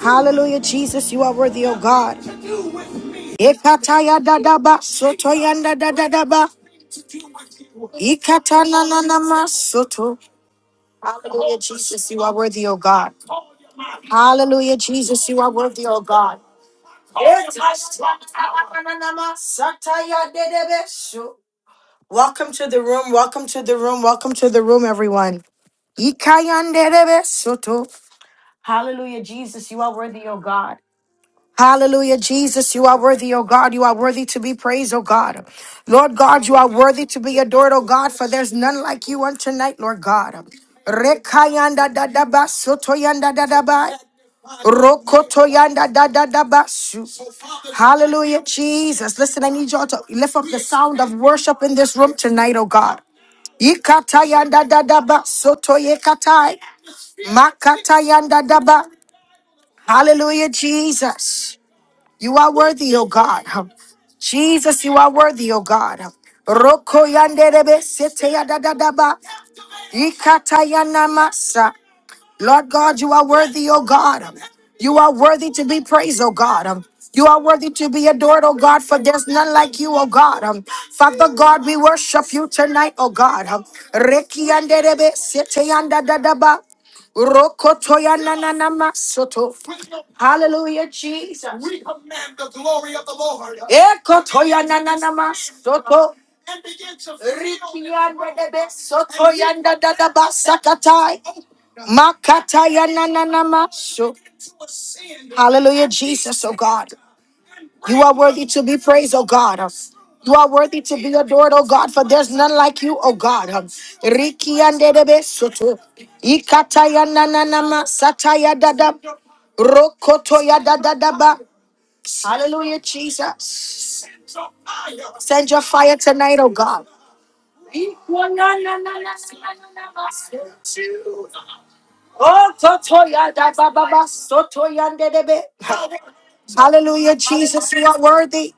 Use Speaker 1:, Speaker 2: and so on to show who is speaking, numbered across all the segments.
Speaker 1: Hallelujah, Jesus, you are worthy, O God. Hallelujah, Jesus, you are worthy, O God. Hallelujah, Jesus, you are worthy, O God. so. Welcome to the room, welcome to the room, welcome to the room, everyone. Ikayande soto. Hallelujah, Jesus, you are worthy, O God. Hallelujah, Jesus, you are worthy, O God. You are worthy to be praised, O God. Lord God, you are worthy to be adored, O God, for there's none like you on tonight, Lord God. Rekayanda dadaba, sotoyanda dadaba, rokotoyanda dadadaba, su. Hallelujah, Jesus. Listen, I need y'all to lift up the sound of worship in this room tonight, O God. Yikatayanda dadaba, sotoyekatai. Makatayanda daba, Hallelujah, Jesus. You are worthy, O God. Jesus, you are worthy, O God. Roko yanderebe sete yadadadaba. Ikata yanamasa. Lord God, you are worthy, O God. You are worthy to be praised, O God. You are worthy to be adored, O God, for there's none like you, O God. Um, Father God, we worship you tonight, O God. Um, Reki anderebe, sete yanda dadaba, rokoto yana nanama soto. Hallelujah, Jesus. We command the glory of the Lord. Ekoto yana nanama soto. And begin to fill Riki this ande room. anderebe, soto yanda dadaba, sakatai. Makataya na na na maso. Hallelujah, Jesus, oh God. You are worthy to be praised, oh God. You are worthy to be adored, oh God, for there's none like you, oh God. Riki and Dedebe Soto. Ikataya nananama sataya dada. Rokotoya dadadaba. Hallelujah, Jesus. Send your fire tonight, oh God. Oh, Toto Yada Baba Soto Yandebe. Hallelujah,
Speaker 2: Amen.
Speaker 1: Jesus, you are worthy.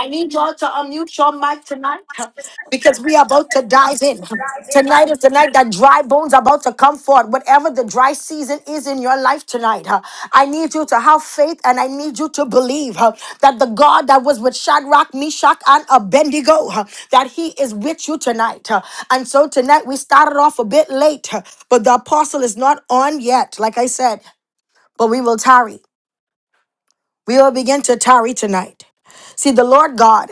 Speaker 1: I need y'all to unmute your mic tonight huh, because we are about to dive in. Tonight is the night that dry bones are about to come forth. Whatever the dry season is in your life tonight, huh, I need you to have faith and I need you to believe huh, that the God that was with Shadrach, Meshach, and Abednego, huh, that he is with you tonight. huh. And so tonight we started off a bit late, huh, but the apostle is not on yet, like I said, but we will tarry. We will begin to tarry tonight. See, the Lord God.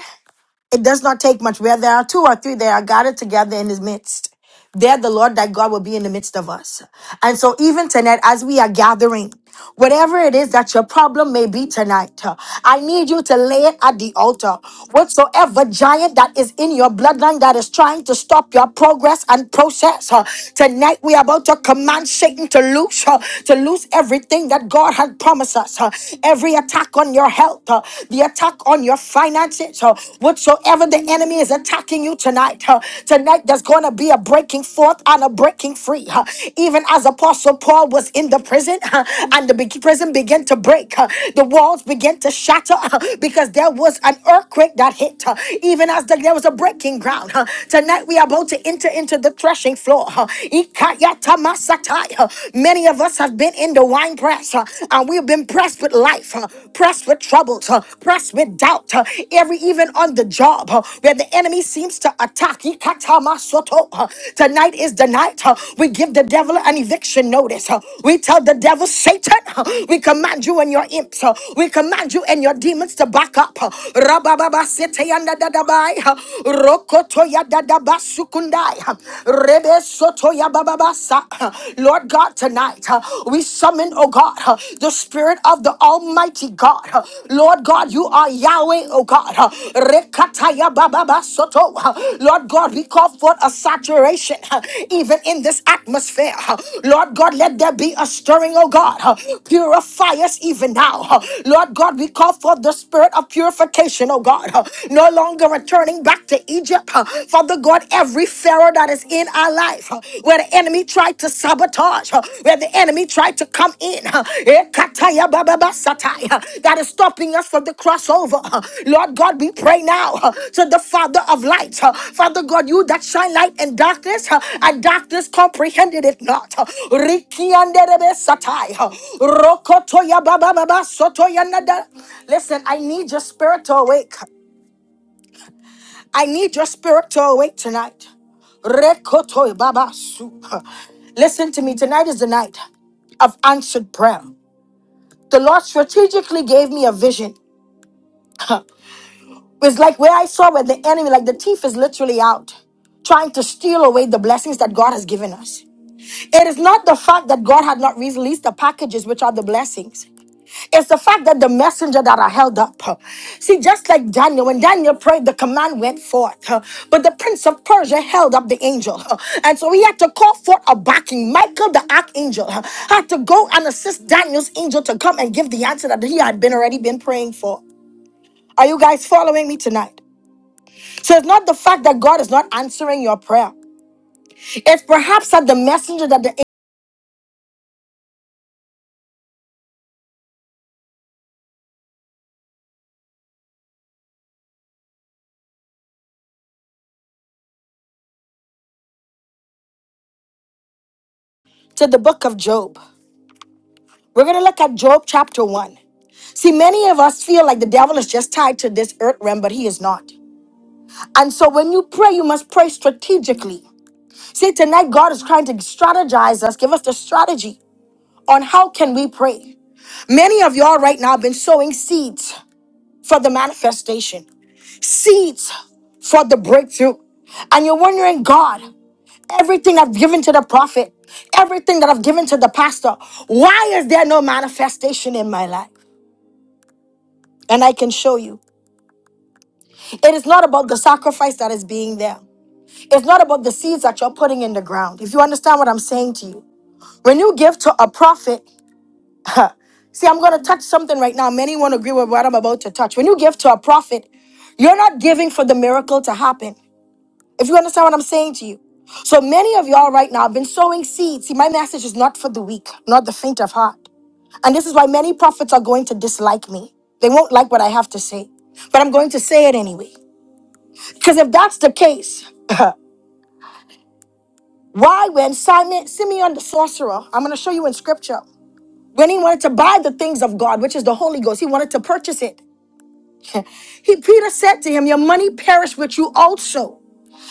Speaker 1: It does not take much. Where there are two or three, they are gathered together in his midst. There, the Lord thy God will be in the midst of us. And so, even tonight, as we are gathering, whatever it is that your problem may be tonight, uh, I need you to lay it at the altar. Whatsoever giant that is in your bloodline that is trying to stop your progress and process, uh, tonight we are about to command Satan to loose, uh, to loose everything that God had promised us. uh, Every attack on your health health, uh, the attack on your finances, uh, whatsoever the enemy is attacking you tonight. uh, tonight, there's going to be a breaking forth and a breaking free. uh, even as Apostle Paul was in the prison uh, and the big prison began to break, uh, the walls began to shatter uh, because there was an earthquake that hit. uh, even as the, there was a breaking ground. uh, tonight, we are about to enter into the threshing floor. uh, Ikayatamasatai, uh, many of us have been in the wine time press, uh, and we've been pressed with life, uh, pressed with troubles, uh, pressed with doubt, uh, every even on the job uh, where the enemy seems to attack. Ikatamasoto, uh, Tonight is the night uh, we give the devil an eviction notice. uh, We tell the devil, Satan, uh, we command you and your imps, uh, we command you and your demons to back up. uh, Rabababasiteyandadadabai, uh, Rokotoyadadabasukundai, uh, Rebesotoyabababa, Rabasa. Lord God, tonight uh, we summon, oh God, uh, the Spirit of the Almighty God. uh, Lord God, you are Yahweh, oh God. uh, Rekataya bababa soto, uh, Lord God, we call forth a saturation uh, even in this atmosphere. uh, Lord God, let there be a stirring, oh God. uh, Purify us even now. uh, Lord God, we call forth the Spirit of purification, oh God. uh, No longer returning back to Egypt, uh, for the Father God, every Pharaoh that is in our life, uh, where the enemy tried to sabotage, uh, where the enemy tried to come in, uh, eh, kataya ba ba ba satai, uh, that is stopping us from the crossover. uh, Lord God, we pray now uh, to the Father of light. uh, Father God, you that shine light in darkness, uh, and darkness comprehended it not. uh, Rikianderebe satai, uh, Rokotoya ba ba ba ba sotoya nada. Listen, I need your spirit to awake. I need your spirit to awake tonight. Rekotoi babasu. Listen to me. Tonight is the night of answered prayer. The Lord strategically gave me a vision. It was like where I saw where the enemy, like the thief, is literally out trying to steal away the blessings that God has given us. It is not the fact that God had not released the packages, which are the blessings. It's the fact that the messenger that are held up. huh. See, just like Daniel, when Daniel prayed, the command went forth. huh. But the prince of Persia held up the angel. huh. And so he had to call forth a backing. Michael, the archangel, huh. had to go and assist Daniel's angel to come and give the answer that he had been already been praying for. Are you guys following me tonight? So it's not the fact that God is not answering your prayer. It's perhaps that the messenger that the to the book of Job. We're going to look at Job chapter 1. See, many of us feel like the devil is just tied to this earth realm, but he is not. And so when you pray, you must pray strategically. See, tonight God is trying to strategize us, give us the strategy on how can we pray. Many of y'all right now have been sowing seeds for the manifestation, seeds for the breakthrough. And you're wondering, God, everything I've given to the prophet, everything that I've given to the pastor, why is there no manifestation in my life? And I can show you. It is not about the sacrifice that is being there. It's not about the seeds that you're putting in the ground. If you understand what I'm saying to you, when you give to a prophet, see, I'm going to touch something right now. Many won't agree with what I'm about to touch. When you give to a prophet, you're not giving for the miracle to happen. If you understand what I'm saying to you. So many of y'all right now have been sowing seeds. See, my message is not for the weak, not the faint of heart. And this is why many prophets are going to dislike me. They won't like what I have to say, but I'm going to say it anyway. Because if that's the case, Why, when Simon, Simeon the sorcerer, I'm going to show you in scripture, when he wanted to buy the things of God, which is the Holy Ghost, he wanted to purchase it. He, Peter said to him, Your money perish with you also.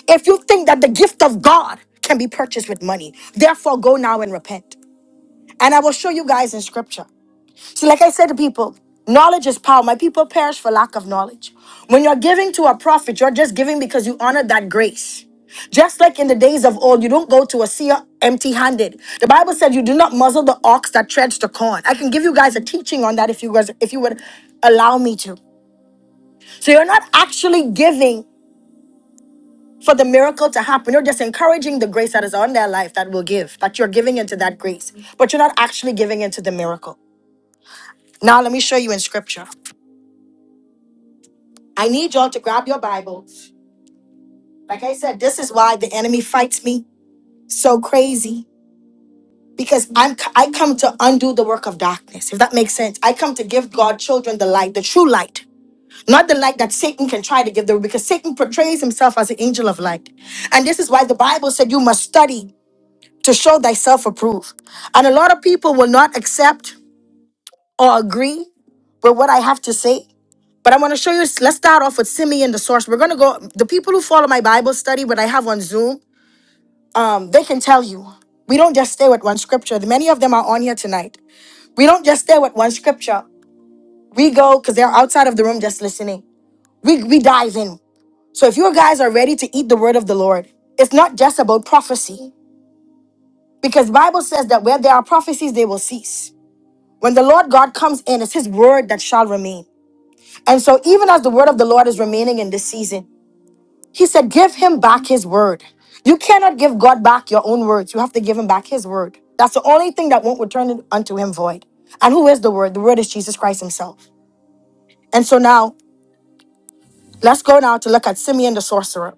Speaker 1: If you think that the gift of God can be purchased with money, therefore go now and repent. And I will show you guys in scripture. See, like I said to people, knowledge is power. My people perish for lack of knowledge. When you're giving to a prophet, you're just giving because you honor that grace. Just like in the days of old, you don't go to a seer empty handed. The Bible said you do not muzzle the ox that treads the corn. I can give you guys a teaching on that if you guys, if you would allow me to. So you're not actually giving for the miracle to happen. You're just encouraging the grace that is on their life that will give, that you're giving into that grace, but you're not actually giving into the miracle. Now let me show you in scripture. I need y'all to grab your Bibles. Like I said, this is why the enemy fights me so crazy because I'm I come to undo the work of darkness. If that makes sense, I come to give God children the light, the true light. Not the light that Satan can try to give them because Satan portrays himself as an angel of light. And this is why the Bible said you must study to show thyself approved. And a lot of people will not accept or agree with what I have to say But I want to show you. Let's start off with Simeon the source. We're gonna go. The people who follow my Bible study, what I have on Zoom, um, they can tell you. We don't just stay with one scripture. Many of them are on here tonight. We don't just stay with one scripture. We go because they're outside of the room just listening. We we dive in. So if you guys are ready to eat the word of the Lord, it's not just about prophecy. Because Bible says that where there are prophecies, they will cease. When the Lord God comes in, it's his word that shall remain. And so even as the word of the Lord is remaining in this season, He said, Give him back his word. You cannot give God back your own words. You have to give him back his word. That's the only thing that won't return it unto him void. And who is the word? The word is Jesus Christ himself. And so now, let's go now to look at Simeon the sorcerer.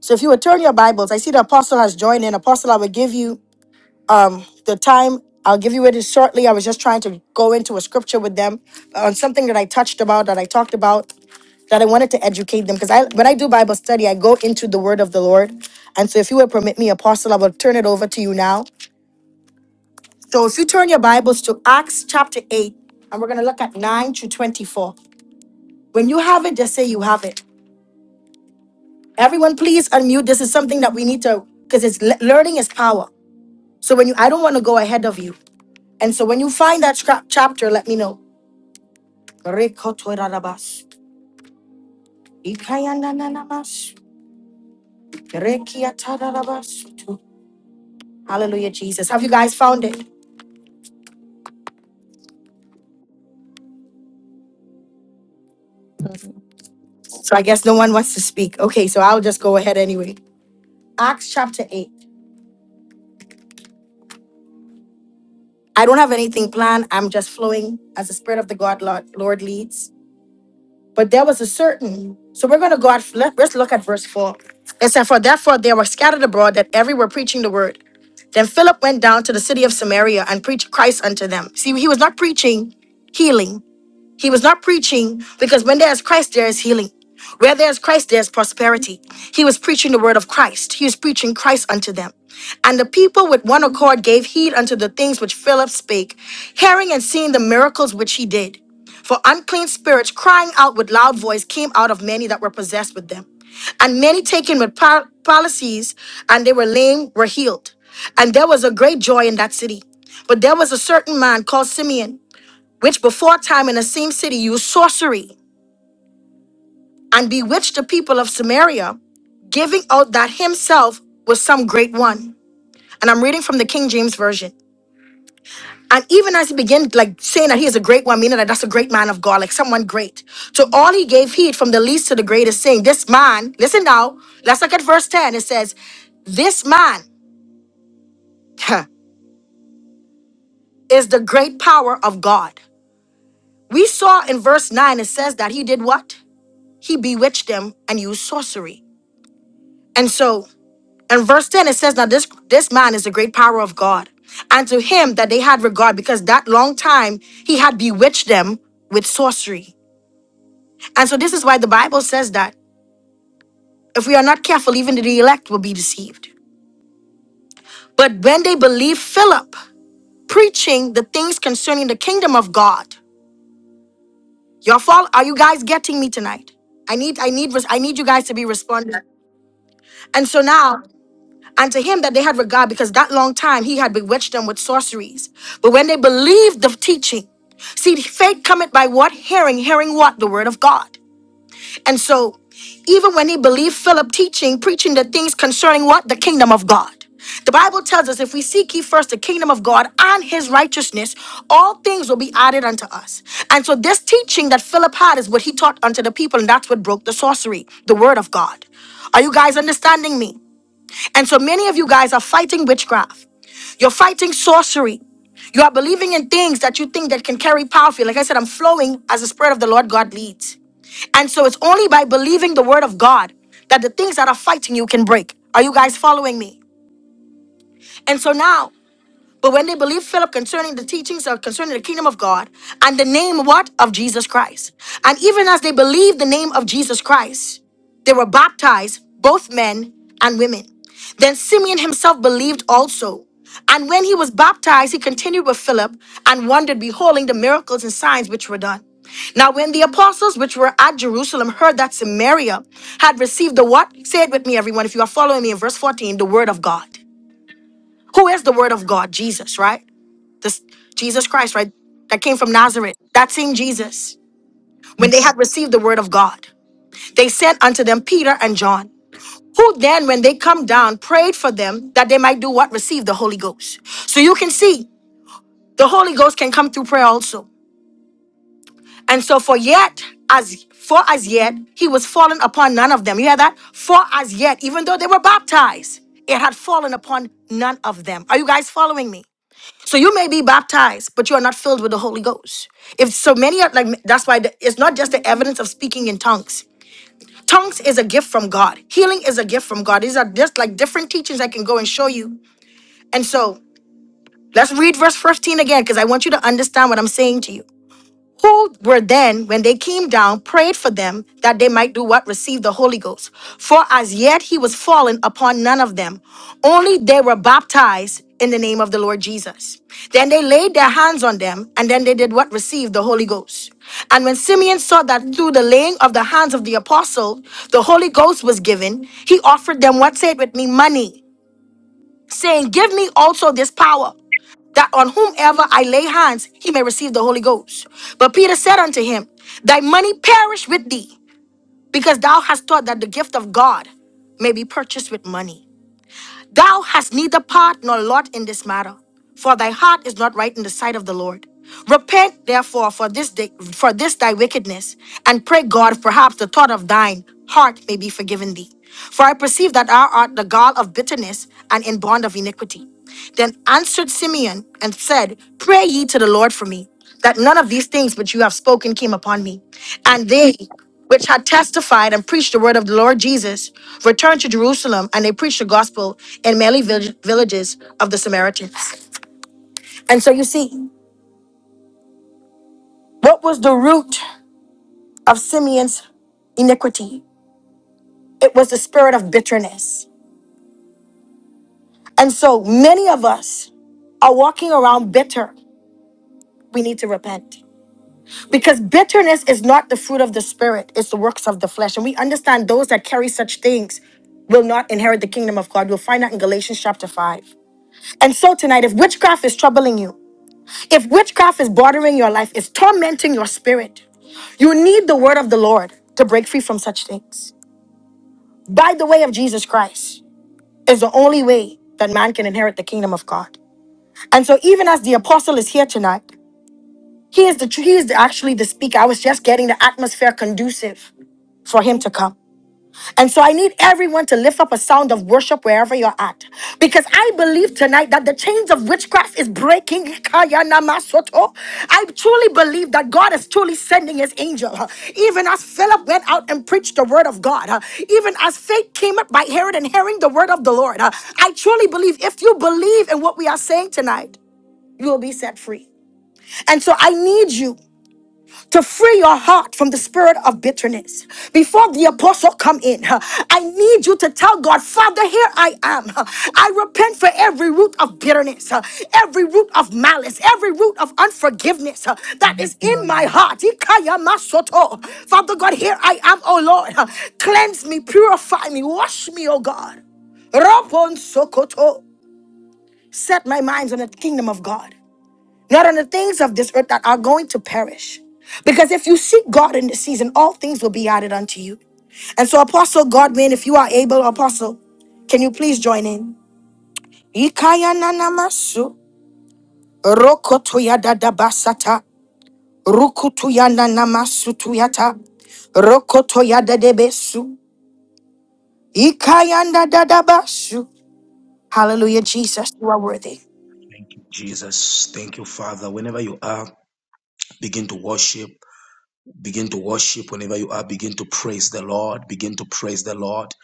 Speaker 1: So if you would turn your Bibles, I see the apostle has joined in. Apostle, I will give you the time. I'll give you it shortly. I was just trying to go into a scripture with them on something that I touched about, that I talked about. that I wanted to educate them because I when I do Bible study, I go into the word of the Lord. And so if you would permit me, Apostle, I will turn it over to you now. So if you turn your Bibles to Acts chapter 8, and we're gonna look at 9 to 24. When you have it, just say you have it. Everyone, please unmute. This is something that we need to because it's le- learning is power. So when you I don't want to go ahead of you. And so when you find that scrap chapter, let me know. Rekotorarabas, ikayanananamas, rekiatararabas. Hallelujah, Jesus. Have you guys found it?
Speaker 3: There
Speaker 1: So I guess no one wants to speak. Okay, so I'll just go ahead anyway. Acts chapter 8. I don't have anything planned. I'm just flowing as the Spirit of the God Lord, Lord leads. But there was a certain. So we're going to go out. Let, let's look at verse 4. It said, For therefore they were scattered abroad that every were preaching the word. Then Philip went down to the city of Samaria and preached Christ unto them. See, he was not preaching healing. He was not preaching because when there's Christ, there is healing. Where there's Christ, there's prosperity. He was preaching the word of Christ. He was preaching Christ unto them. And the people with one accord gave heed unto the things which Philip spake, hearing and seeing the miracles which he did. For unclean spirits, crying out with loud voice, came out of many that were possessed with them. And many taken with par- palsies, and they were lame, were healed. And there was a great joy in that city. But there was a certain man called Simeon which before time in the same city used sorcery and bewitched the people of Samaria, giving out that himself was some great one. And I'm reading from the King James Version. And even as he began like saying that he is a great one, meaning that that's a great man of God, like someone great. To all he gave heed from the least to the greatest, saying, This man, listen now, let's look at verse 10. It says, This man huh, is the great power of God. We saw in verse 9, it says that he did what? He bewitched them and used sorcery. And so in verse 10 it says, Now this this man is the great power of God. And to him that they had regard, because that long time he had bewitched them with sorcery. And so this is why the Bible says that if we are not careful, even the elect will be deceived. But when they believed Philip preaching the things concerning the kingdom of God, your fault, are you guys getting me tonight? I need, I need, I need you guys to be responding. And so now and to him that they had regard because that long time he had bewitched them with sorceries. But when they believed the teaching, see, faith cometh by what? Hearing, hearing what? The word of God. And so, even when he believed Philip teaching, preaching the things concerning what? The kingdom of God. The Bible tells us if we seek ye first the kingdom of God and his righteousness, all things will be added unto us. And so, this teaching that Philip had is what he taught unto the people, and that's what broke the sorcery, the word of God. Are you guys understanding me? And so many of you guys are fighting witchcraft. You're fighting sorcery. You are believing in things that you think that can carry power for you. Like I said, I'm flowing as the Spirit of the Lord God leads. And so it's only by believing the word of God that the things that are fighting you can break. Are you guys following me? And so now but when they believed Philip concerning the teachings of concerning the kingdom of God and the name what of Jesus Christ, and even as they believed the name of Jesus Christ, they were baptized, both men and women. Then Simeon himself believed also, and when he was baptized, he continued with Philip and wondered, beholding the miracles and signs which were done. Now, when the apostles which were at Jerusalem heard that Samaria had received the what? Say it with me, everyone, if you are following me in verse 14, the word of God. Who is the word of God? Jesus, right? This Jesus Christ, right? That came from Nazareth. That same Jesus. When they
Speaker 3: is also
Speaker 1: had received the word of God, they sent unto them Peter and John, who then, when they come down, prayed for them that they might do what? Receive the Holy Ghost. So you can see the Holy Ghost can come through prayer also. And so for yet, as for as yet, he was fallen upon none of them. You hear that? For as yet, even though they were baptized, it had fallen upon none of them. Are you guys following me? So you may be baptized, but you are not filled with the Holy Ghost. If so many are like that's why the, it's not just the evidence of speaking in tongues. Tongues is a gift from God. Healing is a gift from God. These are just like different teachings I can go and show you. And so let's read verse 15 again because I want you to understand what I'm saying to you who were then, when they came down, prayed for them that they might do what? Receive the Holy Ghost. For as yet he was fallen upon none of them, only they were baptized in the name of the Lord Jesus. Then they laid their hands on them, and then they did what? Receive the Holy Ghost. And when Simeon saw that through the laying of the hands of the apostle, the Holy Ghost was given, he offered them, what? Say it with me, money saying, Give me also this power, that on whomever I lay hands, he may receive the Holy Ghost. But Peter said unto him, Thy money perish with thee, because thou hast thought that the gift of God may be purchased with money. Thou hast neither part nor lot in this matter, for thy heart is not right in the sight of the Lord. Repent therefore for this day, for this thy wickedness, and pray God perhaps the thought of thine heart may be forgiven thee. For I perceive that thou art the gall of bitterness and in bond of iniquity. Then answered Simeon and said, Pray ye to the Lord for me, that none of these things which you have spoken came upon me. And they which had testified and preached the word of the Lord Jesus returned to Jerusalem, and they preached the gospel in many vill- villages of the Samaritans. And so you see, what was the root of Simeon's iniquity? It was the spirit of bitterness. And so many of us are walking around bitter. We need to repent. Because bitterness is not the fruit of the spirit, it's the works of the flesh. And we understand those that carry such things will not inherit the kingdom of God. You'll find that in Galatians chapter 5. And so tonight, if witchcraft is troubling you, if witchcraft is bothering your life, it's tormenting your spirit, you need the word of the Lord to break free from such things. By the way of Jesus Christ is the only way that man can inherit the kingdom of God. And so even as the apostle is here tonight, he is the he is the, actually the speaker. I was just getting the atmosphere conducive for him to come. And so I need everyone to lift up a sound of worship wherever you're at. Because I believe tonight that the chains of witchcraft is breaking. Kaya namasoto. I truly believe that God is truly sending his angel. Even as Philip went out and preached the word of God, even as faith came up by hearing and hearing the word of the Lord, I truly believe if you believe in what we are saying tonight, you will be set free. And so I need you to free your heart from the spirit of bitterness. Before the apostle come in, huh, I need you to tell God, Father, here I am. huh. I repent for every root of bitterness, huh, every root of malice, every root of unforgiveness huh, that is in
Speaker 4: Love,
Speaker 1: my heart. Ikaya masoto. Father God, here I am, O Lord. huh. Cleanse me, purify me, wash me, O God. Robon sokoto. Set my minds on the kingdom of God not on the things of this earth that are going to perish. Because if you seek God in this season, all things will be added unto you. And so, Apostle Godwin, if you are able, Apostle, can you please join in? Ikaya nanamasu, rokotoya dadabasata, rukutuya nanamasu tuyata, rokotoya dadebesu, ikaya dadadabasu. Hallelujah, Jesus, you are worthy.
Speaker 5: Jesus, thank you, Father. Whenever you are, begin to worship. Begin to worship. Whenever you are, begin to praise the Lord. Begin to praise the Lord.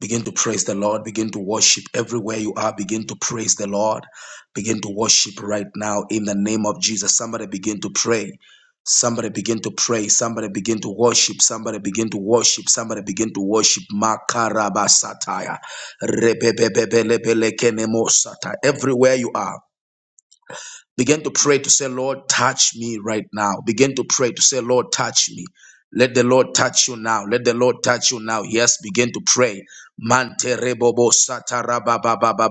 Speaker 5: Begin to praise the Lord. Begin to worship. Everywhere you are, begin to praise the Lord. Begin to worship right now in the name of Jesus. Somebody begin to pray. Somebody begin to pray. Somebody begin to worship. Somebody begin to worship. Somebody begin to worship. Makarabasataya. rebebebelebelekenemosata. Everywhere you are. Begin to pray to say, Lord, touch me right now. Begin to pray to say, Lord, touch me. Let the Lord touch you now. Let the Lord touch you now. Yes, begin to pray. Mante rebobo satara ba ba ba ba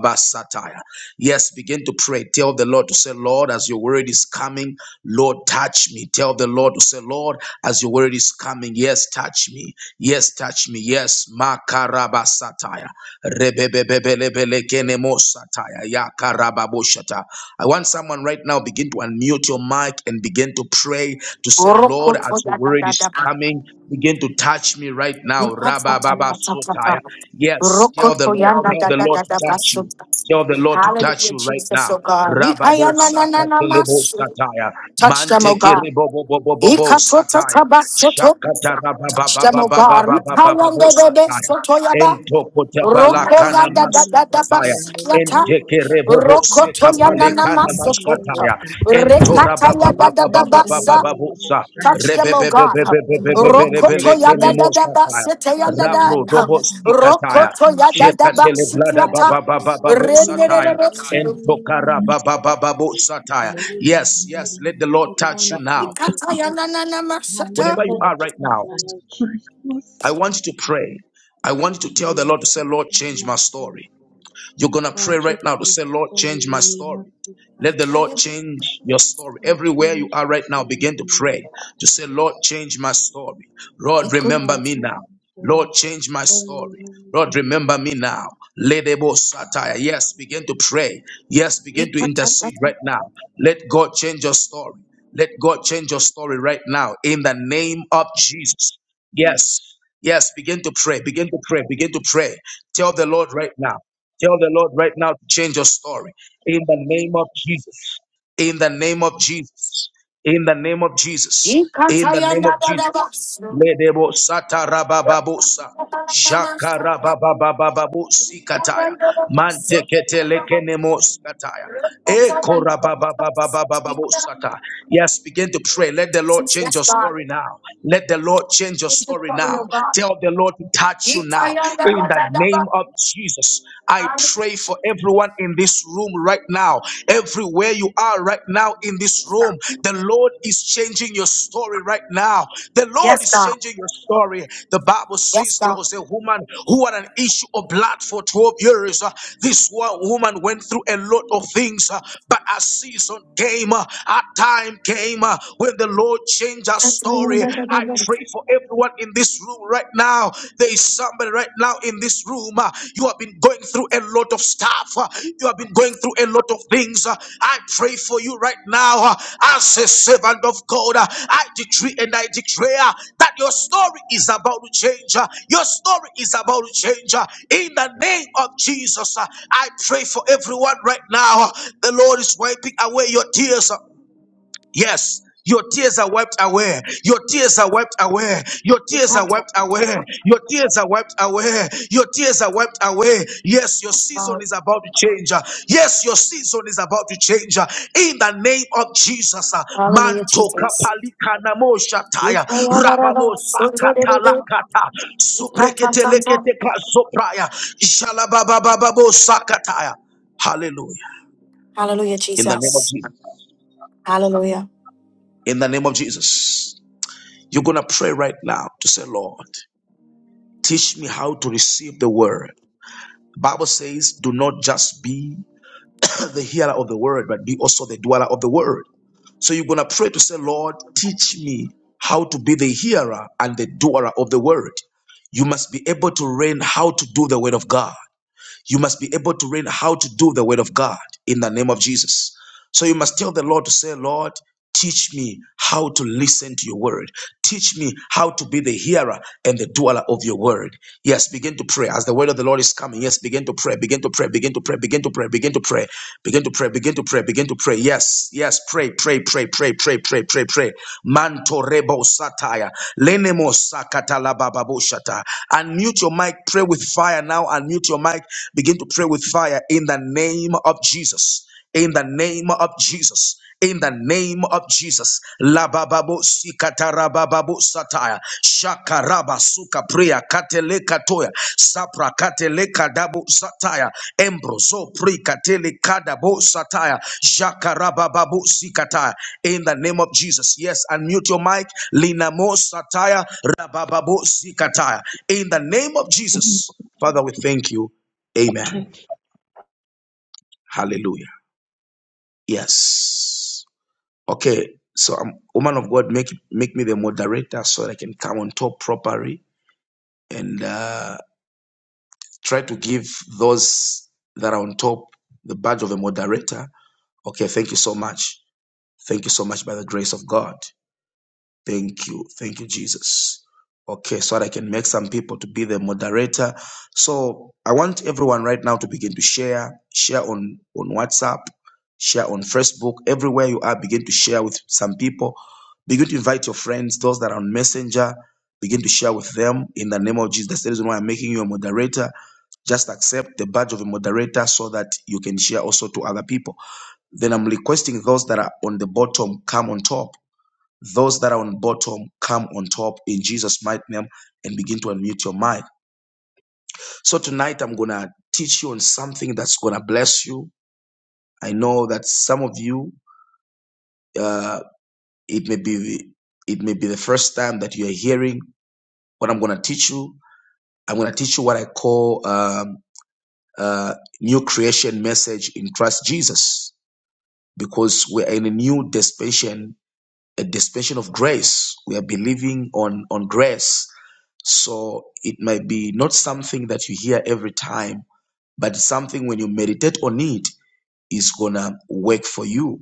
Speaker 5: Yes, begin to pray. Tell the Lord to say, Lord, as your word is coming, Lord, touch me. Tell the Lord to say, Lord, as your word is coming, yes, touch me. Yes, touch me. Yes, makaraba sataya. Rebebebebelebele kenemo sataya. Ya karababo shata. I want someone right now begin to unmute your mic and begin to pray to say, Lord, as your word is coming, begin to touch me right now. Rabba Baba Sotaya. Yes, tell the
Speaker 1: Rokoto
Speaker 5: Lord,
Speaker 1: yanda
Speaker 5: tell
Speaker 1: da
Speaker 5: the
Speaker 1: da
Speaker 6: touch
Speaker 5: Lord
Speaker 1: da
Speaker 5: to
Speaker 1: da
Speaker 5: touch you.
Speaker 1: basuta.
Speaker 5: Tell the Lord to touch
Speaker 1: Hallelujah,
Speaker 5: you right
Speaker 1: Jesus,
Speaker 5: now.
Speaker 6: me.
Speaker 1: oh God. Ikaya
Speaker 5: Rababo
Speaker 1: na na na na
Speaker 5: sakatelebo
Speaker 1: masu.
Speaker 5: sataya.
Speaker 1: Touch them, oh
Speaker 5: Manteke
Speaker 6: Beautiful
Speaker 1: God.
Speaker 5: rebobobobobo
Speaker 1: Ikatota
Speaker 5: sataya.
Speaker 1: tabasoto.
Speaker 5: Shakata
Speaker 1: Touch
Speaker 7: Jesus.
Speaker 1: them, oh God. Ikaya
Speaker 5: rababababababababo
Speaker 7: Hallelujah,
Speaker 1: de de de
Speaker 5: sataya.
Speaker 1: soto
Speaker 5: Ento
Speaker 1: yada. Roko
Speaker 7: Rebasi
Speaker 5: Entopotabalakana
Speaker 1: yanda da da
Speaker 7: kandorobo
Speaker 1: da
Speaker 5: masukapaya.
Speaker 1: basikiata.
Speaker 7: kiyandorobo sika.
Speaker 5: Entekerebobo
Speaker 1: Rokoto yanda na
Speaker 7: Rebasi
Speaker 5: kana
Speaker 1: masoto.
Speaker 7: yandorobo
Speaker 5: mashataya.
Speaker 7: saka.
Speaker 5: ento
Speaker 1: Rekata yada da da
Speaker 6: touch me in the
Speaker 1: basa.
Speaker 6: name
Speaker 7: Rekandorobo
Speaker 6: of
Speaker 5: Entorabababababababababusa.
Speaker 6: Jesus.
Speaker 1: Touch
Speaker 7: saya.
Speaker 1: them, oh
Speaker 6: From the
Speaker 1: God.
Speaker 6: head and the crown of my
Speaker 7: Hallelujah,
Speaker 1: Rokoto
Speaker 6: head
Speaker 5: Rebebebebebebebebelekene
Speaker 1: yada
Speaker 6: down
Speaker 1: da da
Speaker 7: Jesus.
Speaker 1: ba
Speaker 5: mosataya.
Speaker 1: sete
Speaker 6: to the
Speaker 1: yada
Speaker 6: sole of
Speaker 1: da.
Speaker 5: Rabro
Speaker 6: my feet.
Speaker 7: Touch
Speaker 5: dobo
Speaker 7: me, Lord.
Speaker 5: sikataya.
Speaker 7: Touch
Speaker 1: Rokoto
Speaker 7: me,
Speaker 1: yada da
Speaker 6: Touch
Speaker 7: Jesus.
Speaker 1: ba
Speaker 6: him,
Speaker 5: Jekatele
Speaker 6: Lord.
Speaker 5: blada
Speaker 6: Let the
Speaker 1: sitiata.
Speaker 6: fall of
Speaker 5: bababababu
Speaker 1: Rene
Speaker 6: Seigneur.
Speaker 1: re re
Speaker 5: sataya.
Speaker 7: Hallelujah,
Speaker 6: Everything
Speaker 1: re.
Speaker 5: ento
Speaker 7: Jesus.
Speaker 6: in
Speaker 3: an
Speaker 6: his
Speaker 5: Entokarababababu sataya.
Speaker 6: hand.
Speaker 7: Glory,
Speaker 5: Yes, yes,
Speaker 6: Touch
Speaker 5: let
Speaker 6: me
Speaker 7: hallelujah,
Speaker 5: the
Speaker 6: in
Speaker 5: Lord
Speaker 6: the
Speaker 5: touch
Speaker 6: crown
Speaker 5: you
Speaker 6: of
Speaker 7: Jesus.
Speaker 6: my
Speaker 5: now.
Speaker 6: head,
Speaker 1: Ikata yana
Speaker 6: Jesus.
Speaker 1: na na masata.
Speaker 5: Whenever you
Speaker 6: Touch
Speaker 7: Hallelujah,
Speaker 5: are
Speaker 6: me
Speaker 5: right
Speaker 6: in
Speaker 5: now,
Speaker 6: my
Speaker 7: Jesus.
Speaker 6: head, Jesus.
Speaker 5: I want you to pray. I want
Speaker 6: Touch
Speaker 5: you to tell
Speaker 6: me
Speaker 5: the Lord to say, Lord,
Speaker 6: in
Speaker 5: change
Speaker 6: my
Speaker 5: my
Speaker 6: head.
Speaker 5: story. You're going to
Speaker 6: God,
Speaker 5: pray right
Speaker 6: change
Speaker 5: now to
Speaker 6: me
Speaker 5: say, Lord,
Speaker 6: story
Speaker 5: change
Speaker 6: in the
Speaker 5: my
Speaker 6: name of
Speaker 5: story. Let the Lord
Speaker 1: Ikaya
Speaker 6: Jesus.
Speaker 5: change your story.
Speaker 6: God,
Speaker 5: Everywhere you
Speaker 6: change
Speaker 5: are
Speaker 6: me
Speaker 5: right now,
Speaker 6: story in the
Speaker 5: begin to
Speaker 6: name
Speaker 5: pray
Speaker 6: of
Speaker 5: to say, Lord,
Speaker 6: Jesus.
Speaker 5: change my story. Lord,
Speaker 1: ikum
Speaker 5: remember
Speaker 6: God,
Speaker 5: me
Speaker 6: change
Speaker 5: now.
Speaker 6: my
Speaker 5: Lord,
Speaker 6: story.
Speaker 5: change my
Speaker 6: in
Speaker 5: story.
Speaker 6: the name of
Speaker 5: Lord,
Speaker 6: Jesus.
Speaker 5: remember me now. Ledebo satire. Yes, begin to pray. Yes, begin to
Speaker 1: ikata ta
Speaker 5: intercede
Speaker 1: ta.
Speaker 5: right now. Let God change your story. Let God change your story right now in the name of Jesus. Yes. Yes, begin to pray. Begin to pray. Begin to pray. Tell the Lord right now. Tell the Lord right now to change your story in the name of Jesus. In the name of Jesus. In the name of Jesus. In
Speaker 1: Ikata
Speaker 5: the name
Speaker 1: yada
Speaker 5: of
Speaker 1: da da ba.
Speaker 5: Jesus.
Speaker 1: so.
Speaker 5: Ledebo satarabababosa. Jakarabababababu zikataya. Manteketelekenemo skataya. Ekorabababababababu sata. Yes, begin to pray. Let the Lord change
Speaker 1: Yes,
Speaker 5: your
Speaker 1: God.
Speaker 5: story now. Let the Lord change your
Speaker 1: Thank you,
Speaker 5: story
Speaker 1: for
Speaker 5: now.
Speaker 1: your God.
Speaker 5: Tell the Lord to touch you
Speaker 1: Yes,
Speaker 5: now. In the name
Speaker 1: God.
Speaker 5: of Jesus, I pray for everyone in this room right now, everywhere you are right now in this room. The Lord is changing your story right now. The Lord
Speaker 1: Yes,
Speaker 5: is
Speaker 1: God.
Speaker 5: changing your story. The Bible
Speaker 1: Yes,
Speaker 5: says there
Speaker 1: God.
Speaker 5: was a woman who had an issue of blood for 12 years. Uh, This one woman went through a lot of things, uh, but a season came. Uh, that time came uh, when the Lord changed our story. I pray for everyone in this room right now. There is somebody right now in this room. uh, you have been going through a lot of stuff. uh, you have been going through a lot of things. uh, I pray for you right now uh, as a servant of God. uh, I decree and I declare that your story is about to change. uh, your story is about to change. uh, in the name of Jesus, uh, I pray for everyone right now. uh, the Lord is wiping away your tears. uh, Yes. Your tears are wiped away. Your tears are wiped away. Your tears are wiped away. Your tears are wiped away. Your tears are wiped away. Yes, your season is about to change. Yes, your season is about to change. In the name of Jesus.
Speaker 1: Hallelujah,
Speaker 5: Manto
Speaker 1: Jesus.
Speaker 5: kapalika namo shataya. Rababo sakatalakata. Supreketelekete kasopraya. Shalababababo sakataya. Hallelujah.
Speaker 1: Hallelujah,
Speaker 5: In the name of
Speaker 1: Jesus.
Speaker 5: Jesus.
Speaker 1: Hallelujah.
Speaker 5: In the name of Jesus. You're going to pray right now to say, Lord, teach me how to receive the word. Bible says, do not just be the hearer of the word, but be also the dweller of the word. So you're going to pray to say, Lord, teach me how to be the hearer and the doer of the word. You must be able to learn how to do the word of God. You must be able to learn how to do the word of God in the name of Jesus. So you must tell the Lord to say, Lord, teach me how to listen to your word. Teach me how to be the hearer and the doer of your word. Yes, begin to pray as the word of the Lord is coming. Yes, begin to pray, begin to pray, begin to pray, begin to pray, begin to pray, begin to pray, begin to pray, begin to pray. Yes, yes, pray, pray, pray, pray, pray, pray, pray, pray. Manto rebo sataya. Lenemo sakata la baba bo shata. Unmute your mic. Pray with fire now. Unmute your mic. Begin to pray with fire in the name of Jesus in the name of Jesus. In the name of Jesus, la bababo sikatara bababo sataya shakaraba suka priya katele katoya sapra katele kadabo sataya embrozo pri katele kadabo sataya shakaraba babu sikataya. In the name of Jesus, yes, unmute your mic. Linamo sataya rabababo sikataya. In the name of
Speaker 3: organ
Speaker 5: Jesus, Father, we thank you. Amen.
Speaker 3: which
Speaker 5: Hallelujah. Yes. Okay, so I'm woman of God. Make make me the moderator so that I can come on top properly and uh, try to give those that are on top the badge of a moderator. Okay, thank you so much. Thank you so much by the grace of God. Thank you. Thank you, Jesus. Okay, so that I can make some people to be the moderator. So I want everyone right now to begin to share, share on, on WhatsApp, share on Facebook, everywhere you are, begin to share with some people. Begin to invite your friends, those that are on Messenger, begin to share with them in the name of Jesus. That's the reason why I'm making you a moderator. Just accept the badge of a moderator so that you can share also to other people. Then I'm requesting those that are on the bottom, come on top those that are on bottom come on top in Jesus' mighty name and begin to unmute your mic. So tonight I'm gonna teach you on something that's gonna bless you. I know that some of you, uh, it may be it may be the first time that you are hearing what I'm gonna teach you. I'm gonna teach you what I call um, uh, new creation message in Christ Jesus because we're in a new dispensation a dispensation of grace. We are believing on, on grace. So it might be not something that you hear every time, but something when you meditate on it is gonna work for you.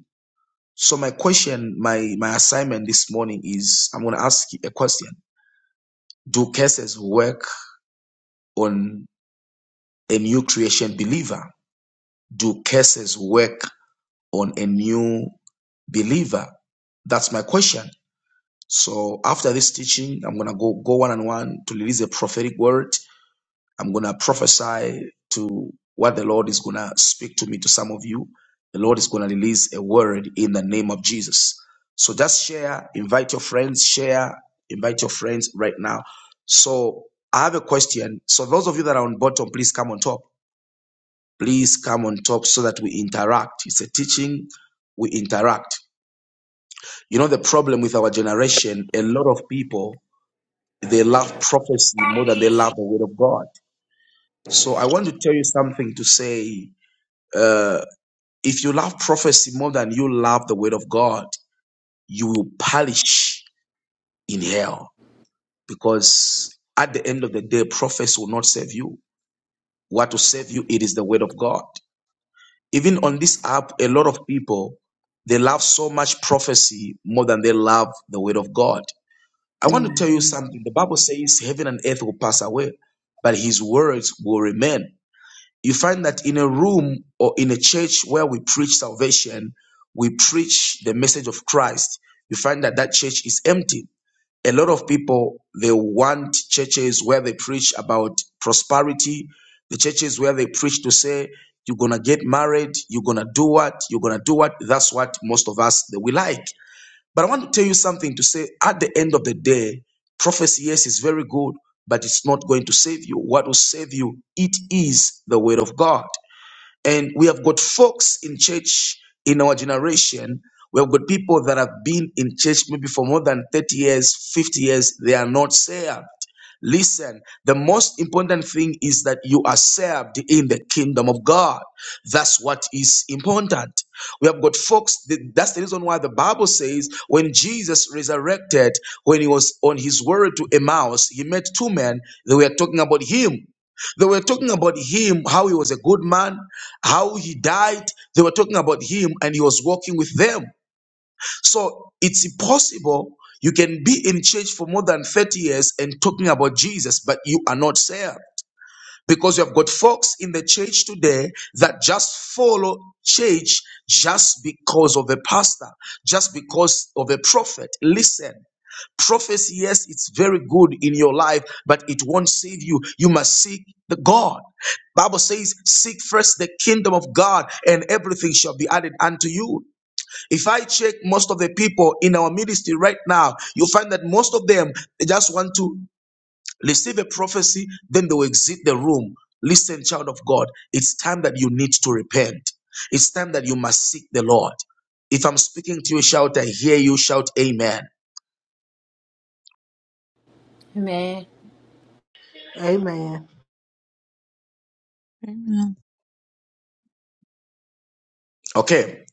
Speaker 5: So my question, my my assignment this morning is I'm gonna ask you a question. Do curses work on a new creation believer? Do curses work on a new believer? That's my question. So after this teaching, I'm gonna go go one on one to release a prophetic word. I'm gonna prophesy to what the Lord is gonna speak to me to some of you. The Lord is gonna release a word in the name of Jesus. So just share, invite your friends, share, invite your friends right now. So I have a question. So those of you that are on bottom, please come on top. Please come on top so that we interact. It's a teaching, we interact. You know the problem with our generation, a lot of people They love prophecy more than they love the word of God. So I want to tell you something to say. Uh, if you love prophecy more than you love the word of God, you will perish in hell because at the end of the day, prophecy will not save you. What will save you? It is the word of God. Even on this app, a lot of people they love so much prophecy more than they love the word of God. I want to tell you
Speaker 8: hmm
Speaker 5: something. The Bible says heaven and earth will pass away, but his words will remain. you find that in a room or in a church where we preach salvation, we preach the message of Christ, you find that that church is empty. A lot of people, they want churches where they preach about prosperity, the churches where they preach to say, you're going to get married, you're going to do what, you're going to do what. That's what most of us, that we like. But I want to tell you something to say at the end of the day, prophecy, yes, is very good, but it's not going to save you. What will save you? It is the word of God. And we have got folks in church in our generation. We have got people that have been in church maybe for more than 30 years, 50 years. They are not saved. Listen, the most important thing is that you are served in the kingdom of God. That's what is important. We have got folks, th- that's the reason why the Bible says when Jesus resurrected, when he was on his way to Emmaus, he met two men. They were talking about him. They were talking about him, how he was a good man, how he died. They were talking about him and he was walking with them. So it's impossible. You can be in church for more than 30 years and talking about Jesus, but you are not saved. Because you have got folks in the church today that just follow church just because of the pastor, just because of the prophet. Listen, Prophecy, yes, it's very good in your life, but it won't save you. You must seek the God. Bible says, seek first the kingdom of God and everything shall be added unto you. If I check most of the people in our ministry right now, you'll find that most of them, they just want to receive a prophecy, then they will exit the room. Listen, child of God, it's time that you need to repent. It's time that you must seek the Lord. If I'm speaking to you, shout, I hear you, shout, Amen.
Speaker 8: Amen.
Speaker 9: Amen.
Speaker 5: Okay.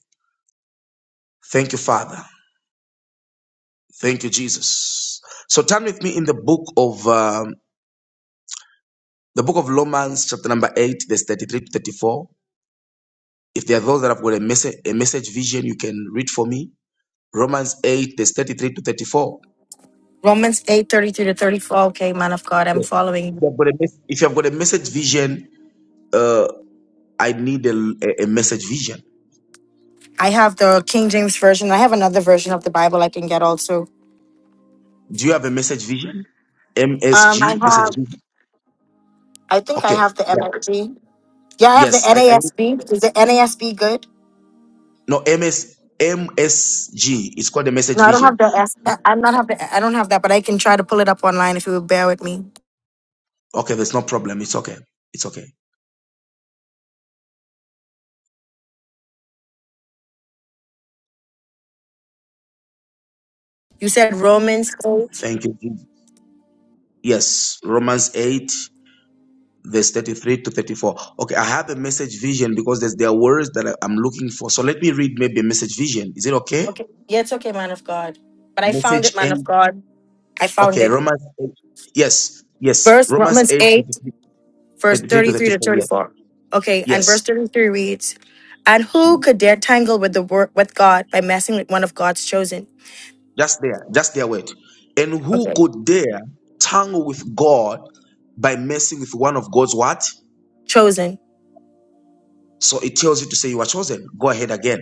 Speaker 5: Thank you, Father. Thank you, Jesus. So turn with me in the book of um, the book of Romans, chapter number eight, verse thirty-three to thirty-four. If there are those that have got a message, a message vision, you can read for me. Romans eight, verse thirty-three to thirty-four.
Speaker 1: Romans eight thirty three to 34. Okay, man of God, I'm
Speaker 5: Yes. If
Speaker 1: following.
Speaker 5: you have got a, mes- if you have got a message vision, uh, I need a, a, a message vision.
Speaker 1: I have the King James Version. I have another version of the Bible I can get also.
Speaker 5: Do you have a message vision?
Speaker 1: Um, I
Speaker 5: MSG message
Speaker 1: have,
Speaker 5: vision.
Speaker 1: I think I
Speaker 5: Okay.
Speaker 1: have the
Speaker 5: Yeah.
Speaker 1: MFG. Yeah, I have the
Speaker 5: Yes. I, I need-
Speaker 1: NASB. Is the NASB good?
Speaker 5: no m s m s g. It's called a message
Speaker 1: No, I don't
Speaker 5: vision.
Speaker 1: have the S. I- I'm not have the. I don't have that, but I can try to pull it up online if you would bear with me.
Speaker 5: Okay. There's no problem. It's okay. It's okay.
Speaker 1: You said Romans eight.
Speaker 5: Thank you. Jesus. Yes, Romans 8, verse 33 to 34. Okay, I have a message vision because there's, there are words that I- I'm looking for. So let me read maybe a message vision. Is it okay?
Speaker 1: Okay. Yeah, it's okay, man of God. But I found it,
Speaker 5: Message
Speaker 1: man
Speaker 5: 8.
Speaker 1: of God. I found
Speaker 5: Okay,
Speaker 1: it.
Speaker 5: Romans 8. Yes, yes.
Speaker 1: Verse
Speaker 5: Romans
Speaker 1: Romans
Speaker 5: 8,
Speaker 1: eight,
Speaker 5: thirty-three
Speaker 1: verse
Speaker 5: thirty-three to
Speaker 1: thirty three to
Speaker 5: 34.
Speaker 1: thirty
Speaker 5: Yes,
Speaker 1: four. Okay, and verse
Speaker 5: yes.
Speaker 1: thirty three reads, "And who could dare tangle with the word with God by messing with one of God's chosen?"
Speaker 5: Just there, just there, wait. And who
Speaker 1: Okay,
Speaker 5: could dare tangle with God by messing with one of God's what?
Speaker 1: chosen.
Speaker 5: So it tells you to say you are chosen. Go ahead again.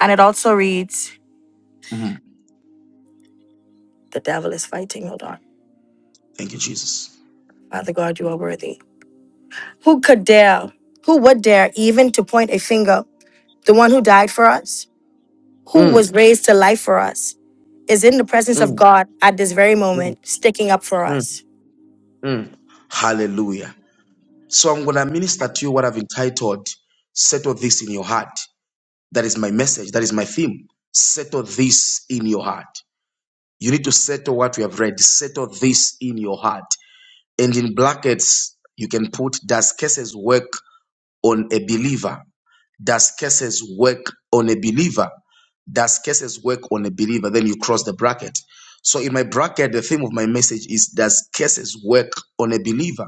Speaker 1: And it also reads,
Speaker 5: Mhm.
Speaker 1: "The devil is fighting." Hold on,
Speaker 5: Thank you, Jesus.
Speaker 1: Father God, you are worthy. Who could dare? Who would dare even to point a finger? The one who died for us, who was
Speaker 5: Mm,
Speaker 1: raised to life for us, is in the presence
Speaker 5: mm.
Speaker 1: of God at this very
Speaker 5: Mm,
Speaker 1: moment, sticking up for
Speaker 5: mm,
Speaker 1: us.
Speaker 5: mm. Hallelujah. So I'm going to minister to you what I've entitled Settle This in Your Heart. That is my message. That is my theme. Settle this in your heart. You need to settle what we have read. Settle this in your heart. And in brackets, you can put Does cases work on a believer? Does cases work on a believer? Does cases work on a believer? Then you cross the bracket. So in my bracket, the theme of my message is Does cases work on a believer?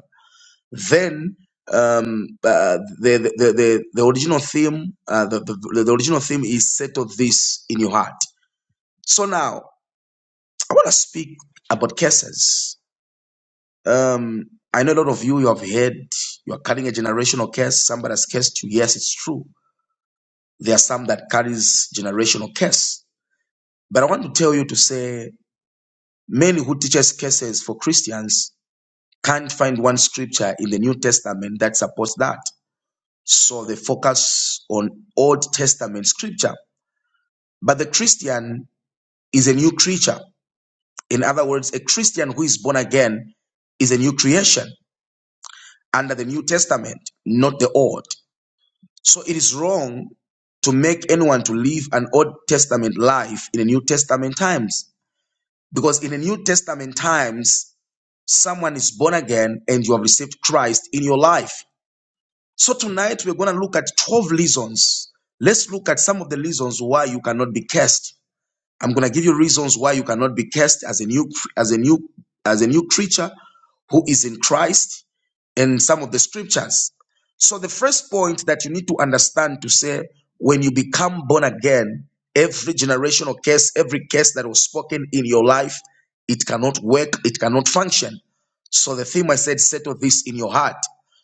Speaker 5: Then um, uh, the, the the the original theme, uh, the, the the original theme is settle this in your heart. So now I want to speak about cases. Um, I know a lot of you you have heard you are carrying a generational curse. Somebody has cursed you. Yes, it's true. There are some that carries generational curse. But I want to tell you to say many who teaches curses for Christians can't find one scripture in the New Testament that supports that. So they focus on Old Testament scripture. But the Christian is a new creature. In other words, a Christian who is born again is a new creation under the New Testament, not the Old. So it is wrong to make anyone to live an Old Testament life in the New Testament times. Because in the New Testament times, someone is born again and you have received Christ in your life. So tonight we're going to look at 12 reasons. Let's look at some of the reasons why you cannot be cursed. I'm going to give you reasons why you cannot be cursed as a new as a new as a new creature who is in Christ in some of the scriptures. So, the first point that you need to understand to say, when you become born again, every generational case, every case that was spoken in your life, it cannot work, it cannot function. So, the theme I said, settle this in your heart.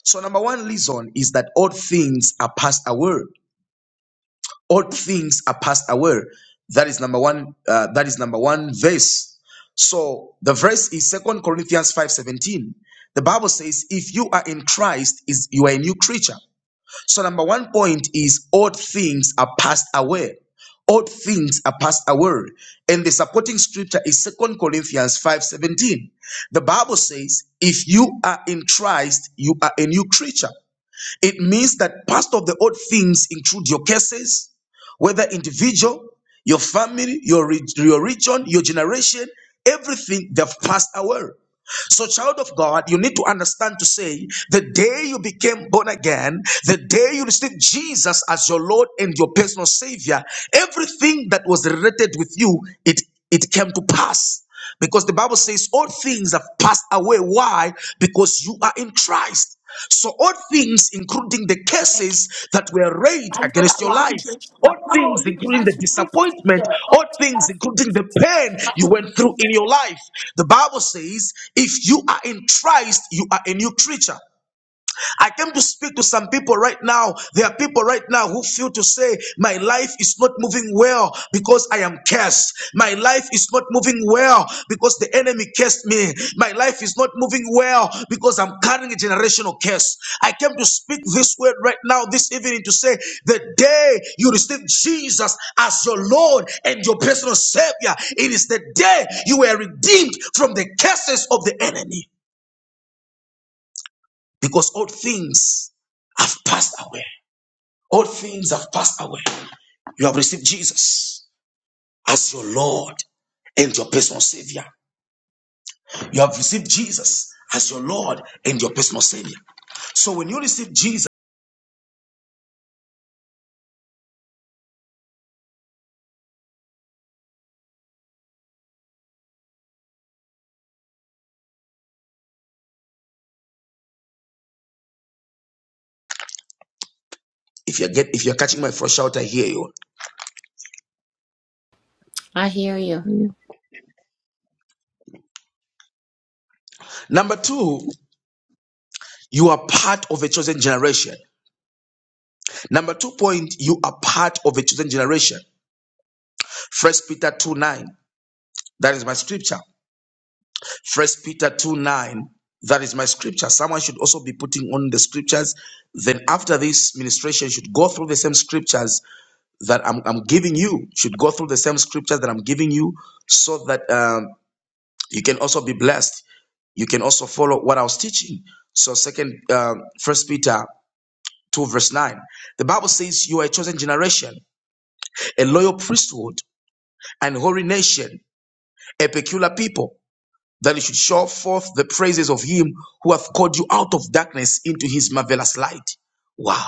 Speaker 5: So, number one reason is that all things are passed away all things are passed away that is number one uh, that is number one verse so the verse is second corinthians 5:17. the bible says if you are in christ is you are a new creature so number one point is old things are passed away Old things are passed away and the supporting scripture is second corinthians 5:17. the bible says if you are in christ you are a new creature it means that past of the old things include your cases, whether individual, your family, your, re- your region, your generation, everything they've passed away. So, child of God, you need to understand to say the day you became born again, the day you received Jesus as your Lord and your personal Savior, everything that was related with you, it it came to pass. Because the Bible says all things have passed away. Why? Because you are in Christ. So, all things, including the
Speaker 10: And
Speaker 5: cases that were raised
Speaker 10: I know that
Speaker 5: against
Speaker 10: a
Speaker 5: your
Speaker 10: lot of
Speaker 5: life,
Speaker 10: churches are like,
Speaker 5: all
Speaker 10: no,
Speaker 5: things,
Speaker 10: you would
Speaker 5: including
Speaker 10: fast
Speaker 5: the
Speaker 10: your whole food
Speaker 5: disappointment,
Speaker 10: Oh,
Speaker 5: all
Speaker 10: to
Speaker 5: things,
Speaker 10: fast food.
Speaker 5: including
Speaker 10: is
Speaker 5: the
Speaker 10: just-
Speaker 5: pain you went through in your life, the Bible says, if you are in Christ, you are a new creature. I came to speak to some people right now. There are people right now who feel to say, My life is not moving well because I am cursed. My life is not moving well because the enemy cursed me. My life is not moving well because I'm carrying a generational curse. I came to speak this word right now, this evening, to say, The day you receive Jesus as your Lord and your personal Savior, it is the day you were redeemed from the curses of the enemy because all things have passed away. All things have passed away. You have received Jesus as your Lord and your personal Savior. You have received Jesus as your Lord and your personal Savior. So when you receive Jesus, if you're get, if you're catching my first shout, I hear you.
Speaker 8: I hear you.
Speaker 5: Number two, you are part of a chosen generation. Number two point, you are part of a chosen generation. First Peter two nine. That is my scripture. First Peter 2 9. That is my scripture. Someone should also be putting on the scriptures. Then after this ministration should go through the same scriptures that I'm, I'm giving you, should go through the same scriptures that I'm giving you so that um, you can also be blessed. You can also follow what I was teaching. So second, um, first Peter 2 verse 9. The Bible says you are a chosen generation, a loyal priesthood, and holy nation, a peculiar people that you should show forth the praises of him who hath called you out of darkness into his marvelous light. Wow.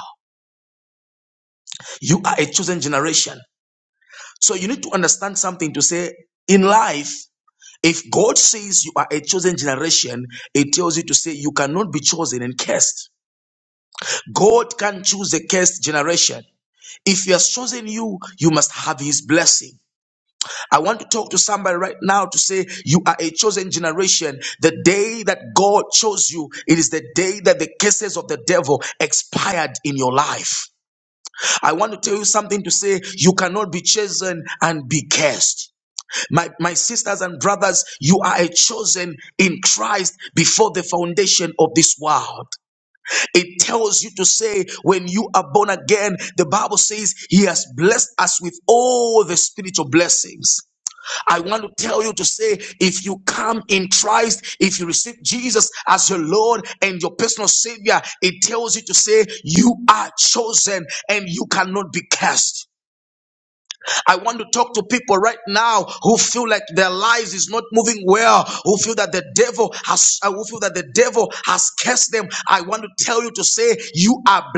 Speaker 5: You are a chosen generation. So you need to understand something to say in life, if God says you are a chosen generation, it tells you to say you cannot be chosen and cursed. God can choose a cursed generation. If he has chosen you, you must have his blessing. I want to talk to somebody right now to say you are a chosen generation. The day that God chose you, it is the day that the curses of the devil expired in your life. I want to tell you something to say you cannot be chosen and be cursed. My, my sisters and brothers, you are a chosen in Christ before the foundation of this world. It tells you to say, when you are born again, the Bible says, He has blessed us with all the spiritual blessings. I want to tell you to say, if you come in Christ, if you receive Jesus as your Lord and your personal Savior, it tells you to say, you are chosen and you cannot be cast. I want to talk to people right now who feel like their lives is not moving well, who feel that the devil has, uh, who feel that the devil has cast them. I want to tell you to say, you are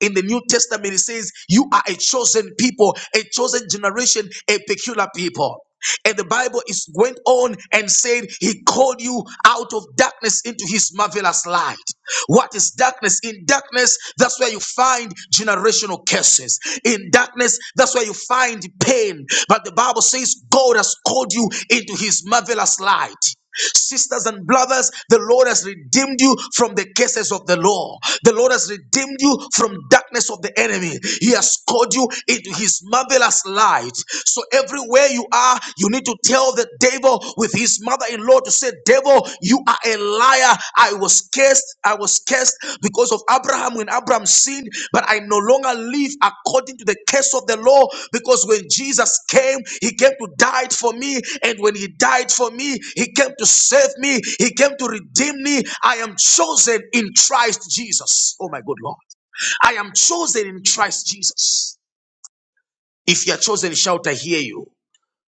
Speaker 5: in the New Testament, it says, You are a chosen people, a chosen generation, a peculiar people. And the Bible is went on and said, He called you out of darkness into His marvelous light. What is darkness? In darkness, that's where you find generational curses. In darkness, that's where you find pain. But the Bible says, God has called you into His marvelous light sisters and brothers, the Lord has redeemed you from the curses of the law. The Lord has redeemed you from darkness of the enemy. He has called you into his marvelous light. So everywhere you are, you need to tell the devil with his mother-in-law to say, devil, you are a liar. I was cursed. I was cursed because of Abraham when Abraham sinned, but I no longer live according to the curse of the law because when Jesus came, he came to die for me. And when he died for me, he came to save me, he came to redeem me. I am chosen in Christ Jesus. Oh my good Lord. I am chosen in Christ Jesus. If you are chosen, shout, I hear you.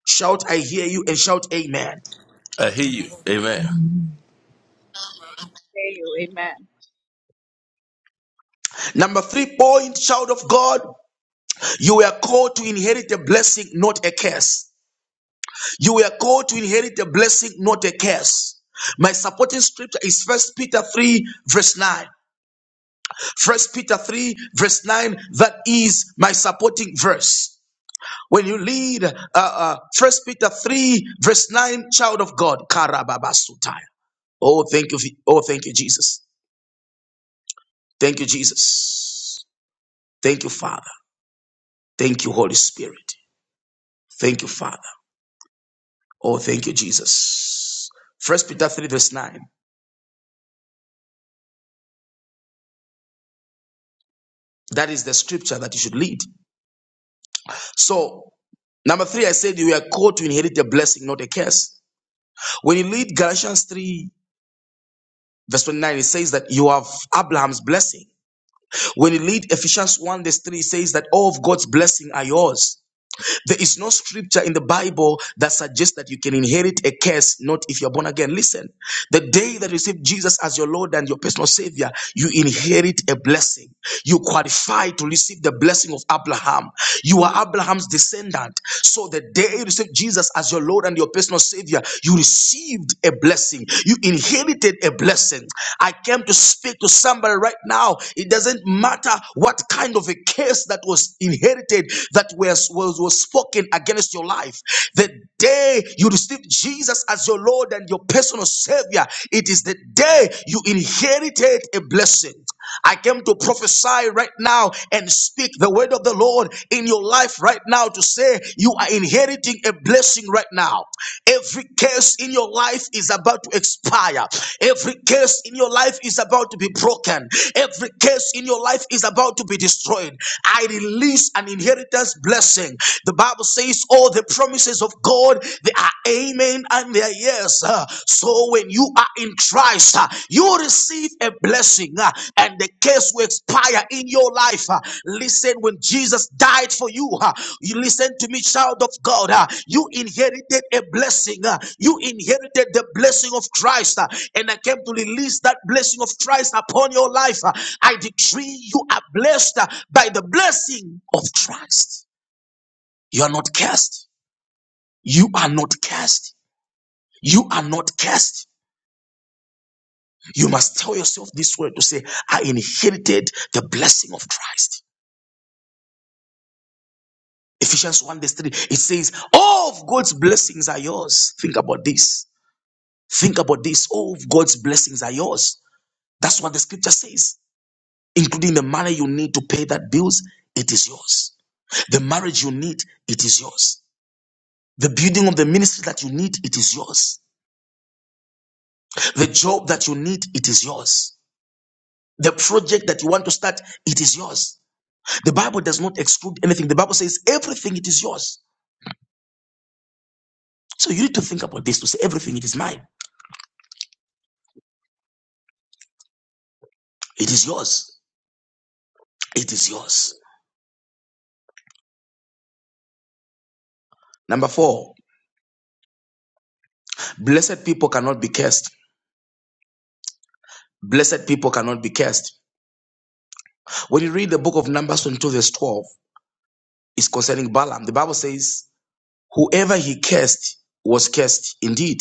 Speaker 5: Shout, I hear you, and shout, Amen.
Speaker 11: I hear you. Amen.
Speaker 3: well.
Speaker 7: Hey, amen.
Speaker 5: Number three point, child of God, you were called to inherit a blessing, not a curse. You were called to inherit a blessing, not a curse. My supporting scripture is First Peter 3, verse 9. First Peter 3, verse 9, that is my supporting verse. When you read uh, uh, 1 Peter 3, verse 9, child of God, Karababasutai. Oh, thank you. Oh, thank you, Jesus. Thank you, Jesus. Thank you, Father. Thank you, Holy Spirit. Thank you, Father. Oh, thank you, Jesus. First Peter 3, verse 9. That is the scripture that you should read. So, number three, I said you are called to inherit a blessing, not a curse. When you read Galatians 3, verse 29, it says that you have Abraham's blessing. When you read Ephesians 1, verse 3, it says that all of God's blessing are yours. There is no scripture in the Bible that suggests that you can inherit a curse, not if you're born again. Listen, the day that you receive Jesus as your Lord and your personal Savior, you inherit a blessing. You qualify to receive the blessing of Abraham. You are Abraham's descendant. So the day you receive Jesus as your Lord and your personal Savior, you received a blessing. You inherited a blessing. I came to speak to somebody right now. It doesn't matter what kind of a curse that was inherited that was, was was was spoken against your life. The day you receive Jesus as your Lord and your personal Savior, it is the day you inherited a blessing. I came to prophesy right now and speak the word of the Lord in your life right now to say you are inheriting a blessing right now. Every curse in your life is about to expire. Every curse in your life is about to be broken. Every curse in your life is about to be destroyed. I release an inheritance blessing blessing. The Bible says all the promises of God, they are amen and they are yes. Uh, So when you are in Christ, uh, you receive a blessing uh, and the case will expire in your life. uh. Listen, when Jesus died for you, uh, you listen to me, child of God, uh, you inherited a blessing. uh, You inherited the blessing of Christ uh, and I came to release that blessing of Christ upon your life. uh. I decree you are blessed uh, by the blessing of Christ. You are not cursed. You are not cursed. You are not cursed. You must tell yourself this word to say, I inherited the blessing of Christ. Ephesians 1 verse 3, it says, All of God's blessings are yours. Think about this. Think about this. All of God's blessings are yours. That's what the scripture says, including the money you need to pay that bills, it is yours. The marriage you need, it is yours. The building of the ministry that you need, it is yours. The job that you need, it is yours. The project that you want to start, it is yours. The Bible does not exclude anything. The Bible says everything, it is yours. So you need to think about this to say everything, it is mine. It is yours. It is yours. Number four, blessed people cannot be cursed. Blessed people cannot be cursed. When you read the book of Numbers 22, verse 12, it's concerning Balaam. The Bible says, whoever he cursed was cursed indeed.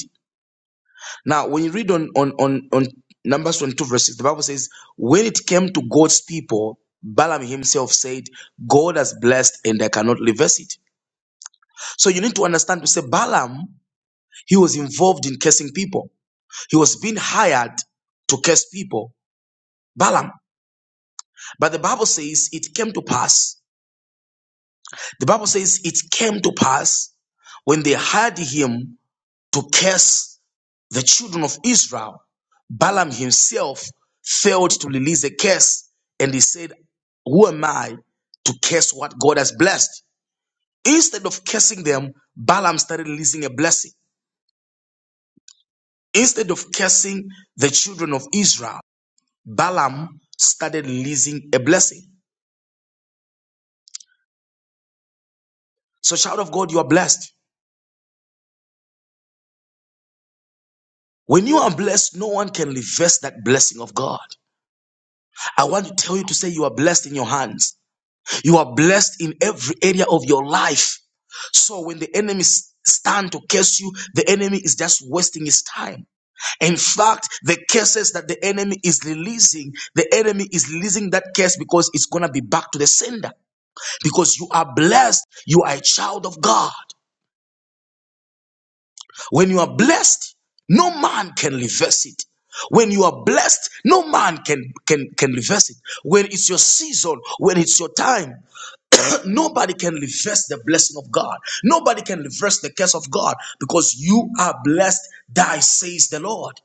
Speaker 5: Now, when you read on on on, on Numbers 22, verse 6, the Bible says, When it came to God's people, Balaam himself said, God has blessed and I cannot reverse it. So you need to understand to say Balaam, he was involved in cursing people. He was being hired to curse people. Balaam. But the Bible says it came to pass. The Bible says it came to pass when they hired him to curse the children of Israel, Balaam himself failed to release a curse and he said, Who am I to curse what God has blessed? Instead of cursing them, Balaam started releasing a blessing. Instead of cursing the children of Israel, Balaam started releasing a blessing. So, child of God, you are blessed. When you are blessed, no one can reverse that blessing of God. I want to tell you to say you are blessed in your hands. You are blessed in every area of your life. So when the enemy s- stand to curse you, the enemy is just wasting his time. In fact, the curses that the enemy is releasing, the enemy is releasing that curse because it's gonna be back to the sender. Because you are blessed, you are a child of God. When you are blessed, no man can reverse it. When you are blessed, no man can can can reverse it. When it's your season, when it's your time, Nobody can reverse the blessing of God. Nobody can reverse the curse of God because you are blessed, thy says the Lord.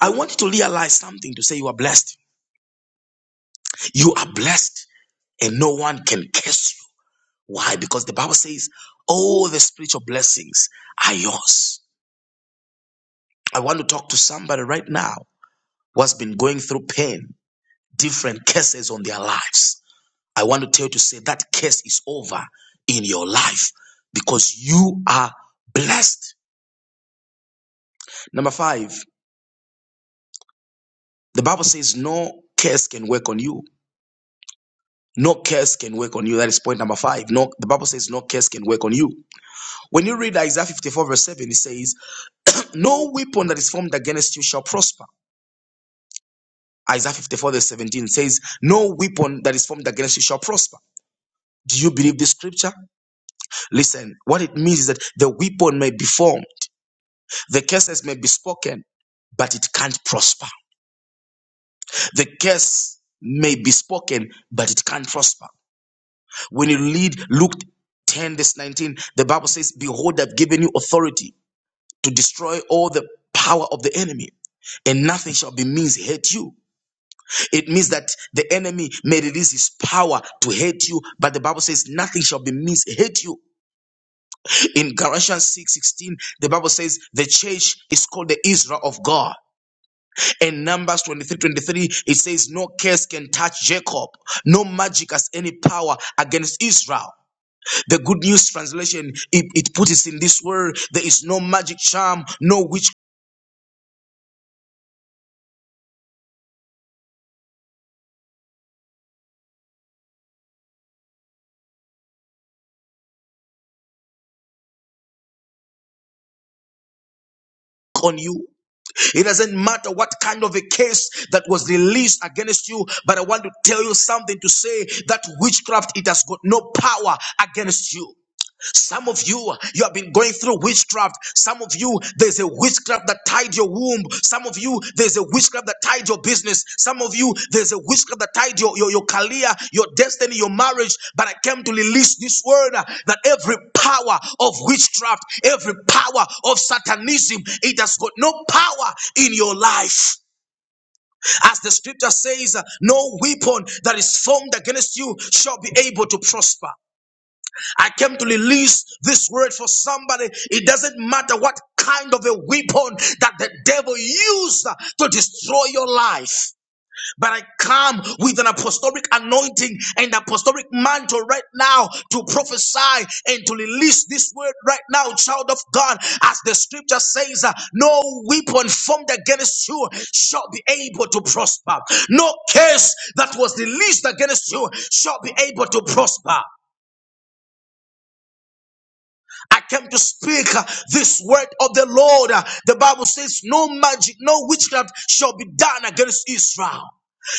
Speaker 5: I want you to realize something to say you are blessed. You are blessed and no one can curse you. Why? Because the Bible says all the spiritual blessings are yours. I want to talk to somebody right now who has been going through pain, different curses on their lives. I want to tell you to say that curse is over in your life because you are blessed Number five, the Bible says no curse can work on you. No curse can work on you. That is point number five. No, the Bible says no curse can work on you. When you read Isaiah 54 verse 7, it says, No weapon that is formed against you shall prosper. Isaiah 54 verse 17 says, No weapon that is formed against you shall prosper. Do you believe this scripture? Listen, what it means is that the weapon may be formed, the curses may be spoken, but it can't prosper. The curse may be spoken, but it can't prosper. When you read Luke 10, verse 19, the Bible says, Behold, I've given you authority to destroy all the power of the enemy, and nothing shall be means hate you. It means that the enemy may release his power to hate you, but the Bible says nothing shall be means hate you. In Galatians six sixteen, the Bible says the church is called the Israel of God. In Numbers twenty three twenty three, it says, No curse can touch Jacob, no magic has any power against Israel. The Good News Translation, it, it puts it in this word there is no magic charm, no witch on you. It doesn't matter what kind of a case that was released against you, but I want to tell you something to say that witchcraft, it has got no power against you. Some of you, you have been going through witchcraft. Some of you, there's a witchcraft that tied your womb. Some of you, there's a witchcraft that tied your business. Some of you, there's a witchcraft that tied your, your, your career, your destiny, your marriage. But I came to release this word uh, that every power of witchcraft, every power of satanism, it has got no power in your life. As the scripture says, uh, no weapon that is formed against you shall be able to prosper. I came to release this word for somebody. It doesn't matter what kind of a weapon that the devil used to destroy your life. But I come with an apostolic anointing and apostolic mantle right now to prophesy and to release this word right now, child of God, as the scripture says, uh, no weapon formed against you shall be able to prosper. No case that was released against you shall be able to prosper. I came to speak uh, this word of the Lord. Uh, The Bible says, No magic, no witchcraft shall be done against Israel.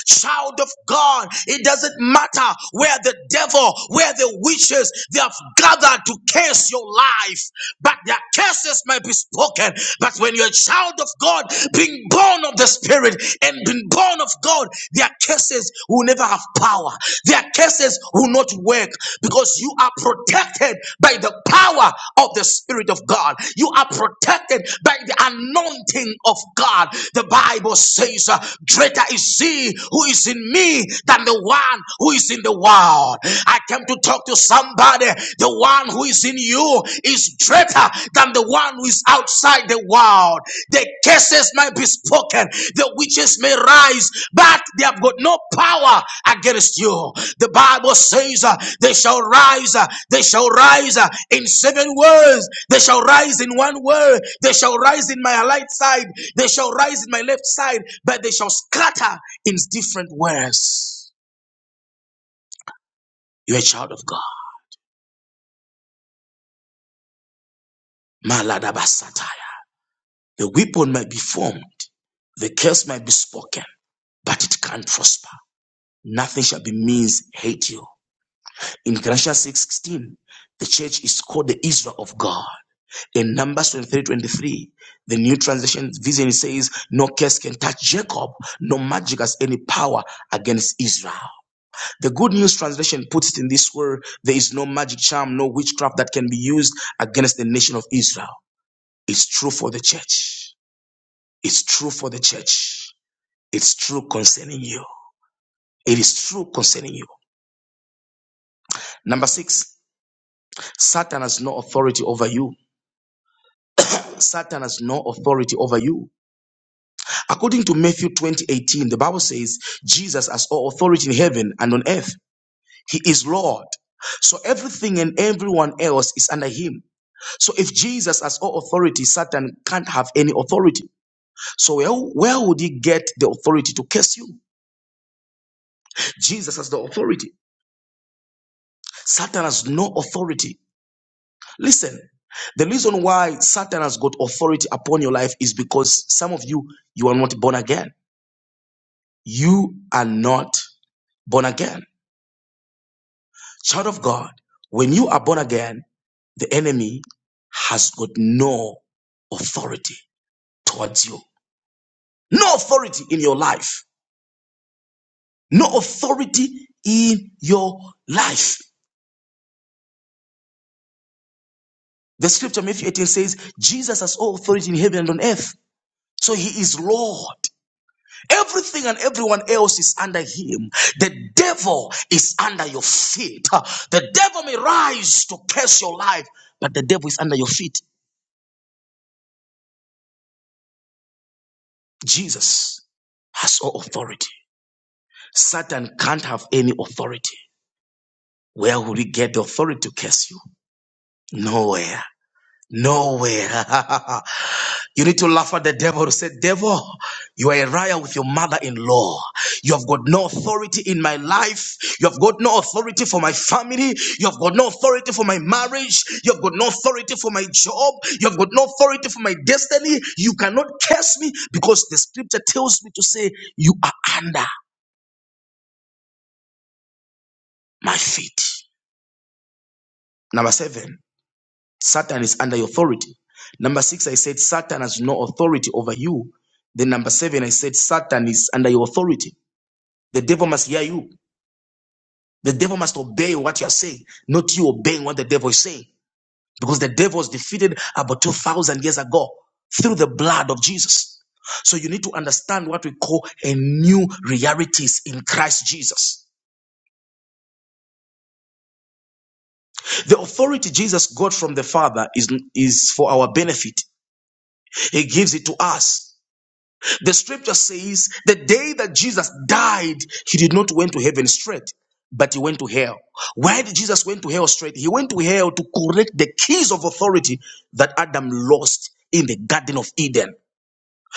Speaker 5: Child of God, it doesn't matter where the devil, where the witches, they have gathered to curse your life, but their curses might be spoken. But when you're a child of God, being born of the Spirit and being born of God, their curses will never never have power. Their cases will not work because you are protected by the power of the Spirit of God. You are protected by the anointing of God. The Bible says, uh, Greater is he who is in me than the one who is in the world. I came to talk to somebody. The one who is in you is greater than the one who is outside the world. The curses might be spoken. The witches may rise, but they have got no power against you. The Bible says uh, they shall rise. uh, they shall rise uh, in seven words. They shall rise in one word. They shall rise in my right side. They shall rise in my left side, but they shall scatter in different words. You're a child of God. Maladabasataya. The weapon might be formed. The curse might be spoken, but it can't prosper. Nothing shall be means hate you. In Galatians 6:16, the church is called the Israel of God. In Numbers 23:23, the New Translation Vision says, "No curse can touch Jacob, no magic has any power against Israel." The Good News Translation puts it in this word: "There is no magic charm, no witchcraft that can be used against the nation of Israel." It's true for the church. It's true for the church. It's true concerning you. It is true concerning you. Number six, Satan has no authority over you. Satan has no authority over you. According to Matthew 20:18, the Bible says Jesus has all authority in heaven and on earth. He is Lord. So everything and everyone else is under him. So if Jesus has all authority, Satan can't have any authority. So where, where would he get the authority to curse you? Jesus has the authority. Satan has no authority. Listen, the reason why Satan has got authority upon your life is because some of you you are not born again. You are not Born again. Child of God, when you are born again, the enemy has got no authority towards you. No authority in your life. No authority in your life. The scripture, Matthew 18, says, Jesus has all authority in heaven and on earth. So he is Lord. Everything and everyone else is under him. The devil is under your feet. The devil may rise to curse your life, but the devil is under your feet. Jesus has all authority. Satan can't have any authority. Where would he get the authority to curse you? Nowhere. Nowhere. you need to laugh at the devil who said, Devil, you are a liar with your mother in law. You have got no authority in my life. You have got no authority for my family. You have got no authority for my marriage. You have got no authority for my job. You have got no authority for my destiny. You cannot curse me because the scripture tells me to say, You are under. my feet. Number seven, Satan is under your authority. Number six, I said Satan has no authority over you. Then number seven, I said Satan is under your authority. The devil must hear you. The devil must obey what you are saying, not you obeying what the devil is saying. Because the devil was defeated about 2,000 years ago through the blood of Jesus. So you need to understand what we call a new realities in Christ Jesus. The authority Jesus got from the Father is, is for our benefit. He gives it to us. The scripture says the day that Jesus died, he did not went to heaven straight, but he went to hell. Why did Jesus went to hell straight? He went to hell to correct the keys of authority that Adam lost in the Garden of Eden.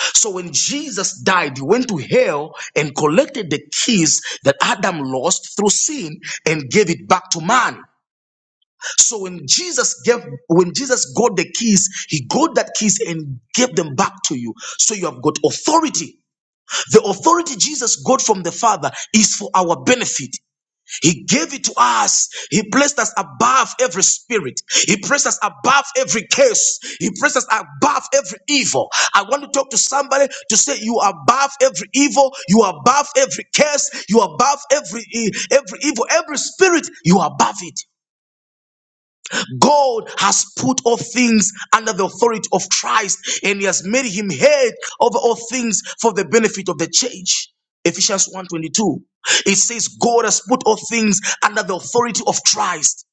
Speaker 5: So when Jesus died, he went to hell and collected the keys that Adam lost through sin and gave it back to man. So when Jesus gave, when Jesus got the keys, he got that keys and gave them back to you. So you have got authority. The authority Jesus got from the Father is for our benefit. He gave it to us. He placed us above every spirit. He placed us above every curse. He placed us above every evil. I want to talk to somebody to say you are above every evil. You are above every curse. You are above every e- every evil, every spirit. You are above it. God has put all things under the authority of Christ and he has made him head over all things for the benefit of the church. Ephesians one twenty-two. It says God has put all things under the authority of Christ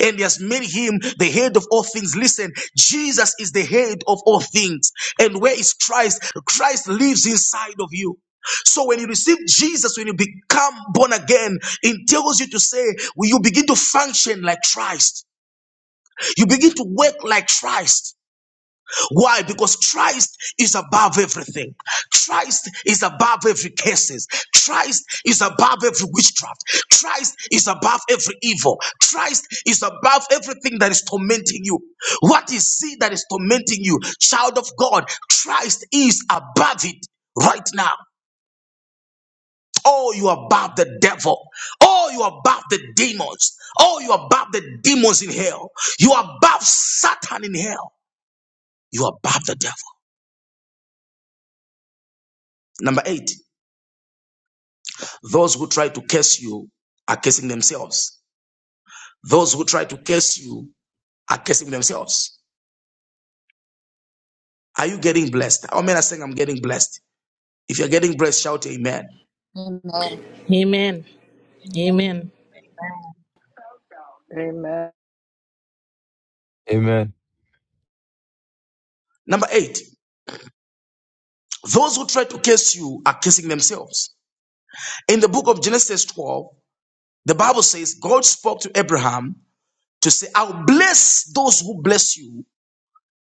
Speaker 5: and he has made him the head of all things. Listen, Jesus is the head of all things. And where is Christ? Christ lives inside of you. So when you receive Jesus, when you become born again, it tells you to say, will you begin to function like Christ? You begin to work like Christ. Why? Because Christ is above everything. Christ is above every curses. Christ is above every witchcraft. Christ is above every evil. Christ is above everything that is tormenting you. What is sin that is tormenting you? Child of God, Christ is above it right now. Oh, you are above the devil. Oh, you are above the demons. Oh, you are above the demons in hell. You are above Satan in hell. You are above the devil. Number eight, those who try to curse you are cursing themselves. Those who try to curse you are cursing themselves. Are you getting blessed? How many are saying I'm getting blessed? If you're getting blessed, shout amen.
Speaker 8: Amen.
Speaker 7: Amen. Amen.
Speaker 12: Amen.
Speaker 5: Number eight, those who try to curse you are cursing themselves. In the book of Genesis 12, the Bible says God spoke to Abraham to say, I'll bless those who bless you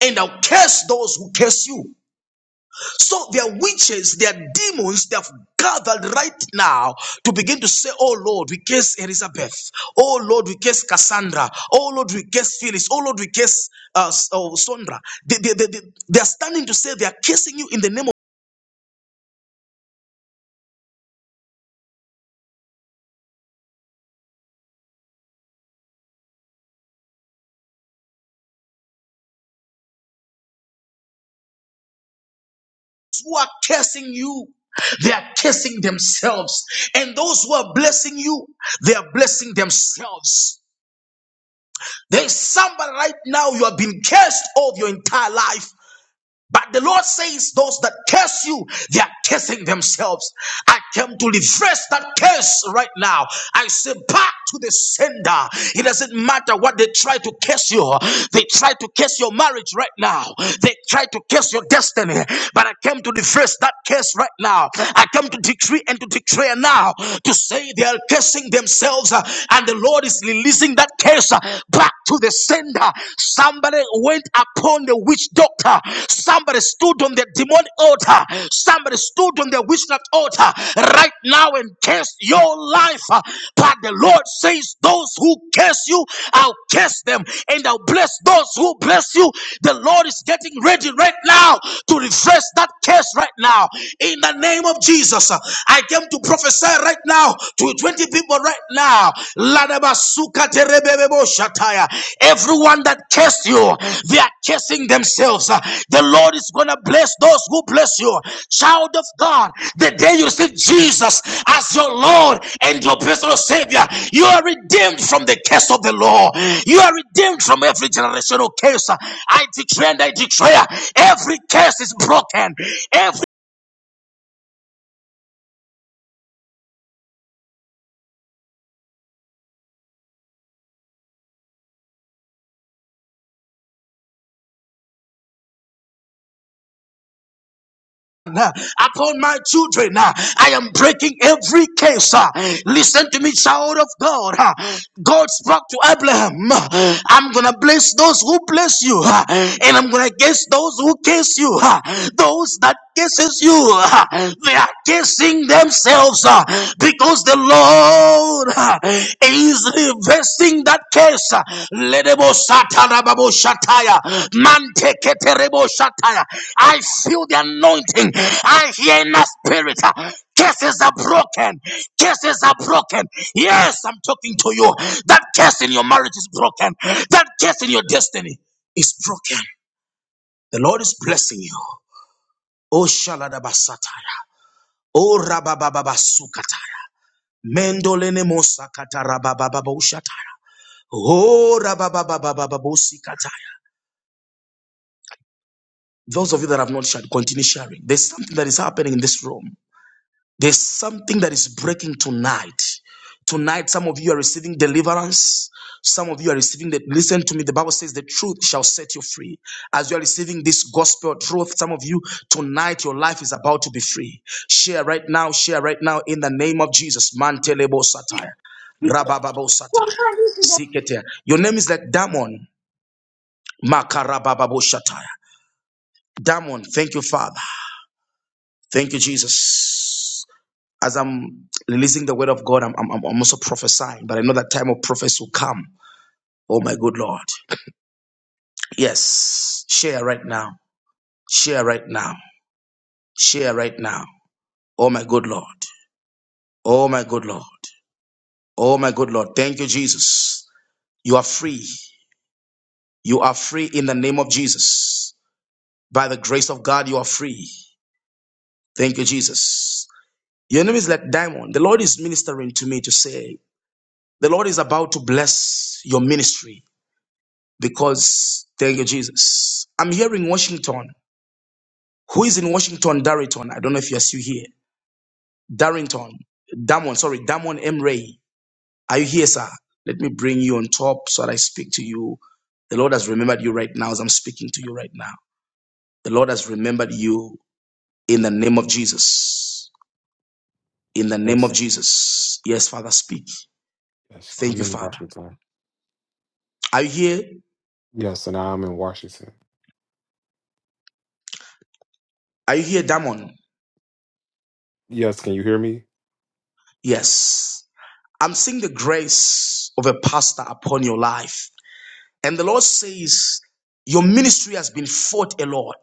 Speaker 5: and I'll curse those who curse you. So there are witches, there are demons They have gathered right now to begin to say, Oh Lord, we case Elizabeth. Oh Lord, we case Cassandra. Oh Lord, we case Phyllis. Oh Lord, we case uh, oh, Sondra. They, they, they, they, they are standing to say they are cursing you in the name of those who are cursing you. They are cursing themselves. And those who are blessing you, they are blessing themselves. There is somebody right now, you have been cursed all your entire life. But the Lord says, Those that curse you, they are cursing themselves. I came to reverse that curse right now. I say, Back to the sender. It doesn't matter what they try to curse you. They try to curse your marriage right now. They try to curse your destiny. But I came to reverse that curse right now. I came to decree and to declare now to say they are cursing themselves. uh, And the Lord is releasing that curse uh, back to the sender. Somebody went upon the witch doctor. Somebody stood on the demon altar. Somebody stood on the witchcraft altar right now and curse your life. But the Lord says, Those who curse you, I'll curse them, and I'll bless those who bless you. The Lord is getting ready right now to reverse that curse right now. In the name of Jesus, I came to prophesy right now to to 20 people right now. Ladabasuka terebebebo shataya. Everyone that cursed you, they are cursing themselves. Uh, The Lord is going to bless those who bless you. Child of God, the day you receive Jesus as your Lord and your personal Savior, you are redeemed from the curse of the law. You are redeemed from every generational curse. I declare and I declare every curse is broken. Every uh, upon my children. uh, I am breaking every case. uh, Listen to me, child of God. uh, God spoke to Abraham. uh, I'm gonna bless those who bless you, uh, and I'm gonna curse those who curse you. uh, Those that curses you, uh, they are cursing themselves uh, because the Lord. Lord, uh, is reversing that case. uh, Ledebo satarababo shataya, manteketerebo shataya. I feel the anointing. I hear in my spirit. uh, Cases are broken. Cases are broken. Yes, I'm talking to you. That case in your marriage is broken. That case in your destiny is broken. The Lord is blessing you. Oh shaladabasataya. Oh rababababasukataya. Mendolene mosakata rababababushataya. Oh, Those of you that have not shared, continue sharing. There's something that is happening in this room. There's something that is breaking tonight. Tonight, some of you are receiving deliverance. Some of you are receiving that. Listen to me. The Bible says the truth shall set you free. As you are receiving this gospel truth, some of you tonight, your life is about to be free. Share right now. Share right now in the name of Jesus. Mantelebo satire. Rabababo satire. Ziketea. Your name is like Damon. Makarabababoshataya. Damon, thank you, Father. Thank you, Jesus. As I'm releasing the word of God, I'm, I'm, I'm also prophesying, but I know that time of prophecy will come. Oh, my good Lord. Yes. Share right now. Share right now. Share right now. Oh, my good Lord. Oh, my good Lord. Oh, my good Lord. Thank you, Jesus. You are free. You are free in the name of Jesus. By the grace of God, you are free. Thank you, Jesus. Your name is like diamond. The Lord is ministering to me to say, the Lord is about to bless your ministry because thank you, Jesus. I'm here in Washington. Who is in Washington? Darrington. I don't know if you're still here. Darrington. Damon, sorry, Damon M. Ray. Are you here, sir? Let me bring you on top so that I speak to you. The Lord has remembered you right now as I'm speaking to you right now. The Lord has remembered you in the name of Jesus. In the name
Speaker 13: Yes,
Speaker 5: of Jesus. Yes, Father, speak.
Speaker 13: yes,
Speaker 5: Thank
Speaker 13: I'm
Speaker 5: you,
Speaker 13: in
Speaker 5: Father.
Speaker 13: Washington.
Speaker 5: Are you here?
Speaker 13: Yes, and I'm in Washington.
Speaker 5: Are you here, Damon?
Speaker 13: Yes, can you hear me?
Speaker 5: Yes. I'm seeing the grace of a pastor upon your life. And the Lord says, Your ministry has been fought a lot.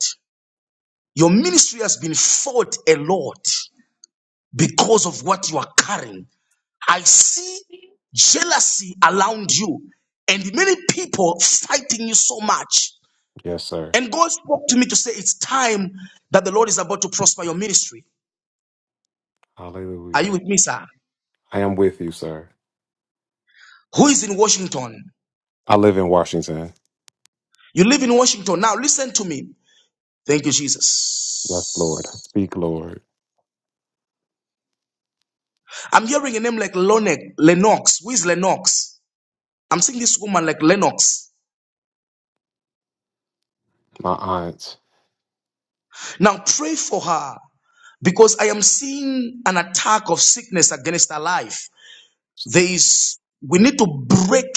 Speaker 5: Your ministry has been fought a lot because of what you are carrying. I see jealousy around you and many people fighting you so much.
Speaker 13: Yes, sir.
Speaker 5: And God spoke to me to say, It's time that the Lord is about to prosper your ministry. Are
Speaker 13: Hallelujah.
Speaker 5: you with me, sir?
Speaker 13: I am with you, sir.
Speaker 5: Who is in Washington?
Speaker 13: I live in Washington.
Speaker 5: You live in Washington. Now, listen to me. Thank you,
Speaker 13: Yes,
Speaker 5: Jesus.
Speaker 13: Lord. Speak, Lord.
Speaker 5: I'm hearing a name like Lonek, Lennox. Who is Lennox? I'm seeing this woman like Lennox.
Speaker 13: My aunt.
Speaker 5: Now pray for her because I am seeing an attack of sickness against her life. There is, we need to break,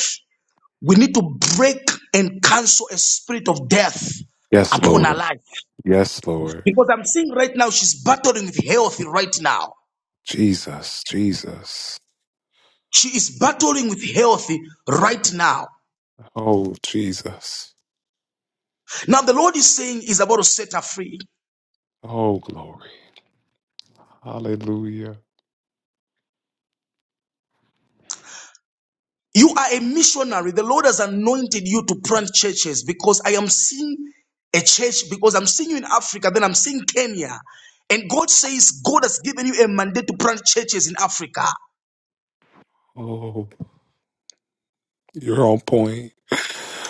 Speaker 5: we need to break and cancel a spirit of death
Speaker 13: Yes,
Speaker 5: upon her
Speaker 13: Lord.
Speaker 5: life
Speaker 13: Yes, Lord.
Speaker 5: because I'm seeing right now she's battling with health right now.
Speaker 13: Jesus, Jesus.
Speaker 5: She is battling with health right now.
Speaker 13: Oh, Jesus.
Speaker 5: Now, the Lord is saying, is about to set her free.
Speaker 13: Oh, glory. Hallelujah.
Speaker 5: You are a missionary. The Lord has anointed you to plant churches because I am seeing a church because I'm seeing you in Africa, then I'm seeing Kenya. And God says God has given you a mandate to plant churches in Africa.
Speaker 13: Oh, you're on point.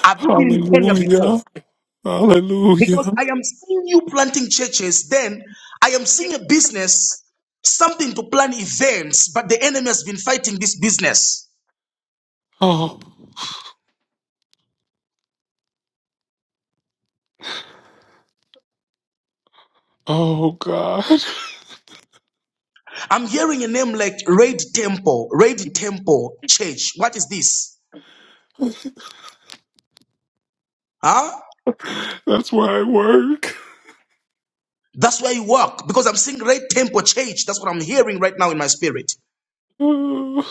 Speaker 5: Have you been in Kenya before?
Speaker 13: Hallelujah.
Speaker 5: Because
Speaker 13: Hallelujah.
Speaker 5: I am seeing you planting churches, then I am seeing a business, something to plan events, but the enemy has been fighting this business.
Speaker 13: Oh, oh God.
Speaker 5: I'm hearing a name like Red Temple, Red Temple Church. What is this? Huh?
Speaker 13: That's why I work.
Speaker 5: That's where you walk because I'm seeing great tempo change. That's what I'm hearing right now in my spirit.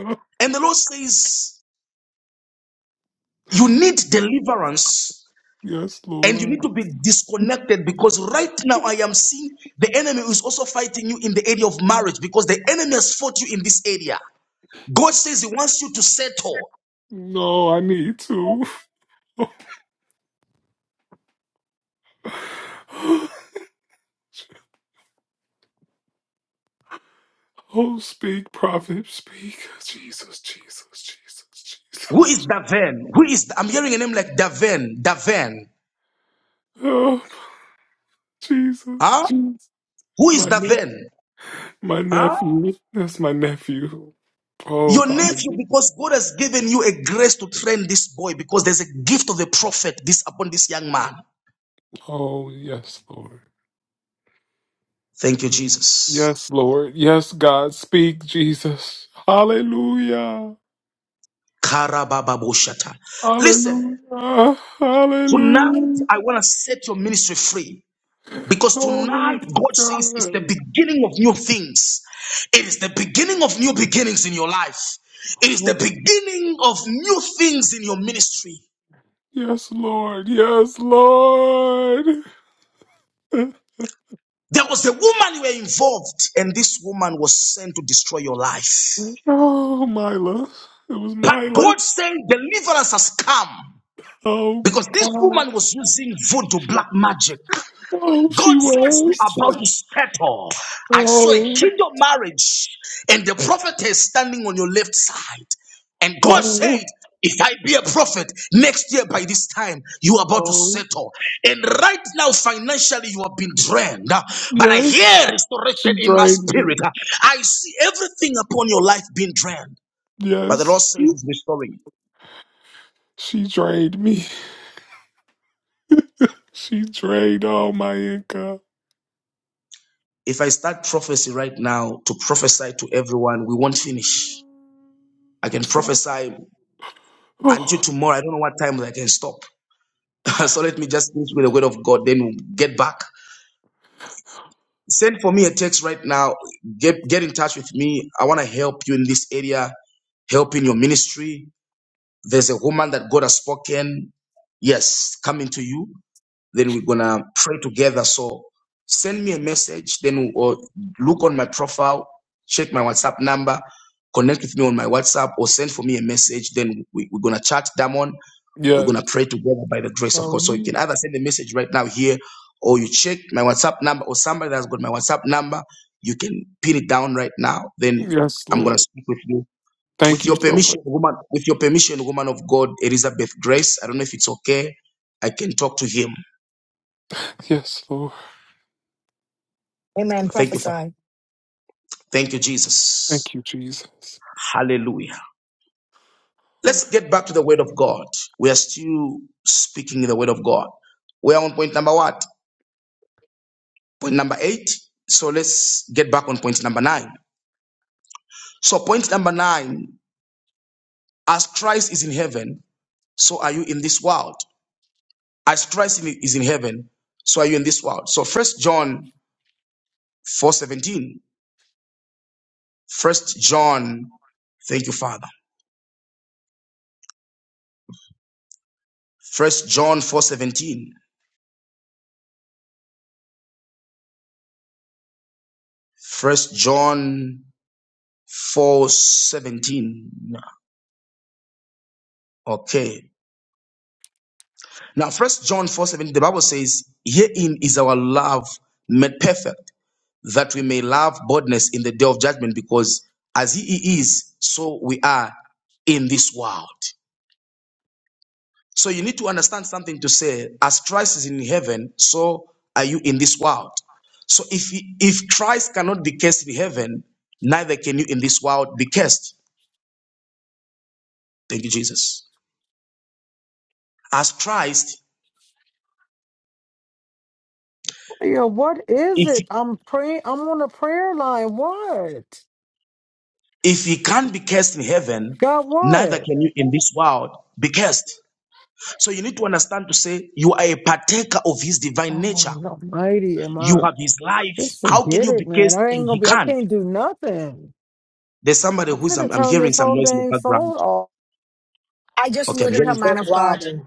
Speaker 13: Oh,
Speaker 5: And the Lord says, You need deliverance
Speaker 13: yes,
Speaker 5: and you
Speaker 13: Lord.
Speaker 5: need to be disconnected because right now I am seeing the enemy is also fighting you in the area of marriage because the enemy has fought you in this area. God says He wants you to settle.
Speaker 13: No, I need to. Oh, speak, prophet, speak. Jesus, Jesus, Jesus,
Speaker 5: Who is
Speaker 13: Jesus.
Speaker 5: Daven? Who is, I'm hearing a name like Daven, Daven.
Speaker 13: Oh, Jesus,
Speaker 5: Huh?
Speaker 13: Jesus.
Speaker 5: Who is
Speaker 13: My, ne-
Speaker 5: Daven?
Speaker 13: my
Speaker 5: Huh?
Speaker 13: nephew. That's my nephew. Oh,
Speaker 5: Your nephew,
Speaker 13: hallelujah.
Speaker 5: because God has given you a grace to train this boy, because there's a gift of the prophet this upon this young man.
Speaker 13: Oh, yes, Lord.
Speaker 5: Thank you, Jesus.
Speaker 13: Yes, Lord. Yes, God. Speak, Jesus. Hallelujah.
Speaker 5: Karabababoshata. Listen,
Speaker 13: Hallelujah.
Speaker 5: tonight
Speaker 13: Hallelujah.
Speaker 5: I want to set your ministry free. Because
Speaker 13: Oh,
Speaker 5: tonight God says it's the
Speaker 13: God.
Speaker 5: beginning of new things. It is the beginning of new beginnings in your life. It is the
Speaker 13: Oh,
Speaker 5: beginning of new things in your ministry.
Speaker 13: yes, Lord. Yes, Lord.
Speaker 5: There was a woman you were involved, and this woman was sent to destroy your life.
Speaker 13: Oh, Mila. It was
Speaker 5: But
Speaker 13: Mila.
Speaker 5: God said, Deliverance has come.
Speaker 13: Oh,
Speaker 5: Because this
Speaker 13: God.
Speaker 5: woman was using voodoo black magic.
Speaker 13: Oh,
Speaker 5: God
Speaker 13: she
Speaker 5: says, You are
Speaker 13: was.
Speaker 5: about to settle. I saw a
Speaker 13: Oh,
Speaker 5: kingdom marriage, and the prophet is standing on your left side. And God
Speaker 13: oh,
Speaker 5: said, If I be a prophet, next year by this time, you are about to
Speaker 13: oh.
Speaker 5: settle. And right now, financially, you have been drained. Uh, But I
Speaker 13: Yes.
Speaker 5: hear
Speaker 13: She
Speaker 5: restoration in my
Speaker 13: drained me.
Speaker 5: spirit. Uh, I see everything upon your life being drained. But the Lord
Speaker 13: Yes.
Speaker 5: says, It's restoring
Speaker 13: She drained me. She drained all my income.
Speaker 5: If I start prophecy right now to prophesy to everyone, we won't
Speaker 13: Oh,
Speaker 5: finish. I
Speaker 13: I'm
Speaker 5: can
Speaker 13: sorry.
Speaker 5: prophesy until
Speaker 13: Oh.
Speaker 5: tomorrow. I don't know what time I can stop. so let me just finish with the word of God, then we'll get back. Send for me a text right now. Get get in touch with me. I want to help you in this area, help in your ministry. There's a woman that God has spoken. Yes, coming to you. then we're gonna pray together. So send me a message, then or look on my profile, check my WhatsApp number, connect with me on my WhatsApp, or send for me a message. Then we, we're gonna chat, Damon. We're
Speaker 13: Yes.
Speaker 5: gonna pray together by the grace of God. So you can
Speaker 13: Hallelujah.
Speaker 5: either send a message right now here, or you check my WhatsApp number, or somebody that's got my WhatsApp number, you can pin it down right now. Then
Speaker 13: Yes,
Speaker 5: I'm gonna
Speaker 13: Lord.
Speaker 5: speak with you.
Speaker 13: Thank
Speaker 5: With
Speaker 13: you
Speaker 5: your
Speaker 13: so much.
Speaker 5: permission, woman, with your permission, woman of God, Elizabeth Grace. I don't know if it's okay. I can talk to him.
Speaker 13: Yes, Lord.
Speaker 1: Amen.
Speaker 5: Thank you, Father.
Speaker 1: Prophesy.
Speaker 5: Thank you, Jesus.
Speaker 13: Thank you, Jesus.
Speaker 5: Hallelujah. Let's get back to the word of God. We are still speaking the word of God. We are on point number what? Point number eight. So let's get back on point number nine. So, point number nine as Christ is in heaven, so are you in this world. As Christ in- is in heaven, so are you in this world. So, First John four seventeen. First John, thank you, Father. First John four seventeen. First John Four seventeen. Okay. Now, first John four seventeen. the Bible says, Herein is our love made perfect, that we may love boldness in the day of judgment, because as he is, so we are in this world. So you need to understand something to say, as Christ is in heaven, so are you in this world. So if he- if Christ cannot be cast in heaven, neither can you in this world be cast. Thank you, Jesus. As Christ,
Speaker 14: Yeah, what is
Speaker 5: if
Speaker 14: it? I'm praying. I'm on a prayer line. What?
Speaker 5: If he can't be cursed in heaven,
Speaker 14: God,
Speaker 5: neither
Speaker 14: what?
Speaker 5: can you in this world be cursed. So you need to understand to say you are a partaker of his divine nature.
Speaker 14: Oh, no, mighty am
Speaker 5: You
Speaker 14: I.
Speaker 5: have his life.
Speaker 14: Just
Speaker 5: How can
Speaker 14: forget
Speaker 5: you be
Speaker 14: it, man.
Speaker 5: cursed
Speaker 14: I
Speaker 5: and
Speaker 14: ain't gonna
Speaker 5: he
Speaker 14: be. I
Speaker 5: can't?
Speaker 14: can't do nothing.
Speaker 5: There's somebody
Speaker 14: I'm
Speaker 5: who's I'm,
Speaker 14: finna
Speaker 5: I'm
Speaker 14: turn
Speaker 5: hearing
Speaker 14: this
Speaker 5: some
Speaker 14: whole
Speaker 5: noise in the
Speaker 14: dang
Speaker 5: background.
Speaker 14: phone off.
Speaker 1: I just
Speaker 5: Okay, I'm
Speaker 1: muted her,
Speaker 5: hearing
Speaker 1: man
Speaker 9: That's
Speaker 1: of God.
Speaker 9: robbing.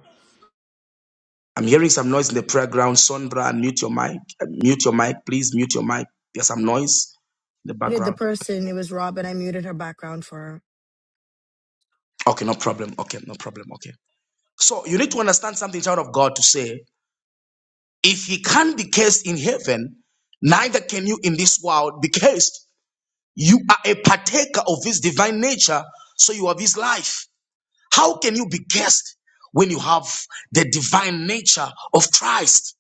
Speaker 5: I'm hearing some noise in the background. Sondra, mute your mic. Uh, Mute your mic, please. Mute your mic. There's some noise in the
Speaker 1: Muted the
Speaker 5: background.
Speaker 1: person. It was Robin. I muted her background for her.
Speaker 5: Okay, no problem. Okay, no problem. Okay. So you need to understand something, child of God, to say If you can't be cursed in heaven, neither can you in this world be cursed. You are a partaker of his divine nature, so you have his life. How can you be cursed when you have the divine nature of Christ?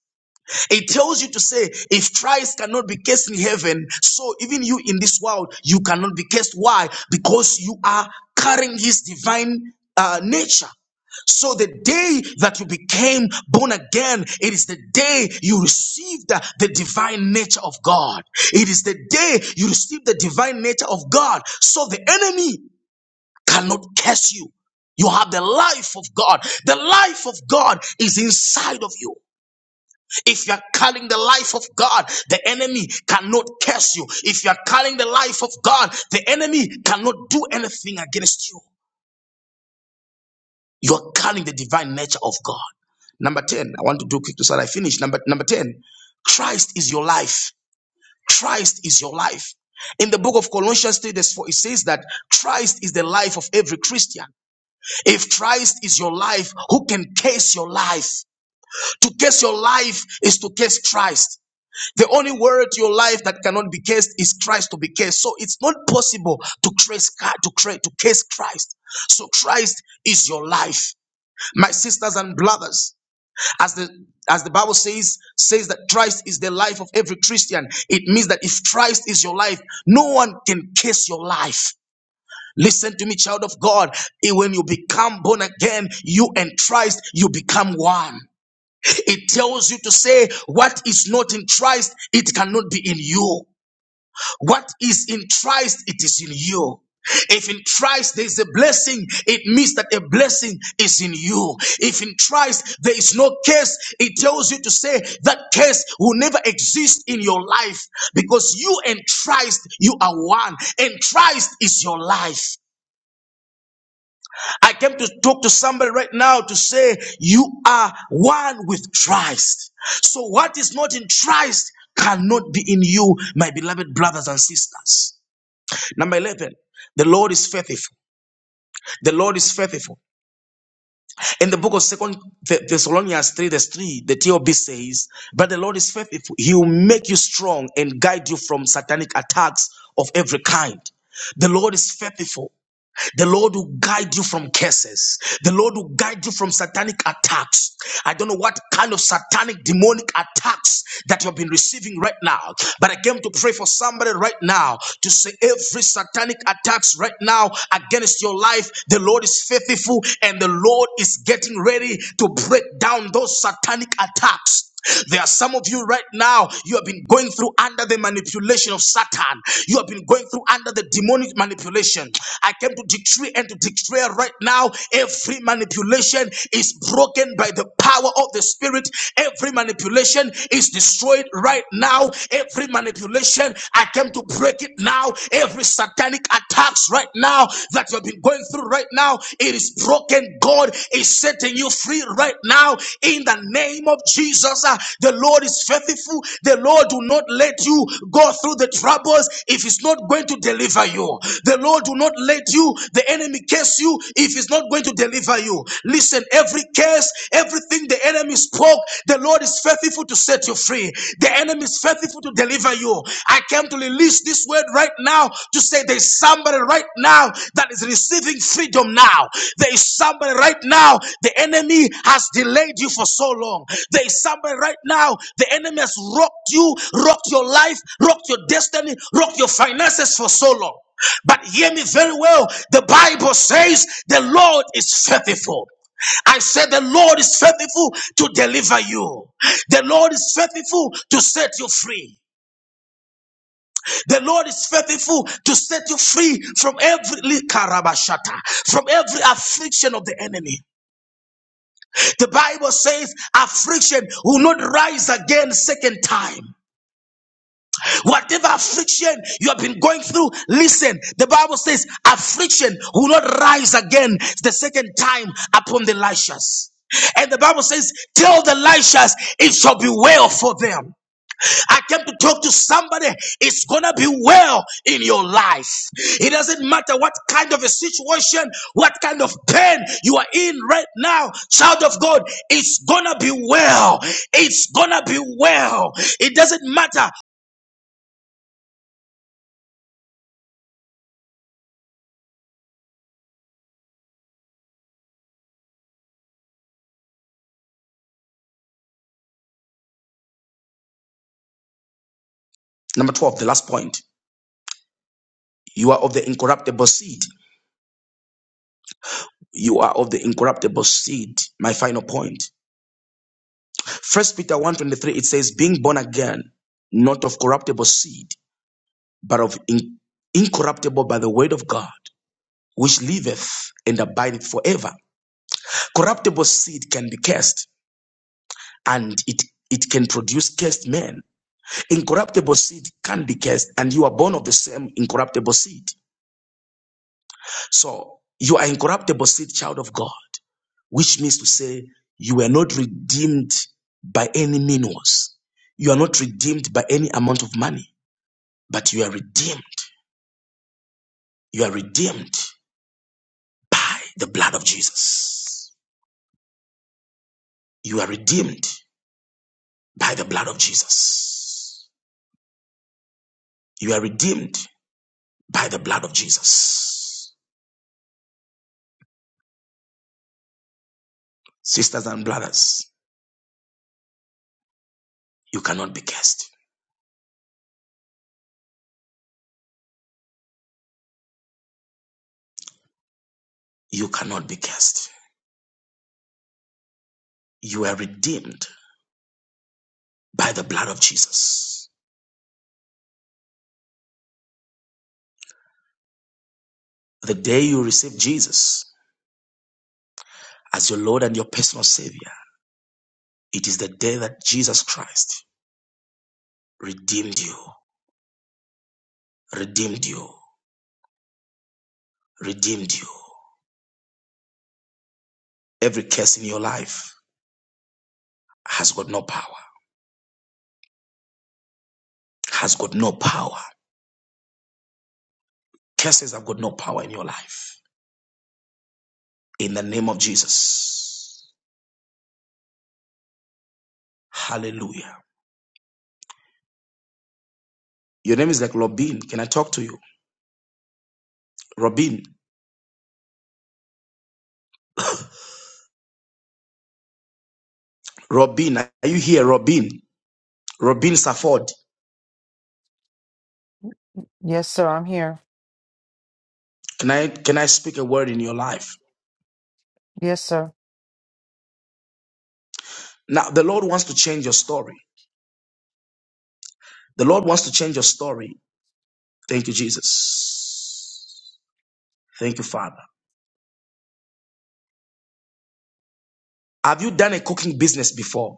Speaker 5: It tells you to say, if Christ cannot be cursed in heaven, so even you in this world, you cannot be cursed. Why? Because you are carrying his divine uh, nature. So the day that you became born again, it is the day you received the, the divine nature of God. It is the day you receive the divine nature of God. So the enemy cannot curse you. You have the life of God. The life of God is inside of you. If you are carrying the life of God, the enemy cannot curse you. If you are carrying the life of God, the enemy cannot do anything against you. You are carrying the divine nature of God. Number 10, I want to do quick to start. I finish. Number, number 10, Christ is your life. Christ is your life. In the book of Colossians 3, verse 4, it says that Christ is the life of every Christian. If Christ is your life, who can case your life? To case your life is to case Christ. The only word to your life that cannot be cased is Christ to be cased. So it's not possible to trace to create to case Christ. So Christ is your life. My sisters and brothers, as the as the bible says says that christ is the life of every christian it means that if christ is your life no one can curse your life listen to me child of god Eh, when you become born again you and christ you become one it tells you to say what is not in christ it cannot be in you what is in Christ, it is in you. If in Christ there is a blessing, it means that a blessing is in you. If in Christ there is no curse, it tells you to say that curse will never exist in your life because you and Christ, you are one, and Christ is your life. I came to talk to somebody right now to say you are one with Christ. So what is not in Christ cannot be in you, my beloved brothers and sisters. Number 11, the Lord is faithful. The Lord is faithful. In the book of Second Thessalonians 3, verse 3, the TOB says, But the Lord is faithful. He will make you strong and guide you from satanic attacks of every kind. The Lord is faithful. The Lord will guide you from curses. The Lord will guide you from satanic attacks. I don't know what kind of satanic demonic attacks that you have been receiving right now, but I came to pray for somebody right now to say every satanic attacks right now against your life, the Lord is faithful and the Lord is getting ready to break down those satanic attacks. There are some of you right now, you have been going through under the manipulation of Satan. You have been going through under the demonic manipulation. I came to decree and to declare right now every manipulation is broken by the power of the Spirit. Every manipulation is destroyed right now. Every manipulation, I came to break it now. Every satanic attacks right now that you have been going going through right now, it is broken. God is setting you free right now in the name of Jesus. Ah, The Lord is faithful. The Lord will not let you go through the troubles if He's not going to deliver you. The Lord will not let you, the enemy, curse you if He's not going to deliver you. Listen, every curse, everything the enemy spoke, the Lord is faithful to set you free. The enemy is faithful to deliver you. I came to release this word right now to say there's somebody right now that is receiving freedom now. There is somebody right now. The enemy has delayed you for so long. There is somebody right now. The enemy has rocked you, rocked your life, rocked your destiny, rocked your finances for so long. But hear me very well. The Bible says the Lord is faithful. I said the Lord is faithful to deliver you. The Lord is faithful to set you free. The Lord is faithful to set you free from every likarabashata, from every affliction of the enemy. The Bible says affliction will not rise again second time. Whatever affliction you have been going through, listen. The Bible says affliction will not rise again the second time upon the righteous. And the Bible says, Tell the righteous it shall be well for them. I came to talk to somebody. It's gonna be well in your life. It doesn't matter what kind of a situation, what kind of pain you are in right now, child of God. It's gonna be well. It's gonna be well. It doesn't matter. Number 12, the last point. You are of the incorruptible seed. You are of the incorruptible seed. My final point. First Peter one twenty three. it says, being born again, not of corruptible seed, but of in- incorruptible by the word of God which liveth and abideth forever. Corruptible seed can be cast, and it it can produce cursed men. Incorruptible seed can be cursed, and you are born of the same incorruptible seed. So you are incorruptible seed, child of God, which means to say you were not redeemed by any means. You are not redeemed by any amount of money, but you are redeemed. You are redeemed by the blood of Jesus. You are redeemed by the blood of Jesus. You are redeemed by the blood of Jesus. Sisters and brothers, you cannot be cursed. You cannot be cursed. You are redeemed by the blood of Jesus. The day you receive Jesus as your Lord and your personal Savior, it is the day that Jesus Christ redeemed you, redeemed you, redeemed you. Every curse in your life has got no power, has got no power. Curses have got no power in your life. In the name of Jesus. Hallelujah. Your name is like Robin. Can I talk to you? Robin. Robin. Are you here? Robin. Robin Safford.
Speaker 14: Yes, sir. I'm here.
Speaker 5: Can I can I speak a word in your life?
Speaker 14: Yes, sir.
Speaker 5: Now the Lord wants to change your story. The Lord wants to change your story. Thank you, Jesus. Thank you, Father. Have you done a cooking business before?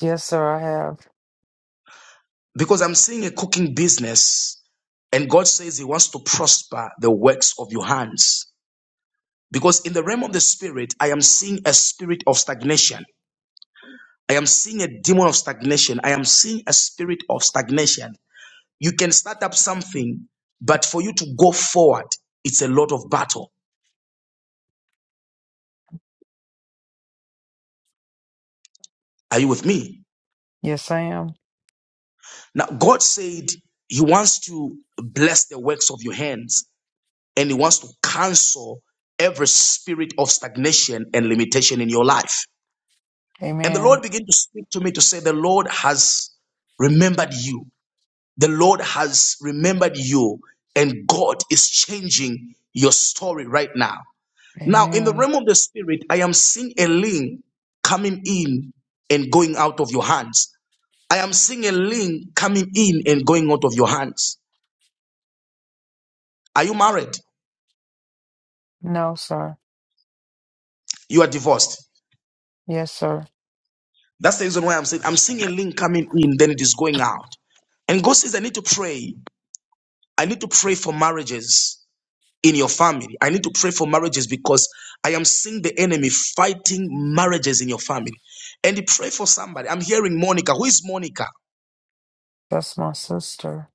Speaker 14: Yes, sir. I have.
Speaker 5: Because I'm seeing a cooking business, and God says He wants to prosper the works of your hands. Because in the realm of the spirit, I am seeing a spirit of stagnation. I am seeing a demon of stagnation. I am seeing a spirit of stagnation. You can start up something, but for you to go forward, it's a lot of battle. Are you with me?
Speaker 14: Yes, I am.
Speaker 5: Now, God said He wants to bless the works of your hands and He wants to cancel every spirit of stagnation and limitation in your life. And the
Speaker 14: Amen.
Speaker 5: Lord began to speak to me to say, The Lord has remembered you. The Lord has remembered you, and God is changing your story right now. Now, in the
Speaker 14: Amen.
Speaker 5: realm of the spirit, I am seeing a link coming in and going out of your hands. I am seeing a link coming in and going out of your hands. Are you married?
Speaker 14: No, sir.
Speaker 5: You are divorced.
Speaker 14: Yes, sir.
Speaker 5: That's the reason why I'm saying I'm seeing a link coming in, then it is going out. And God says, I need to pray. I need to pray for marriages in your family. I need to pray for marriages because I am seeing the enemy fighting marriages in your family. And pray for somebody. I'm hearing Monica. Who is Monica?
Speaker 14: That's my sister.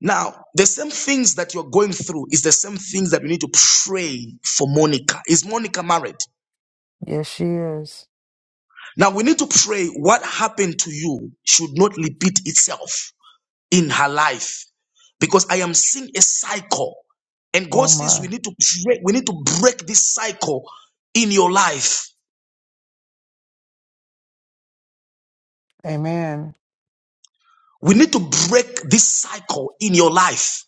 Speaker 5: Now, the same things that you're going through is the same things that we need to pray for Monica. Is Monica married?
Speaker 14: Yes, she is.
Speaker 5: Now, we need to pray what happened to you should not repeat itself in her life because I am seeing a cycle. And
Speaker 14: Oh,
Speaker 5: God says
Speaker 14: my.
Speaker 5: we need to break, we need to break this cycle in your life.
Speaker 14: Amen.
Speaker 5: We need to break this cycle in your life.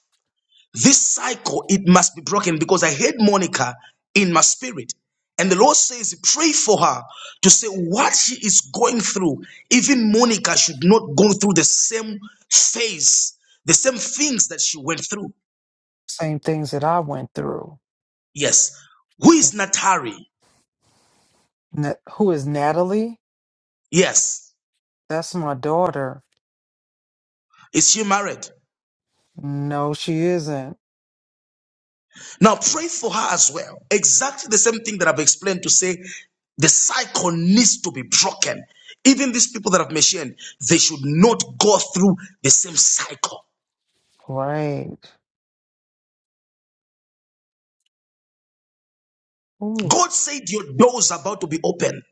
Speaker 5: This cycle, it must be broken because I had Monica in my spirit. And the Lord says, pray for her to say what she is going through. Even Monica should not go through the same phase, the same things that she went through.
Speaker 14: Same things that I went through.
Speaker 5: Yes. Who is Natari?
Speaker 14: Na- who is Natalie?
Speaker 5: Yes.
Speaker 14: That's my daughter.
Speaker 5: Is she married?
Speaker 14: No, she isn't.
Speaker 5: Now pray for her as well. Exactly the same thing that I've explained to say the cycle needs to be broken. Even these people that I've mentioned, they should not go through the same cycle.
Speaker 14: Right. Oof.
Speaker 5: God said your door is about to be open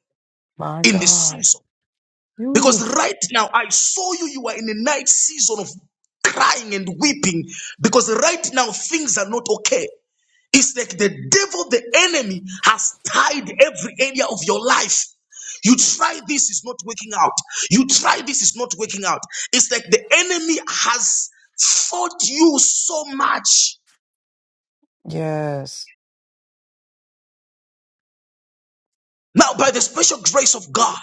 Speaker 14: My
Speaker 5: in this
Speaker 14: God.
Speaker 5: season. Because
Speaker 14: Oof.
Speaker 5: right now I saw you, you are in a night season of crying and weeping. Because right now things are not okay. It's like the devil, the enemy, has tied every area of your life. You try this is not working out. You try this is not working out. It's like the enemy has fought you so much.
Speaker 14: Yes.
Speaker 5: Now, by the special grace of God,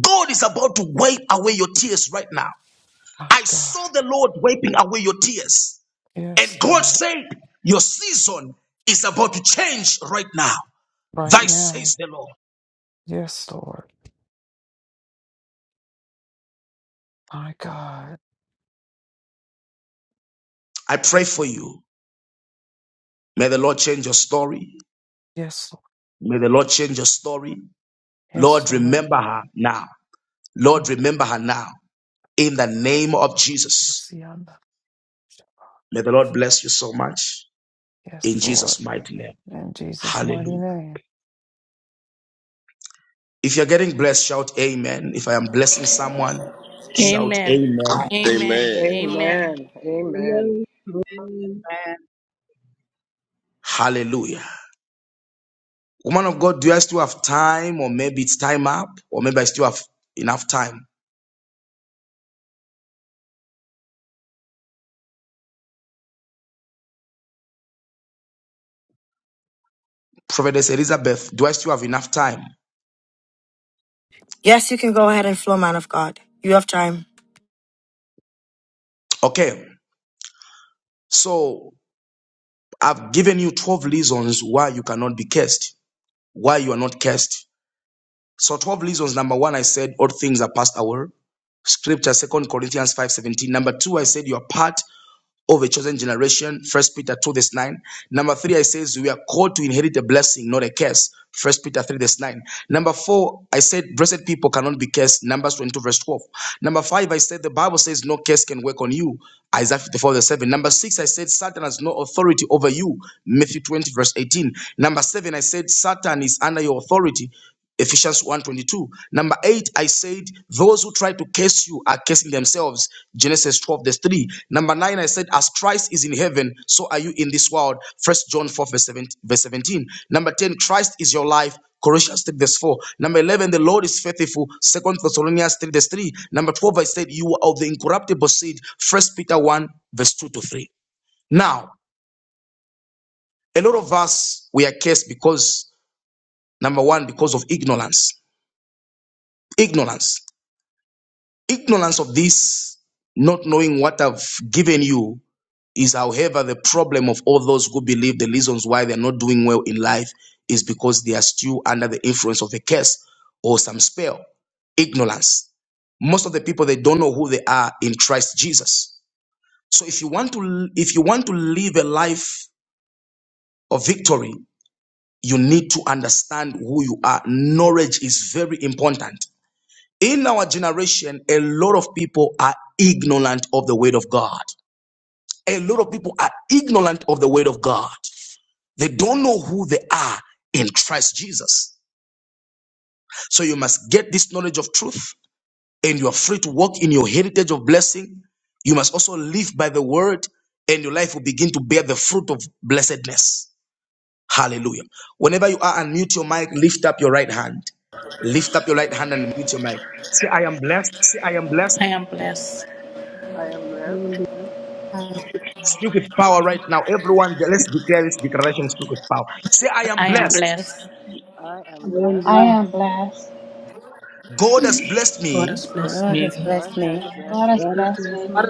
Speaker 5: God is about to wipe away your tears right now.
Speaker 14: My
Speaker 5: I
Speaker 14: God.
Speaker 5: saw the Lord wiping away your tears.
Speaker 14: Yes,
Speaker 5: And God
Speaker 14: Lord.
Speaker 5: said, Your season is about to change right now.
Speaker 14: Right
Speaker 5: Thy
Speaker 14: now.
Speaker 5: says the Lord.
Speaker 14: Yes, Lord. My God.
Speaker 5: I pray for you. May the Lord change your story.
Speaker 14: Yes, Lord.
Speaker 5: May the Lord change your story.
Speaker 14: Yes,
Speaker 5: Lord,
Speaker 14: Lord.
Speaker 5: remember her now. Lord, remember her now. in the name of Jesus. May the Lord bless you so much
Speaker 14: Yes,
Speaker 5: in
Speaker 14: Lord.
Speaker 5: Jesus' mighty name.
Speaker 14: In Jesus' mighty
Speaker 5: Hallelujah.
Speaker 14: name.
Speaker 5: If you're getting blessed, shout amen. If I am blessing someone,
Speaker 14: Thank
Speaker 5: shout amen.
Speaker 11: Amen.
Speaker 2: Amen. Amen.
Speaker 4: love, Amen.
Speaker 5: Hallelujah. Woman of God, do I still have time? Or maybe it's time up? Or maybe I still have enough time? Prophetess Elizabeth, do I still have enough time?
Speaker 1: Yes, you can go ahead and flow, man of God. You have time.
Speaker 5: Okay. So I've given you 12 reasons why you cannot be cursed, why you are not cursed. So 12 reasons. Number one, I said all things are passed away. Scripture, Second Corinthians 5:17. Number two, I said you are part of a chosen generation. First Peter 2, verse 9. Number three, I says we are called to inherit a blessing, not a curse. First Peter 3, verse 9. Number four, I said, blessed people cannot be cursed. Numbers 22, verse 12. Number five, I said the Bible says no curse can work on you. Isaiah 54, verse 7. Number six, I said Satan has no authority over you. Matthew 20, verse 18. Number seven, I said Satan is under your authority. Ephesians one twenty two Number eight, I said, those who try to curse you are cursing themselves. Genesis 12, verse 3. Number nine, I said, as Christ is in heaven, so are you in this world. First John 4, verse 17. Verse 17. Number 10, Christ is your life. Colossians 3 verse 4. Number 11, the Lord is faithful. Second Thessalonians 3 verse 3. Number 12, I said, you are of the incorruptible seed. First Peter 1 verse 2 to 3. Now, a lot of us, we are cursed because, number one, because of ignorance. Ignorance. Ignorance of this, not knowing what I've given you, is however the problem of all those who believe the reasons why they're not doing well in life is because they are still under the influence of a curse or some spell. Ignorance. Most of the people they don't know who they are in Christ Jesus. So if you want to if you want to live a life of victory, you need to understand who you are. Knowledge is very important. In our generation, a lot of people are ignorant of the word of God. A lot of people are ignorant of the word of God. They don't know who they are in Christ Jesus. So you must get this knowledge of truth and you are free to walk in your heritage of blessing. You must also live by the word and your life will begin to bear the fruit of blessedness. Hallelujah. Whenever you are, unmute your mic, lift up your right hand. Lift up your right hand and mute your mic. Say, I am blessed. Say, I am blessed.
Speaker 2: I am
Speaker 4: I
Speaker 2: blessed.
Speaker 4: am blessed.
Speaker 8: Oh,
Speaker 5: Speak with
Speaker 7: Thank
Speaker 5: power right now. Everyone, let's declare this declaration. Speak with power. Say, I am blessed.
Speaker 8: yes.
Speaker 2: I
Speaker 4: I
Speaker 2: am
Speaker 4: am
Speaker 2: blessed.
Speaker 7: you,
Speaker 6: I
Speaker 4: blessed.
Speaker 6: am blessed.
Speaker 5: God has blessed me.
Speaker 8: The Lord has
Speaker 2: God
Speaker 8: blessed
Speaker 2: has
Speaker 8: me.
Speaker 2: blessed
Speaker 6: God has
Speaker 4: God
Speaker 2: me.
Speaker 4: has
Speaker 6: blessed
Speaker 4: blessed
Speaker 6: me.
Speaker 4: me.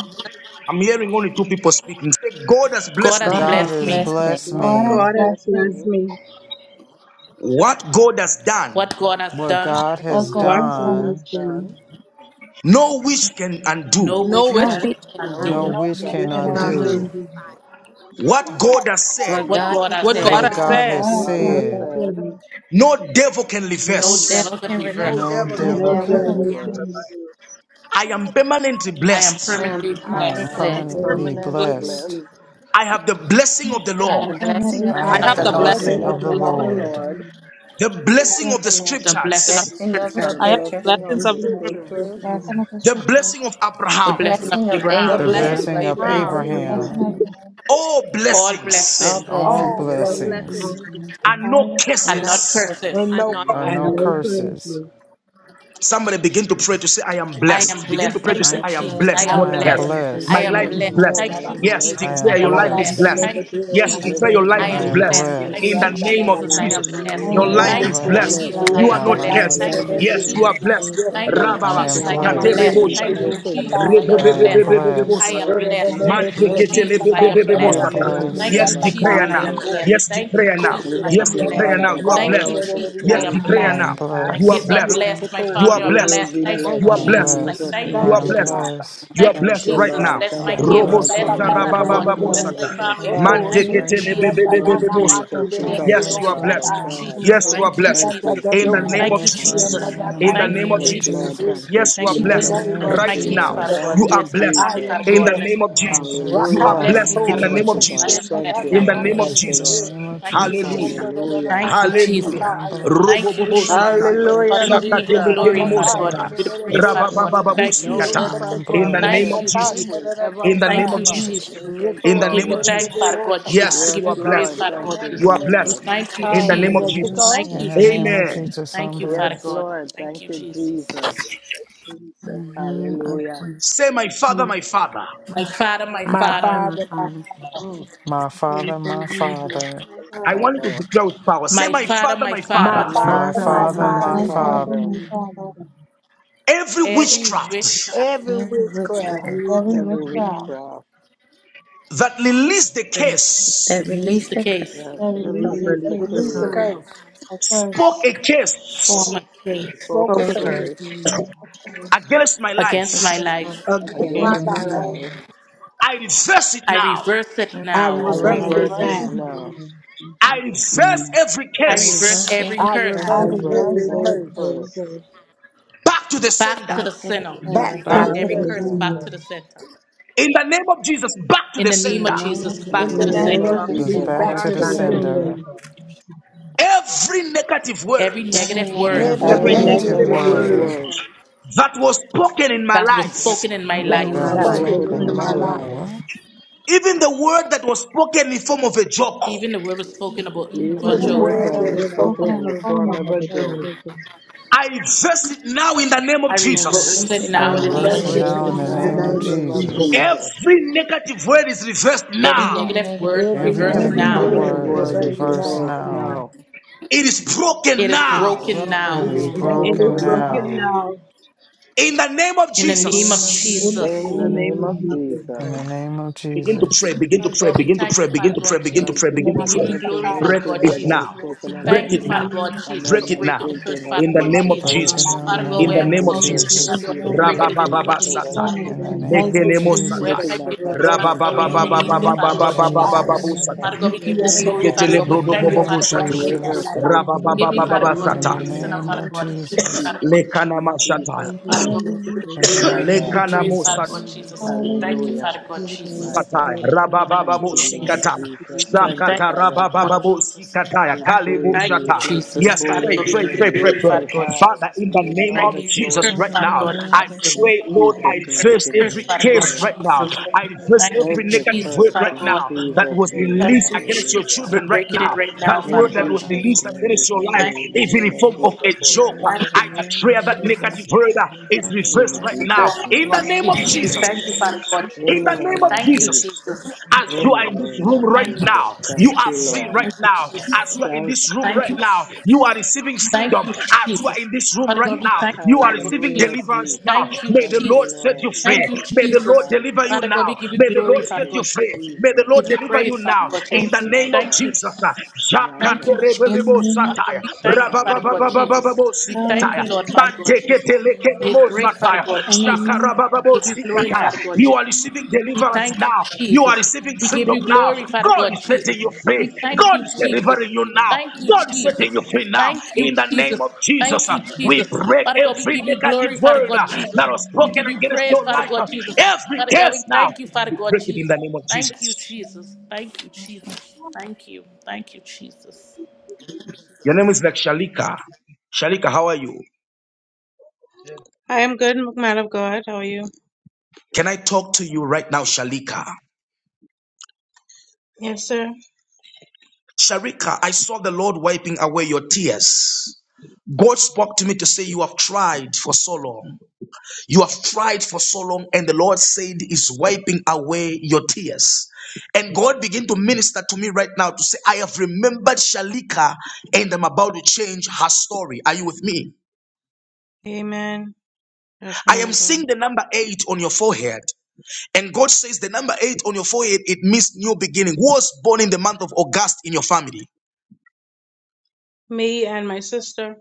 Speaker 5: I'm hearing only two people speaking. Say, God has blessed
Speaker 8: God
Speaker 5: me.
Speaker 14: God
Speaker 8: has
Speaker 14: has
Speaker 8: blessed me.
Speaker 14: blessed
Speaker 2: God
Speaker 6: God
Speaker 7: No,
Speaker 2: has
Speaker 6: has
Speaker 4: God
Speaker 14: me.
Speaker 4: has
Speaker 2: blessed
Speaker 6: blessed me.
Speaker 4: blessed
Speaker 2: me.
Speaker 4: me.
Speaker 5: What God has done,
Speaker 14: What God
Speaker 6: What
Speaker 14: has
Speaker 6: God
Speaker 4: What
Speaker 2: What
Speaker 6: has
Speaker 2: God
Speaker 4: God
Speaker 2: has
Speaker 6: done,
Speaker 4: has
Speaker 14: done,
Speaker 4: done,
Speaker 2: done,
Speaker 5: no wish can undo.
Speaker 15: No
Speaker 8: No
Speaker 15: witch can
Speaker 8: witch can
Speaker 2: no
Speaker 8: undo
Speaker 14: no
Speaker 6: no
Speaker 7: no
Speaker 2: witch
Speaker 14: witch
Speaker 4: we
Speaker 6: witch
Speaker 2: can
Speaker 14: can
Speaker 4: wish
Speaker 6: can
Speaker 4: to be
Speaker 9: None
Speaker 2: undo.
Speaker 6: undo.
Speaker 14: undo.
Speaker 9: do.
Speaker 4: found in.
Speaker 5: What
Speaker 15: undo
Speaker 5: God has said,
Speaker 8: what God has
Speaker 15: what
Speaker 9: What
Speaker 15: God
Speaker 8: said.
Speaker 14: What
Speaker 15: has
Speaker 9: God,
Speaker 6: What
Speaker 14: God
Speaker 15: said.
Speaker 6: God
Speaker 14: has
Speaker 2: What
Speaker 6: has
Speaker 4: What
Speaker 2: God
Speaker 4: God
Speaker 2: has
Speaker 6: said,
Speaker 4: has
Speaker 7: God
Speaker 14: said,
Speaker 7: is
Speaker 2: said,
Speaker 4: done,
Speaker 7: there.
Speaker 5: no devil can
Speaker 8: No
Speaker 5: reverse.
Speaker 8: devil can reverse.
Speaker 9: no
Speaker 14: no
Speaker 2: no
Speaker 9: devil
Speaker 7: No
Speaker 6: no
Speaker 9: can
Speaker 2: devil
Speaker 4: no
Speaker 14: devil
Speaker 7: one
Speaker 6: devil
Speaker 14: can.
Speaker 2: can
Speaker 6: can
Speaker 9: reverse.
Speaker 7: never
Speaker 4: devil
Speaker 7: can
Speaker 4: can
Speaker 2: reverse.
Speaker 7: provide.
Speaker 6: reverse.
Speaker 4: reverse.
Speaker 15: I
Speaker 5: I
Speaker 15: am
Speaker 5: am permanently blessed.
Speaker 8: I am
Speaker 9: I
Speaker 14: I
Speaker 9: am
Speaker 14: am
Speaker 8: permanently
Speaker 2: I
Speaker 9: from the
Speaker 2: am
Speaker 8: blessed.
Speaker 4: No
Speaker 15: permanently
Speaker 14: permanently
Speaker 4: one
Speaker 9: Lord.
Speaker 2: permanently
Speaker 15: blessed.
Speaker 2: blessed.
Speaker 14: blessed.
Speaker 4: evil.
Speaker 5: I have the blessing of the
Speaker 8: I have
Speaker 6: I'm
Speaker 8: the
Speaker 5: Lord,
Speaker 8: blessing
Speaker 6: permanently
Speaker 8: of
Speaker 14: I
Speaker 9: I
Speaker 15: I
Speaker 8: the
Speaker 14: have
Speaker 15: have
Speaker 9: have
Speaker 14: the
Speaker 9: the
Speaker 15: the
Speaker 2: I
Speaker 6: blessed.
Speaker 8: Lord,
Speaker 7: I
Speaker 2: have the
Speaker 7: need
Speaker 15: blessings
Speaker 7: a
Speaker 4: No
Speaker 14: blessing
Speaker 9: blessing
Speaker 15: of
Speaker 4: the
Speaker 14: of
Speaker 9: of the
Speaker 14: the
Speaker 15: the
Speaker 2: blessing
Speaker 7: blessing
Speaker 2: of
Speaker 9: Lord,
Speaker 7: of
Speaker 15: Lord.
Speaker 2: the
Speaker 4: blessing
Speaker 7: the
Speaker 4: of
Speaker 14: Lord,
Speaker 7: Lord.
Speaker 2: Lord,
Speaker 4: God.
Speaker 5: the
Speaker 6: That's
Speaker 5: blessing
Speaker 6: what
Speaker 5: of the
Speaker 6: the Lord.
Speaker 5: scriptures,
Speaker 8: blessing of the
Speaker 9: the
Speaker 2: the
Speaker 9: blessing
Speaker 15: I have the
Speaker 8: scriptures,
Speaker 2: blessing
Speaker 7: His
Speaker 9: of
Speaker 15: blessings
Speaker 2: of
Speaker 9: the
Speaker 15: of
Speaker 2: the
Speaker 4: Blessing
Speaker 7: wisdom
Speaker 4: of
Speaker 7: of
Speaker 4: the
Speaker 7: the
Speaker 9: scriptures,
Speaker 2: scriptures,
Speaker 4: destruction.
Speaker 7: churches.
Speaker 6: Blessed are the
Speaker 5: the blessing
Speaker 6: scriptures.
Speaker 5: of
Speaker 8: the
Speaker 5: Abraham.
Speaker 8: blessing of
Speaker 9: the
Speaker 15: the
Speaker 14: the
Speaker 2: The
Speaker 15: blessings
Speaker 7: The
Speaker 15: of
Speaker 9: blessing
Speaker 8: Abraham,
Speaker 14: blessing
Speaker 4: The
Speaker 14: of
Speaker 7: blessing
Speaker 2: blessing
Speaker 7: of
Speaker 9: of
Speaker 7: the
Speaker 2: of
Speaker 4: blessing
Speaker 15: Abraham.
Speaker 9: Abraham,
Speaker 4: of the
Speaker 6: Blessed
Speaker 14: Abraham.
Speaker 6: are
Speaker 2: Abraham,
Speaker 6: the
Speaker 4: God.
Speaker 6: Lord.
Speaker 5: All
Speaker 8: all
Speaker 5: blessings
Speaker 14: All
Speaker 9: all
Speaker 6: Found
Speaker 8: blessings,
Speaker 2: all
Speaker 15: A
Speaker 9: blessings,
Speaker 4: Always
Speaker 15: blessing.
Speaker 7: All
Speaker 14: blessings
Speaker 2: blessings
Speaker 4: blessing.
Speaker 7: blessings
Speaker 5: and no
Speaker 6: All
Speaker 8: and not
Speaker 5: curses.
Speaker 8: curses.
Speaker 9: and
Speaker 15: I'm
Speaker 9: no
Speaker 2: and
Speaker 15: not
Speaker 14: are
Speaker 7: are
Speaker 2: no
Speaker 9: curse.
Speaker 4: I
Speaker 14: no
Speaker 7: no,
Speaker 4: know
Speaker 2: curses.
Speaker 7: perfect.
Speaker 14: curses.
Speaker 4: currently.
Speaker 5: Somebody begin to pray to say, I am blessed. Begin to pray to
Speaker 8: I
Speaker 5: say,
Speaker 14: I,
Speaker 8: am
Speaker 5: I
Speaker 2: I
Speaker 5: am
Speaker 8: blessed.
Speaker 5: blessed,
Speaker 2: am
Speaker 5: not
Speaker 14: I
Speaker 8: Thank
Speaker 9: Ayo
Speaker 4: Amen.
Speaker 14: am
Speaker 2: blessed.
Speaker 15: blessed.
Speaker 8: you,
Speaker 5: cursed.
Speaker 9: please,
Speaker 4: Amen.
Speaker 2: Thank you,
Speaker 8: Jesus.
Speaker 5: My
Speaker 14: blessed.
Speaker 2: Lord
Speaker 5: life
Speaker 9: Sako,
Speaker 5: is
Speaker 7: I
Speaker 2: Jesus,
Speaker 4: Amen.
Speaker 2: that I
Speaker 9: Sako,
Speaker 4: Amen.
Speaker 5: blessed.
Speaker 7: need the
Speaker 2: am
Speaker 4: Amen.
Speaker 9: Laraba.
Speaker 7: Lord.
Speaker 5: Yes,
Speaker 2: blessed
Speaker 14: I
Speaker 8: Father,
Speaker 14: am
Speaker 5: declare
Speaker 2: and
Speaker 5: your
Speaker 8: I
Speaker 5: life
Speaker 2: blessed
Speaker 8: am
Speaker 5: is
Speaker 2: in
Speaker 9: Bakanda
Speaker 14: blessed.
Speaker 5: blessed.
Speaker 4: Amen.
Speaker 8: blessed.
Speaker 2: every
Speaker 9: Lebedeo,
Speaker 8: My
Speaker 5: Yes,
Speaker 7: I
Speaker 8: life
Speaker 4: Amen. Amen.
Speaker 8: is
Speaker 9: Sato,
Speaker 5: declare
Speaker 2: blessed
Speaker 7: need
Speaker 4: Amen.
Speaker 5: your life
Speaker 2: in
Speaker 7: love.
Speaker 8: blessed.
Speaker 14: I
Speaker 5: is
Speaker 2: every
Speaker 9: Leto,
Speaker 14: am
Speaker 4: Amen.
Speaker 2: way,
Speaker 5: blessed.
Speaker 4: Amen.
Speaker 8: My son is
Speaker 2: Father
Speaker 5: In
Speaker 9: Masiki,
Speaker 14: blessed.
Speaker 5: the
Speaker 9: and
Speaker 2: God. My
Speaker 6: Amen.
Speaker 5: name
Speaker 7: I
Speaker 5: of
Speaker 4: I
Speaker 2: whole
Speaker 8: blessed.
Speaker 7: need
Speaker 9: Daraba.
Speaker 4: am the
Speaker 2: life, my
Speaker 5: Jesus,
Speaker 4: one
Speaker 6: I
Speaker 7: love.
Speaker 2: whole
Speaker 4: who
Speaker 6: am
Speaker 5: your
Speaker 7: My
Speaker 14: I am
Speaker 2: life
Speaker 5: life
Speaker 8: We
Speaker 7: God
Speaker 4: believes.
Speaker 9: Roto
Speaker 2: is
Speaker 8: are
Speaker 6: blessed.
Speaker 5: is
Speaker 7: bless.
Speaker 6: I
Speaker 9: to
Speaker 5: blessed.
Speaker 8: all
Speaker 6: am
Speaker 7: My
Speaker 2: blessed.
Speaker 14: blessed.
Speaker 8: blessed
Speaker 5: You
Speaker 9: Impio,
Speaker 6: blessed.
Speaker 5: are
Speaker 7: children
Speaker 14: My
Speaker 2: Everything
Speaker 5: not
Speaker 7: is
Speaker 4: I
Speaker 2: in
Speaker 9: Satan,
Speaker 14: life
Speaker 4: am
Speaker 2: my
Speaker 4: God
Speaker 14: is
Speaker 5: cursed.
Speaker 4: and
Speaker 8: in
Speaker 7: blessed.
Speaker 2: life is
Speaker 8: the
Speaker 4: not
Speaker 14: blessed.
Speaker 5: Yes,
Speaker 4: the
Speaker 8: name
Speaker 9: Berebu.
Speaker 5: you
Speaker 7: My
Speaker 4: God.
Speaker 5: are
Speaker 2: blessed.
Speaker 8: of
Speaker 5: blessed.
Speaker 7: family is
Speaker 9: Yes,
Speaker 8: Jesus
Speaker 2: There is
Speaker 9: Lord.
Speaker 8: Christ,
Speaker 7: blessed.
Speaker 14: I am
Speaker 2: nothing
Speaker 4: I
Speaker 2: that is
Speaker 4: am
Speaker 9: Naman,
Speaker 2: going
Speaker 7: Hallelujah.
Speaker 4: blessed
Speaker 2: to
Speaker 14: blessed.
Speaker 4: and
Speaker 2: be
Speaker 5: Rababasukatereboshata.
Speaker 9: Berebu,
Speaker 4: highly
Speaker 2: anything in
Speaker 7: My
Speaker 8: the
Speaker 2: my
Speaker 9: Satan,
Speaker 4: favored.
Speaker 7: family
Speaker 2: life
Speaker 14: I
Speaker 8: Father,
Speaker 2: is
Speaker 7: is
Speaker 14: am
Speaker 7: blessed.
Speaker 2: going
Speaker 9: Berebo.
Speaker 2: to be
Speaker 4: My
Speaker 14: blessed.
Speaker 5: Rebebebebebebebosata.
Speaker 2: blessed,
Speaker 4: husband is
Speaker 2: blessed,
Speaker 9: Berebu,
Speaker 4: making for
Speaker 2: blessed.
Speaker 7: Hallelujah,
Speaker 4: blessing.
Speaker 9: Satan,
Speaker 8: God,
Speaker 7: Jesus. We
Speaker 14: I am
Speaker 7: are
Speaker 4: I
Speaker 8: in the
Speaker 5: Manteketelebebebebebosata.
Speaker 2: Blessings
Speaker 4: reach
Speaker 8: name
Speaker 2: in
Speaker 4: my
Speaker 2: the
Speaker 7: blessed
Speaker 8: of
Speaker 7: in
Speaker 14: blessed.
Speaker 9: Berebo,
Speaker 5: Yes,
Speaker 2: name
Speaker 7: the
Speaker 4: dreams
Speaker 2: of
Speaker 7: name
Speaker 4: and
Speaker 7: of
Speaker 5: declare now.
Speaker 8: Jesus.
Speaker 4: believe.
Speaker 7: Jesus.
Speaker 2: Jesus.
Speaker 9: Atakasko.
Speaker 5: Yes,
Speaker 4: Thank you
Speaker 5: declare
Speaker 4: for
Speaker 9: Iko,
Speaker 5: now.
Speaker 4: the
Speaker 2: We
Speaker 4: God
Speaker 2: thank
Speaker 5: Yes,
Speaker 4: of
Speaker 9: Seki,
Speaker 2: you,
Speaker 4: the
Speaker 9: and
Speaker 5: declare
Speaker 2: Lord,
Speaker 4: name
Speaker 5: now.
Speaker 2: that
Speaker 5: You are
Speaker 4: of
Speaker 9: Daraba,
Speaker 2: all our
Speaker 5: blessed.
Speaker 4: Jesus.
Speaker 2: things will
Speaker 5: Yes,
Speaker 9: Berebu,
Speaker 2: be
Speaker 5: declare
Speaker 14: I
Speaker 2: blessed,
Speaker 9: Satan.
Speaker 14: am
Speaker 5: now.
Speaker 7: Hallelujah.
Speaker 2: everyone
Speaker 7: I
Speaker 5: You
Speaker 2: on
Speaker 14: blessed.
Speaker 5: are
Speaker 2: this
Speaker 7: declare that
Speaker 9: Mikio,
Speaker 5: blessed.
Speaker 7: I
Speaker 2: line.
Speaker 7: am
Speaker 5: You
Speaker 7: blessed.
Speaker 5: are
Speaker 9: Sato,
Speaker 2: We
Speaker 4: I
Speaker 2: will
Speaker 4: am
Speaker 5: blessed.
Speaker 2: be
Speaker 4: free.
Speaker 8: Yes, God,
Speaker 9: Thank
Speaker 5: You
Speaker 14: I
Speaker 8: in
Speaker 2: blessed
Speaker 5: are
Speaker 9: you.
Speaker 14: am
Speaker 8: the
Speaker 2: in
Speaker 8: name
Speaker 5: blessed.
Speaker 8: of
Speaker 4: Thank you,
Speaker 2: Jesus'
Speaker 14: blessed.
Speaker 4: Lord.
Speaker 5: You
Speaker 9: Thank
Speaker 14: I
Speaker 5: are
Speaker 8: Jesus.
Speaker 2: mighty
Speaker 14: am
Speaker 9: you,
Speaker 8: Thank
Speaker 2: name.
Speaker 8: you,
Speaker 5: blessed.
Speaker 9: Father.
Speaker 14: blessed.
Speaker 8: Father.
Speaker 5: You are
Speaker 2: Thank
Speaker 5: blessed
Speaker 2: you,
Speaker 9: Yes,
Speaker 5: right
Speaker 9: bro.
Speaker 5: now.
Speaker 2: Lord.
Speaker 6: Blessed.
Speaker 2: Thank
Speaker 14: I
Speaker 8: Blessed
Speaker 14: am
Speaker 2: you,
Speaker 9: Soko,
Speaker 8: right
Speaker 5: Robo
Speaker 8: now,
Speaker 2: Lord,
Speaker 14: blessed
Speaker 2: for
Speaker 8: Lord
Speaker 14: right
Speaker 2: the
Speaker 5: sota
Speaker 9: Sataka,
Speaker 8: God,
Speaker 6: I
Speaker 14: now.
Speaker 8: in
Speaker 2: blessings
Speaker 6: am
Speaker 8: the
Speaker 5: rabababo
Speaker 2: that
Speaker 9: Meredith,
Speaker 8: name
Speaker 2: will
Speaker 5: sata.
Speaker 6: blessed.
Speaker 14: I
Speaker 8: of
Speaker 14: am
Speaker 2: surpass
Speaker 9: Roto,
Speaker 5: Mante
Speaker 8: Jesus.
Speaker 14: blessed
Speaker 2: me.
Speaker 14: right
Speaker 5: ketele
Speaker 9: Sataki, and
Speaker 14: now.
Speaker 9: the
Speaker 8: I
Speaker 2: Lord
Speaker 8: pray
Speaker 5: bebebebebo
Speaker 9: Nana
Speaker 8: that
Speaker 9: Man,
Speaker 6: I
Speaker 5: sata.
Speaker 2: Jesus,
Speaker 6: am
Speaker 2: we
Speaker 14: I am
Speaker 2: thank
Speaker 6: blessed.
Speaker 9: Meredith,
Speaker 5: Yes,
Speaker 2: you,
Speaker 5: you
Speaker 9: on
Speaker 5: are
Speaker 14: blessed right
Speaker 2: Father
Speaker 5: blessed.
Speaker 9: Sata,
Speaker 14: now.
Speaker 6: I
Speaker 2: God.
Speaker 6: am
Speaker 5: Yes,
Speaker 6: blessed.
Speaker 5: you
Speaker 9: Riki,
Speaker 5: are blessed.
Speaker 2: Thank
Speaker 9: and the
Speaker 2: you,
Speaker 5: In
Speaker 14: I
Speaker 9: Dodo,
Speaker 5: the
Speaker 14: am
Speaker 5: name
Speaker 2: Jesus.
Speaker 5: of
Speaker 8: everybody
Speaker 9: Hoshi,
Speaker 14: blessed right
Speaker 9: and
Speaker 5: Jesus.
Speaker 9: the
Speaker 14: now
Speaker 8: connected to
Speaker 14: in
Speaker 2: Hallelujah.
Speaker 14: the
Speaker 8: me
Speaker 9: Dada,
Speaker 5: In
Speaker 8: is
Speaker 5: the
Speaker 14: mighty
Speaker 5: name of
Speaker 14: name
Speaker 2: Yes,
Speaker 8: blessed.
Speaker 14: of
Speaker 4: Hallelujah.
Speaker 2: Lord.
Speaker 5: Jesus.
Speaker 9: Meredith,
Speaker 14: Jesus.
Speaker 2: Thank you,
Speaker 5: Yes, you are
Speaker 8: In
Speaker 9: in
Speaker 8: the
Speaker 14: In
Speaker 9: the
Speaker 14: the
Speaker 5: blessed
Speaker 2: Jesus.
Speaker 8: name
Speaker 9: name
Speaker 14: name
Speaker 9: of
Speaker 8: of
Speaker 14: of
Speaker 2: Thank
Speaker 5: right
Speaker 2: you,
Speaker 5: now.
Speaker 2: Lord.
Speaker 8: Jesus
Speaker 14: Jesus.
Speaker 9: Jesus,
Speaker 2: Thank
Speaker 5: You
Speaker 8: Christ,
Speaker 5: are
Speaker 2: you,
Speaker 8: Father.
Speaker 5: blessed
Speaker 9: I
Speaker 2: Jesus.
Speaker 9: am
Speaker 5: in the
Speaker 9: blessed.
Speaker 5: name of
Speaker 14: I am
Speaker 5: Jesus.
Speaker 8: Thank
Speaker 14: blessed
Speaker 5: You
Speaker 14: in
Speaker 8: you,
Speaker 5: are
Speaker 14: the
Speaker 2: Hallelujah.
Speaker 9: Wakata
Speaker 8: Father.
Speaker 5: blessed
Speaker 14: name of
Speaker 5: in
Speaker 9: to
Speaker 5: the
Speaker 2: Glory
Speaker 5: name of
Speaker 2: to
Speaker 8: In
Speaker 14: Jesus.
Speaker 9: shepeki
Speaker 2: God.
Speaker 5: Jesus.
Speaker 8: the
Speaker 9: anda
Speaker 8: name
Speaker 2: Thank
Speaker 8: of
Speaker 2: you,
Speaker 14: I
Speaker 9: dana
Speaker 5: In the
Speaker 14: am
Speaker 2: Lord.
Speaker 5: name
Speaker 8: Jesus.
Speaker 5: of
Speaker 9: mandere
Speaker 2: Thank
Speaker 14: blessed
Speaker 2: you,
Speaker 14: in the
Speaker 5: Jesus.
Speaker 9: de
Speaker 2: Lord.
Speaker 14: name of
Speaker 9: Niki
Speaker 14: Jesus.
Speaker 5: Hallelujah.
Speaker 8: Thank
Speaker 9: anda de
Speaker 8: you, Father.
Speaker 9: de
Speaker 2: Hallelujah.
Speaker 9: boko
Speaker 14: I
Speaker 5: Hallelujah.
Speaker 14: am blessed.
Speaker 5: Robobobo
Speaker 9: In the name
Speaker 8: Thank
Speaker 5: satai.
Speaker 9: of
Speaker 8: you,
Speaker 2: Hallelujah,
Speaker 8: God.
Speaker 9: Jesus,
Speaker 2: Jesus.
Speaker 14: I
Speaker 5: Shakatelekenemo
Speaker 14: am
Speaker 9: Sakata
Speaker 5: satai.
Speaker 9: de
Speaker 14: blessed.
Speaker 9: de
Speaker 8: In
Speaker 5: Rababababo
Speaker 8: Jesus'
Speaker 9: Niki
Speaker 2: No
Speaker 8: name.
Speaker 9: o
Speaker 5: sikata.
Speaker 14: I
Speaker 2: weapon
Speaker 14: am
Speaker 5: In the
Speaker 2: formed
Speaker 9: shepeki
Speaker 5: name
Speaker 14: blessed.
Speaker 5: of
Speaker 2: against
Speaker 9: anda
Speaker 2: me
Speaker 5: Jesus.
Speaker 9: dana
Speaker 2: will
Speaker 9: de
Speaker 2: ever
Speaker 5: In the name
Speaker 8: In
Speaker 5: of
Speaker 8: the
Speaker 2: prosper.
Speaker 8: name of
Speaker 5: Jesus.
Speaker 2: Moving
Speaker 8: Jesus.
Speaker 5: In the
Speaker 9: Rito
Speaker 5: name of
Speaker 9: de
Speaker 2: forward.
Speaker 9: de de
Speaker 5: Jesus.
Speaker 9: o sataya.
Speaker 5: Yes,
Speaker 2: Yes,
Speaker 5: you are
Speaker 9: Yes,
Speaker 5: blessed.
Speaker 9: Lord,
Speaker 2: Lord.
Speaker 9: in the
Speaker 2: Thank you,
Speaker 5: You
Speaker 9: name
Speaker 5: are
Speaker 9: of
Speaker 2: Jesus.
Speaker 5: blessed.
Speaker 9: Jesus.
Speaker 5: In
Speaker 2: Hi,
Speaker 8: God,
Speaker 5: the
Speaker 8: in
Speaker 2: you
Speaker 5: name of
Speaker 8: the
Speaker 2: get kicked
Speaker 8: name of
Speaker 5: Jesus.
Speaker 2: out?
Speaker 14: In
Speaker 8: Jesus,
Speaker 14: the name of
Speaker 5: Amen.
Speaker 14: Jesus, I'm
Speaker 2: Yes,
Speaker 14: blessed.
Speaker 2: Lord. Thank you, Jesus.
Speaker 7: Jesus,
Speaker 8: in the name of
Speaker 7: Jesus,
Speaker 2: Hallelujah.
Speaker 8: Jesus,
Speaker 5: Say, my father, my
Speaker 7: Jesus.
Speaker 5: father.
Speaker 8: my
Speaker 7: Jesus,
Speaker 9: My
Speaker 8: Father, my
Speaker 9: Father,
Speaker 8: Father,
Speaker 2: Hmm,
Speaker 14: My
Speaker 4: Thank you,
Speaker 14: Father, my
Speaker 4: Father, I thank
Speaker 7: Father,
Speaker 4: you.
Speaker 7: my
Speaker 14: Father.
Speaker 6: My
Speaker 5: I
Speaker 7: children,
Speaker 6: Father,
Speaker 5: want you to
Speaker 2: Father,
Speaker 5: declare with power. Say, my father, my
Speaker 9: my
Speaker 8: my
Speaker 5: father.
Speaker 2: my
Speaker 14: My
Speaker 9: Father,
Speaker 8: Father, my
Speaker 9: my
Speaker 2: Father,
Speaker 14: Father,
Speaker 4: My God, my God.
Speaker 2: my
Speaker 8: Father,
Speaker 14: my
Speaker 6: My
Speaker 9: Father.
Speaker 14: Father.
Speaker 7: Father,
Speaker 4: and my
Speaker 6: father,
Speaker 2: Father,
Speaker 6: my
Speaker 4: Savior.
Speaker 7: my
Speaker 6: father,
Speaker 7: children.
Speaker 5: Every witchcraft
Speaker 9: Every
Speaker 8: every
Speaker 9: witchcraft
Speaker 7: Every
Speaker 8: witchcraft
Speaker 4: Every
Speaker 6: very rich
Speaker 2: every
Speaker 7: witchcraft
Speaker 6: crowd
Speaker 4: whisper,
Speaker 2: witchcraft,
Speaker 5: that released the case,
Speaker 8: that released a curse
Speaker 2: that
Speaker 6: that
Speaker 4: every
Speaker 7: that
Speaker 6: release a
Speaker 2: release
Speaker 4: leaf
Speaker 9: that
Speaker 2: the
Speaker 7: released
Speaker 4: that
Speaker 7: the
Speaker 4: you
Speaker 9: released the
Speaker 6: case,
Speaker 7: curse,
Speaker 2: case,
Speaker 4: come,
Speaker 9: curse,
Speaker 6: a
Speaker 5: spoke
Speaker 6: curse,
Speaker 5: a case
Speaker 9: spoke
Speaker 7: spoke
Speaker 9: a
Speaker 2: poker
Speaker 7: a
Speaker 8: spoken
Speaker 9: curse
Speaker 7: curse
Speaker 2: case
Speaker 4: prophecy
Speaker 6: a curse
Speaker 5: against my life
Speaker 8: against my life,
Speaker 9: against
Speaker 16: Amen.
Speaker 7: against
Speaker 9: my
Speaker 2: against
Speaker 4: against
Speaker 6: against
Speaker 16: Again,
Speaker 7: me,
Speaker 6: my
Speaker 2: my
Speaker 9: life.
Speaker 6: life.
Speaker 4: me.
Speaker 2: life,
Speaker 5: I reverse it now.
Speaker 8: I
Speaker 9: I
Speaker 2: I
Speaker 7: I
Speaker 8: reverse it
Speaker 6: I
Speaker 4: I
Speaker 9: reverse
Speaker 7: reverse
Speaker 2: reverse
Speaker 9: it
Speaker 8: now.
Speaker 7: it
Speaker 6: reverse
Speaker 2: it
Speaker 9: now.
Speaker 6: it
Speaker 4: reverse
Speaker 7: now.
Speaker 4: it
Speaker 6: now.
Speaker 2: now.
Speaker 4: now.
Speaker 7: In
Speaker 5: I
Speaker 7: Jesus'
Speaker 5: reverse
Speaker 7: name,
Speaker 5: every
Speaker 8: I
Speaker 5: case
Speaker 8: reverse every
Speaker 9: I
Speaker 7: I
Speaker 2: I
Speaker 6: I
Speaker 8: curse
Speaker 16: I
Speaker 9: reverse
Speaker 4: I
Speaker 7: reverse
Speaker 2: reverse
Speaker 6: reverse
Speaker 9: every
Speaker 6: that
Speaker 2: every
Speaker 4: reverse
Speaker 7: everything.
Speaker 9: curse
Speaker 4: the
Speaker 2: curse
Speaker 6: curse.
Speaker 4: reverse
Speaker 5: back to the
Speaker 8: back
Speaker 5: sender.
Speaker 8: to the
Speaker 2: back
Speaker 8: sender.
Speaker 9: back
Speaker 2: to
Speaker 9: to
Speaker 4: back
Speaker 6: Back
Speaker 7: Back
Speaker 9: the
Speaker 2: the
Speaker 4: to
Speaker 16: back
Speaker 6: to
Speaker 7: to
Speaker 4: the
Speaker 6: the
Speaker 7: the
Speaker 16: and
Speaker 9: sender.
Speaker 2: sender.
Speaker 6: sender.
Speaker 4: standard.
Speaker 7: sender.
Speaker 5: In the name of Jesus, back to the
Speaker 8: In the
Speaker 5: sender.
Speaker 8: name of
Speaker 2: In
Speaker 9: In
Speaker 2: the
Speaker 9: the
Speaker 8: Jesus,
Speaker 4: In
Speaker 7: In
Speaker 4: the
Speaker 7: the
Speaker 6: And
Speaker 2: name
Speaker 9: name
Speaker 8: back
Speaker 4: name
Speaker 7: name
Speaker 9: of
Speaker 4: of
Speaker 8: to
Speaker 2: of
Speaker 6: Lord
Speaker 7: of
Speaker 4: the
Speaker 8: the
Speaker 14: us
Speaker 6: Jesus,
Speaker 9: Jesus,
Speaker 2: Jesus,
Speaker 4: Jesus,
Speaker 6: back
Speaker 8: sender.
Speaker 14: back
Speaker 2: back
Speaker 9: back
Speaker 4: back
Speaker 14: to
Speaker 6: to
Speaker 7: Jesus,
Speaker 9: to
Speaker 6: the
Speaker 14: the
Speaker 2: to
Speaker 4: to
Speaker 9: the
Speaker 7: back
Speaker 4: the
Speaker 2: the
Speaker 7: to the
Speaker 9: sender.
Speaker 6: sender.
Speaker 4: Defender,
Speaker 2: sender.
Speaker 14: sender.
Speaker 16: speak
Speaker 7: sender.
Speaker 5: Every negative word
Speaker 8: Every negative
Speaker 14: Every
Speaker 9: Every
Speaker 8: word
Speaker 4: every
Speaker 7: Every
Speaker 2: Every
Speaker 6: And
Speaker 14: negative
Speaker 9: negative
Speaker 7: negative
Speaker 4: negative
Speaker 16: every
Speaker 2: negative
Speaker 9: word
Speaker 4: word
Speaker 6: the
Speaker 14: word
Speaker 2: word
Speaker 6: devil
Speaker 5: that was spoken in my
Speaker 8: that was
Speaker 5: life,
Speaker 8: spoken
Speaker 2: that
Speaker 9: that
Speaker 8: in
Speaker 9: was
Speaker 2: was
Speaker 14: that
Speaker 8: my
Speaker 4: that
Speaker 7: that
Speaker 14: was
Speaker 6: that
Speaker 16: that
Speaker 4: was
Speaker 7: was
Speaker 8: life,
Speaker 16: is
Speaker 6: was
Speaker 9: spoken
Speaker 2: spoken
Speaker 4: broken
Speaker 9: into
Speaker 14: talking
Speaker 2: in
Speaker 7: written
Speaker 14: in
Speaker 4: in
Speaker 6: people
Speaker 9: my
Speaker 2: my
Speaker 14: my
Speaker 6: in
Speaker 4: my
Speaker 7: in
Speaker 6: my
Speaker 7: my
Speaker 14: life,
Speaker 4: life,
Speaker 9: life,
Speaker 2: life,
Speaker 6: life.
Speaker 14: what?
Speaker 7: life
Speaker 5: even the word that was spoken in form of a joke,
Speaker 8: even the
Speaker 2: even
Speaker 9: even
Speaker 8: word
Speaker 2: the
Speaker 6: Even
Speaker 9: the
Speaker 8: that
Speaker 6: the
Speaker 8: was
Speaker 7: even
Speaker 2: words
Speaker 7: the
Speaker 6: word
Speaker 9: word
Speaker 2: that
Speaker 6: that
Speaker 4: this
Speaker 8: spoken
Speaker 2: were
Speaker 9: that
Speaker 8: in
Speaker 7: mirror
Speaker 6: was
Speaker 8: the
Speaker 9: was
Speaker 4: word
Speaker 7: that
Speaker 4: is
Speaker 8: form
Speaker 7: was
Speaker 2: spoken
Speaker 6: spoken
Speaker 8: of,
Speaker 9: spoken,
Speaker 6: in
Speaker 2: in
Speaker 6: the
Speaker 4: broken
Speaker 2: the
Speaker 7: spoken in
Speaker 4: over
Speaker 7: the
Speaker 6: form
Speaker 2: form
Speaker 6: of
Speaker 7: form
Speaker 2: of
Speaker 6: a
Speaker 7: of
Speaker 2: a
Speaker 7: a
Speaker 6: joke,
Speaker 4: the
Speaker 2: joke,
Speaker 7: joke.
Speaker 4: person.
Speaker 5: I reverse it now in the name of
Speaker 8: I reverse
Speaker 5: Jesus.
Speaker 8: it
Speaker 14: I
Speaker 9: I
Speaker 2: I
Speaker 8: now in the
Speaker 4: I
Speaker 7: I
Speaker 6: our
Speaker 14: reverse
Speaker 8: name
Speaker 14: it
Speaker 7: will
Speaker 9: reverse
Speaker 8: of
Speaker 9: it
Speaker 2: reverse
Speaker 6: verse
Speaker 16: in
Speaker 4: reverse
Speaker 14: now
Speaker 2: it
Speaker 14: in
Speaker 9: now
Speaker 7: open
Speaker 4: it
Speaker 14: the
Speaker 7: my
Speaker 9: in
Speaker 8: Jesus.
Speaker 2: now
Speaker 4: now
Speaker 9: the
Speaker 16: Jesus,
Speaker 4: in
Speaker 14: name
Speaker 4: the
Speaker 2: in
Speaker 6: acknowledging
Speaker 2: the
Speaker 14: of
Speaker 9: name
Speaker 7: name
Speaker 4: name
Speaker 9: of
Speaker 4: of
Speaker 2: name
Speaker 7: of
Speaker 2: of
Speaker 4: Jesus.
Speaker 9: Jesus.
Speaker 14: Jesus.
Speaker 6: righteousness.
Speaker 5: Every
Speaker 7: Jesus.
Speaker 2: Jesus.
Speaker 5: negative word is reversed now.
Speaker 8: Every negative
Speaker 9: Every
Speaker 8: word is
Speaker 14: Every
Speaker 7: Every
Speaker 6: Every
Speaker 2: Every
Speaker 9: negative
Speaker 8: reversed
Speaker 4: And
Speaker 14: negative
Speaker 4: Every
Speaker 9: word
Speaker 6: negative
Speaker 7: negative
Speaker 2: negative
Speaker 8: now.
Speaker 9: is
Speaker 4: negative
Speaker 14: word
Speaker 4: word
Speaker 14: is
Speaker 2: word
Speaker 6: quality
Speaker 7: spirit
Speaker 2: is
Speaker 7: is
Speaker 4: is
Speaker 9: reversed
Speaker 6: we
Speaker 14: reversed
Speaker 6: both
Speaker 9: now.
Speaker 2: reversed
Speaker 7: broken
Speaker 4: broken.
Speaker 6: now,
Speaker 7: now.
Speaker 14: now.
Speaker 2: now,
Speaker 5: It is broken
Speaker 8: It's
Speaker 5: now.
Speaker 14: It
Speaker 8: broken
Speaker 9: It is
Speaker 14: is
Speaker 2: is
Speaker 7: It
Speaker 8: now.
Speaker 6: it
Speaker 7: is
Speaker 6: is
Speaker 16: it
Speaker 4: It
Speaker 9: broken
Speaker 4: is
Speaker 14: broken
Speaker 2: broken
Speaker 16: is
Speaker 7: broken
Speaker 9: now.
Speaker 6: broken
Speaker 16: Jesus,
Speaker 2: now,
Speaker 4: broken
Speaker 14: now
Speaker 6: now
Speaker 4: now
Speaker 5: In the name of
Speaker 8: In the name of
Speaker 9: In
Speaker 5: Jesus.
Speaker 9: the
Speaker 8: Jesus.
Speaker 4: in
Speaker 2: in the
Speaker 9: name
Speaker 6: in
Speaker 4: the
Speaker 6: the name
Speaker 7: in the
Speaker 4: name
Speaker 2: name
Speaker 4: of
Speaker 6: of
Speaker 2: of
Speaker 7: name of
Speaker 4: Jesus.
Speaker 14: in
Speaker 2: Jesus.
Speaker 14: the
Speaker 7: Jesus.
Speaker 6: Jesus.
Speaker 14: name of
Speaker 5: Begin to pray,
Speaker 14: Jesus.
Speaker 5: begin to pray, begin to pray, begin to pray, begin to
Speaker 2: Lord
Speaker 5: pray,
Speaker 6: In
Speaker 9: In
Speaker 6: the
Speaker 5: begin to
Speaker 7: Not
Speaker 2: Jesus,
Speaker 9: the
Speaker 5: pray.
Speaker 7: of
Speaker 6: name of
Speaker 2: every
Speaker 7: Jesus.
Speaker 5: Break
Speaker 9: name
Speaker 2: negative
Speaker 5: it
Speaker 2: word that
Speaker 6: Jesus.
Speaker 2: was
Speaker 5: now.
Speaker 2: spoken
Speaker 5: Break
Speaker 2: about
Speaker 5: it
Speaker 6: In
Speaker 2: me,
Speaker 5: now.
Speaker 6: the name of
Speaker 2: about
Speaker 5: Break it
Speaker 2: my
Speaker 6: Jesus,
Speaker 5: now.
Speaker 6: both for
Speaker 7: Amen.
Speaker 2: children,
Speaker 6: the
Speaker 2: has
Speaker 5: In the
Speaker 2: been
Speaker 6: place.
Speaker 5: name of
Speaker 2: reversed
Speaker 14: Break it
Speaker 7: Amen.
Speaker 5: Jesus.
Speaker 2: in
Speaker 14: now in
Speaker 2: your
Speaker 4: Hallelujah.
Speaker 14: the
Speaker 6: And
Speaker 5: In
Speaker 6: now
Speaker 5: the
Speaker 6: in
Speaker 2: blood,
Speaker 6: the
Speaker 14: name
Speaker 5: name
Speaker 14: of
Speaker 5: of
Speaker 6: name of
Speaker 2: Jesus. We
Speaker 5: Jesus.
Speaker 14: Jesus.
Speaker 6: Jesus,
Speaker 2: plead the
Speaker 6: no
Speaker 4: I
Speaker 2: blood
Speaker 9: of
Speaker 4: break
Speaker 9: Jesus,
Speaker 2: of
Speaker 6: weapon
Speaker 4: every
Speaker 2: Jesus
Speaker 5: Rabababa
Speaker 4: curse, I
Speaker 2: over
Speaker 4: break
Speaker 5: Satan.
Speaker 6: form
Speaker 7: Glory
Speaker 4: every
Speaker 14: In
Speaker 2: everything
Speaker 14: the
Speaker 7: to
Speaker 2: on
Speaker 6: against me
Speaker 7: you,
Speaker 2: there.
Speaker 14: name
Speaker 9: thank
Speaker 4: blessing,
Speaker 14: of
Speaker 6: shall
Speaker 7: Lord
Speaker 9: you,
Speaker 4: I
Speaker 5: Mekenemo
Speaker 4: stand up
Speaker 6: prosper.
Speaker 5: Satan.
Speaker 4: against
Speaker 9: Jesus,
Speaker 2: Anything
Speaker 14: Jesus.
Speaker 9: for
Speaker 2: that
Speaker 4: the
Speaker 9: reversing
Speaker 2: concerns
Speaker 6: Because
Speaker 2: me,
Speaker 6: In
Speaker 14: In
Speaker 4: false,
Speaker 6: the
Speaker 2: my
Speaker 9: the
Speaker 14: the
Speaker 6: name of
Speaker 14: name
Speaker 8: In the
Speaker 14: of
Speaker 2: children,
Speaker 8: name
Speaker 2: Father
Speaker 8: of
Speaker 4: every
Speaker 6: Jesus.
Speaker 9: Satakosataya.
Speaker 2: God,
Speaker 5: Rababababababababababababababababo
Speaker 14: Jesus.
Speaker 2: my
Speaker 4: community,
Speaker 8: Jesus.
Speaker 4: I
Speaker 5: Satan.
Speaker 4: break
Speaker 2: family
Speaker 4: every
Speaker 9: Niki
Speaker 6: Forever.
Speaker 4: lie,
Speaker 9: and
Speaker 2: members,
Speaker 4: every
Speaker 2: God.
Speaker 6: and
Speaker 9: Totoko,
Speaker 5: Ziketele
Speaker 14: In
Speaker 4: weapon,
Speaker 6: ever.
Speaker 14: the
Speaker 9: Niki
Speaker 14: name
Speaker 4: every
Speaker 9: and
Speaker 5: brodobobobo
Speaker 14: of
Speaker 2: We
Speaker 5: Satan.
Speaker 4: wickedness.
Speaker 9: Tokandaya
Speaker 2: reverse
Speaker 14: Jesus.
Speaker 6: I
Speaker 9: Laba.
Speaker 6: thank
Speaker 2: everything
Speaker 6: you,
Speaker 2: in
Speaker 6: name,
Speaker 5: Rababababababa
Speaker 2: Jesus' mighty
Speaker 14: In
Speaker 5: Satan.
Speaker 14: the
Speaker 4: Amen.
Speaker 6: Jesus,
Speaker 2: name.
Speaker 14: name of
Speaker 6: Lord,
Speaker 4: Amen.
Speaker 6: this is my
Speaker 14: Jesus.
Speaker 2: Jesus,
Speaker 6: mercy.
Speaker 5: Lekanama Satan.
Speaker 2: Jesus,
Speaker 4: and healing
Speaker 2: Jesus.
Speaker 6: Hallelujah,
Speaker 14: In the
Speaker 4: sanctification, every
Speaker 2: My
Speaker 14: name
Speaker 7: Thank
Speaker 14: of
Speaker 2: God.
Speaker 6: Jesus.
Speaker 4: person
Speaker 5: Lekanamo
Speaker 4: of
Speaker 5: Satan.
Speaker 14: Jesus.
Speaker 4: human God.
Speaker 6: Hallelujah,
Speaker 2: Hallelujah.
Speaker 4: Holy God,
Speaker 6: Jesus.
Speaker 2: My
Speaker 4: every
Speaker 5: Sataya,
Speaker 2: God.
Speaker 4: spirit of
Speaker 2: Thank
Speaker 4: stagnation,
Speaker 5: Rabababu
Speaker 4: O
Speaker 2: you,
Speaker 4: God,
Speaker 2: Lord
Speaker 4: which
Speaker 5: Sikata,
Speaker 4: makes the
Speaker 2: Jesus.
Speaker 4: busy
Speaker 2: Thank
Speaker 4: Lord,
Speaker 2: you,
Speaker 5: Shakata,
Speaker 2: Father God.
Speaker 4: and
Speaker 5: Rabababu Sikataya,
Speaker 2: We praise
Speaker 5: Kalibu
Speaker 2: you, we
Speaker 5: Shata.
Speaker 2: bless your
Speaker 5: Yes,
Speaker 2: holy
Speaker 5: pray,
Speaker 4: Amen.
Speaker 5: pray,
Speaker 2: name,
Speaker 5: pray,
Speaker 2: we
Speaker 5: pray,
Speaker 2: lift
Speaker 5: pray.
Speaker 2: you high,
Speaker 5: Father, in
Speaker 2: we
Speaker 5: the
Speaker 2: give
Speaker 4: Amen.
Speaker 2: you
Speaker 5: name
Speaker 2: all
Speaker 5: of
Speaker 2: the
Speaker 4: Amen.
Speaker 5: Jesus
Speaker 2: glory
Speaker 8: Father,
Speaker 5: right
Speaker 8: in the
Speaker 5: now,
Speaker 8: name
Speaker 5: I
Speaker 8: of
Speaker 2: in
Speaker 8: Jesus,
Speaker 5: pray, Lord, I
Speaker 8: Father,
Speaker 2: Jesus' mighty
Speaker 5: reverse every
Speaker 2: name,
Speaker 8: I
Speaker 5: case
Speaker 2: amen.
Speaker 5: right
Speaker 8: reverse
Speaker 5: now.
Speaker 8: every
Speaker 5: I
Speaker 8: curse
Speaker 5: reverse
Speaker 8: I
Speaker 5: every
Speaker 2: Every
Speaker 8: grant,
Speaker 5: negative word
Speaker 2: curse
Speaker 5: right
Speaker 2: in
Speaker 8: every
Speaker 5: now that
Speaker 2: Jesus'
Speaker 5: was
Speaker 2: name,
Speaker 8: misfortune,
Speaker 5: released against your
Speaker 2: hallelujah.
Speaker 5: children
Speaker 8: every
Speaker 5: right now. That
Speaker 2: In
Speaker 5: word that
Speaker 8: victory,
Speaker 5: was
Speaker 2: Jesus'
Speaker 8: Father,
Speaker 5: released
Speaker 2: name we
Speaker 5: against your
Speaker 8: everything
Speaker 5: life,
Speaker 8: that
Speaker 2: pray the
Speaker 8: the
Speaker 5: even
Speaker 2: blood
Speaker 5: in
Speaker 8: enemy
Speaker 2: of
Speaker 5: form of
Speaker 8: tried
Speaker 2: Jesus
Speaker 5: a
Speaker 8: to do to
Speaker 2: away.
Speaker 5: joke.
Speaker 8: me. In the
Speaker 5: I
Speaker 8: name of
Speaker 5: declare that
Speaker 8: Jesus,
Speaker 5: negative word uh, is
Speaker 8: I
Speaker 2: In
Speaker 5: reversed
Speaker 8: reverse
Speaker 5: right
Speaker 8: it.
Speaker 5: now.
Speaker 2: Jesus'
Speaker 5: In
Speaker 8: In
Speaker 2: name,
Speaker 5: the
Speaker 8: the name
Speaker 5: name of
Speaker 2: hallelujah.
Speaker 5: Jesus. In
Speaker 2: In the
Speaker 5: the name
Speaker 2: name
Speaker 5: of
Speaker 2: of Jesus,
Speaker 5: Jesus, as you
Speaker 2: in
Speaker 5: are
Speaker 2: the
Speaker 5: in this
Speaker 2: name
Speaker 5: room
Speaker 2: of
Speaker 5: right
Speaker 2: Jesus,
Speaker 5: now, you
Speaker 2: thank
Speaker 5: are
Speaker 2: you,
Speaker 5: free
Speaker 2: Lord.
Speaker 5: right now. As you are in
Speaker 2: Thank,
Speaker 7: you.
Speaker 5: this room right now, you are receiving freedom. As you are in this room right now, you are
Speaker 7: Thank
Speaker 5: receiving
Speaker 7: you, right
Speaker 2: hallelujah,
Speaker 7: now,
Speaker 5: deliverance
Speaker 7: Lord.
Speaker 5: now.
Speaker 2: Jesus.
Speaker 5: May the
Speaker 2: Thank you,
Speaker 5: Lord set
Speaker 7: Thank
Speaker 5: you
Speaker 2: Lord,
Speaker 5: free.
Speaker 7: you.
Speaker 5: May
Speaker 7: Lord.
Speaker 5: the Lord
Speaker 2: my
Speaker 5: deliver
Speaker 2: God.
Speaker 5: you now. May the Lord
Speaker 2: Thank
Speaker 5: set
Speaker 7: Thank
Speaker 2: you,
Speaker 5: you
Speaker 7: you for
Speaker 5: free.
Speaker 7: the
Speaker 5: May
Speaker 7: new-
Speaker 5: the
Speaker 2: Jesus.
Speaker 5: Lord deliver you now. In
Speaker 6: Thank
Speaker 5: the
Speaker 6: you,
Speaker 5: name
Speaker 2: My
Speaker 5: of
Speaker 2: God.
Speaker 5: Jesus.
Speaker 6: Jesus.
Speaker 2: My God.
Speaker 6: In the name of Jesus.
Speaker 2: Hallelujah.
Speaker 8: in
Speaker 6: Hallelujah,
Speaker 5: Sikataya.
Speaker 8: the name of
Speaker 6: Jesus.
Speaker 8: Jesus, God,
Speaker 5: Manteketelekememosataya.
Speaker 8: I know
Speaker 6: In
Speaker 8: that
Speaker 6: the
Speaker 8: I
Speaker 6: name
Speaker 8: feel
Speaker 6: of
Speaker 8: like
Speaker 6: Jesus.
Speaker 5: Shakarabababosikataya. You are receiving
Speaker 8: I- I
Speaker 5: deliverance
Speaker 8: don't
Speaker 5: now. You
Speaker 8: feel like
Speaker 5: are
Speaker 8: I
Speaker 5: receiving
Speaker 8: have any
Speaker 5: freedom
Speaker 8: more
Speaker 5: now.
Speaker 8: money. I
Speaker 5: God is
Speaker 8: feel
Speaker 5: setting
Speaker 8: like
Speaker 5: you
Speaker 8: I-
Speaker 5: free. God is delivering you now.
Speaker 8: in the name
Speaker 5: God
Speaker 8: of Jesus.
Speaker 5: is
Speaker 8: I reverse
Speaker 5: setting you
Speaker 8: it.
Speaker 5: free now. In the name of Jesus, uh, we break every negative
Speaker 8: In
Speaker 5: word
Speaker 8: the
Speaker 5: uh, that
Speaker 8: name
Speaker 5: was
Speaker 8: of
Speaker 5: spoken
Speaker 8: Jesus,
Speaker 5: against your life.
Speaker 8: Father.
Speaker 5: uh, Every curse now, we break it in the name of Jesus.
Speaker 8: Yes, oh,
Speaker 5: Your name is like Shalika. Shalika, how are you?
Speaker 4: I am good, man of God. How are you?
Speaker 5: Can I talk to you right now, Shalika?
Speaker 4: Yes, sir.
Speaker 5: Sharika, I saw the Lord wiping away your tears. God spoke to me to say, You have tried for so long. You have tried for so long, and the Lord said, Is wiping away your tears. And God began to minister to me right now to say, I have remembered Shalika, and I'm about to change her story. Are you with me?
Speaker 4: Amen. Yes,
Speaker 5: I
Speaker 4: man
Speaker 5: am
Speaker 4: of God.
Speaker 5: seeing the number eight on your forehead. And God says, The number eight on your forehead, it means new beginning. Who was born in the month of August in your family?
Speaker 4: Me and my sister.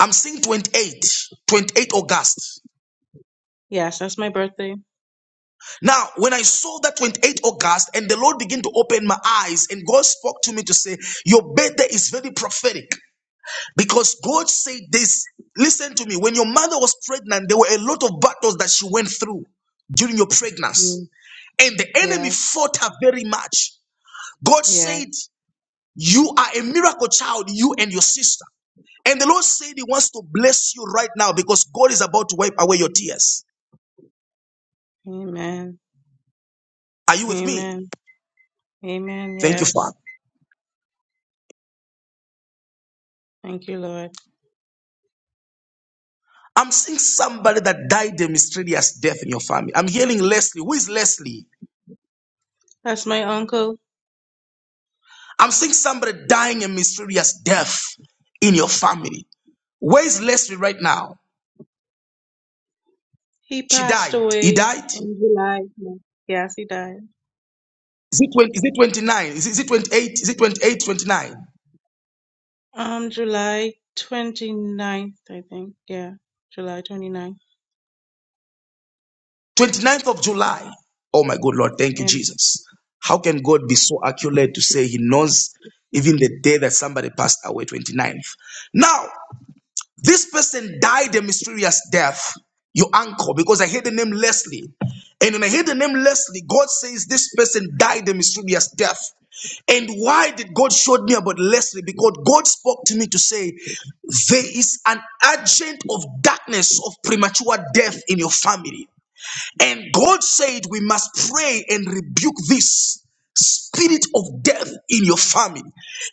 Speaker 5: I'm seeing twenty-eight, twenty-eight August.
Speaker 4: Yes, that's my birthday.
Speaker 5: Now, when I saw that 28 August and the Lord began to open my eyes and God spoke to me to say, your birthday is very prophetic because God said this. Listen to me. When your mother was pregnant, there were a lot of battles that she went through during your pregnancy
Speaker 4: Mm,
Speaker 5: and the enemy
Speaker 4: Yeah.
Speaker 5: fought her very much. God
Speaker 4: Yes.
Speaker 5: said, you are a miracle child, you and your sister. And the Lord said he wants to bless you right now because God is about to wipe away your tears.
Speaker 4: Amen.
Speaker 5: Are you with me?
Speaker 4: Amen. Amen.
Speaker 5: Thank you,
Speaker 4: Yes.
Speaker 5: Father.
Speaker 4: Thank you, Lord.
Speaker 5: I'm seeing somebody that died a mysterious death in your family. I'm hearing Leslie. Who is Leslie?
Speaker 4: That's my uncle.
Speaker 5: I'm seeing somebody dying a mysterious death in your family. Where is Leslie right now?
Speaker 4: He
Speaker 5: She
Speaker 4: passed
Speaker 5: died. He
Speaker 4: away
Speaker 5: died?
Speaker 4: in July. Yes, he died.
Speaker 5: Is it, 20, is it 29? Is it, is it 28? Is it 28, 29?
Speaker 4: Um, July 29th, I think. Yeah, July 29th.
Speaker 5: 29th of July. Oh my good Lord. Thank you,
Speaker 4: Yeah,
Speaker 5: Jesus. How can God be so accurate to say he knows even the day that somebody passed away, 29th? Now, This person died a mysterious death, your uncle, because I heard the name Leslie. And when I heard the name Leslie, God says this person died a mysterious death. And why did God show me about Leslie? Because God spoke to me to say, there is an agent of darkness, of premature death in your family. And God said, We must pray and rebuke this spirit of death in your family.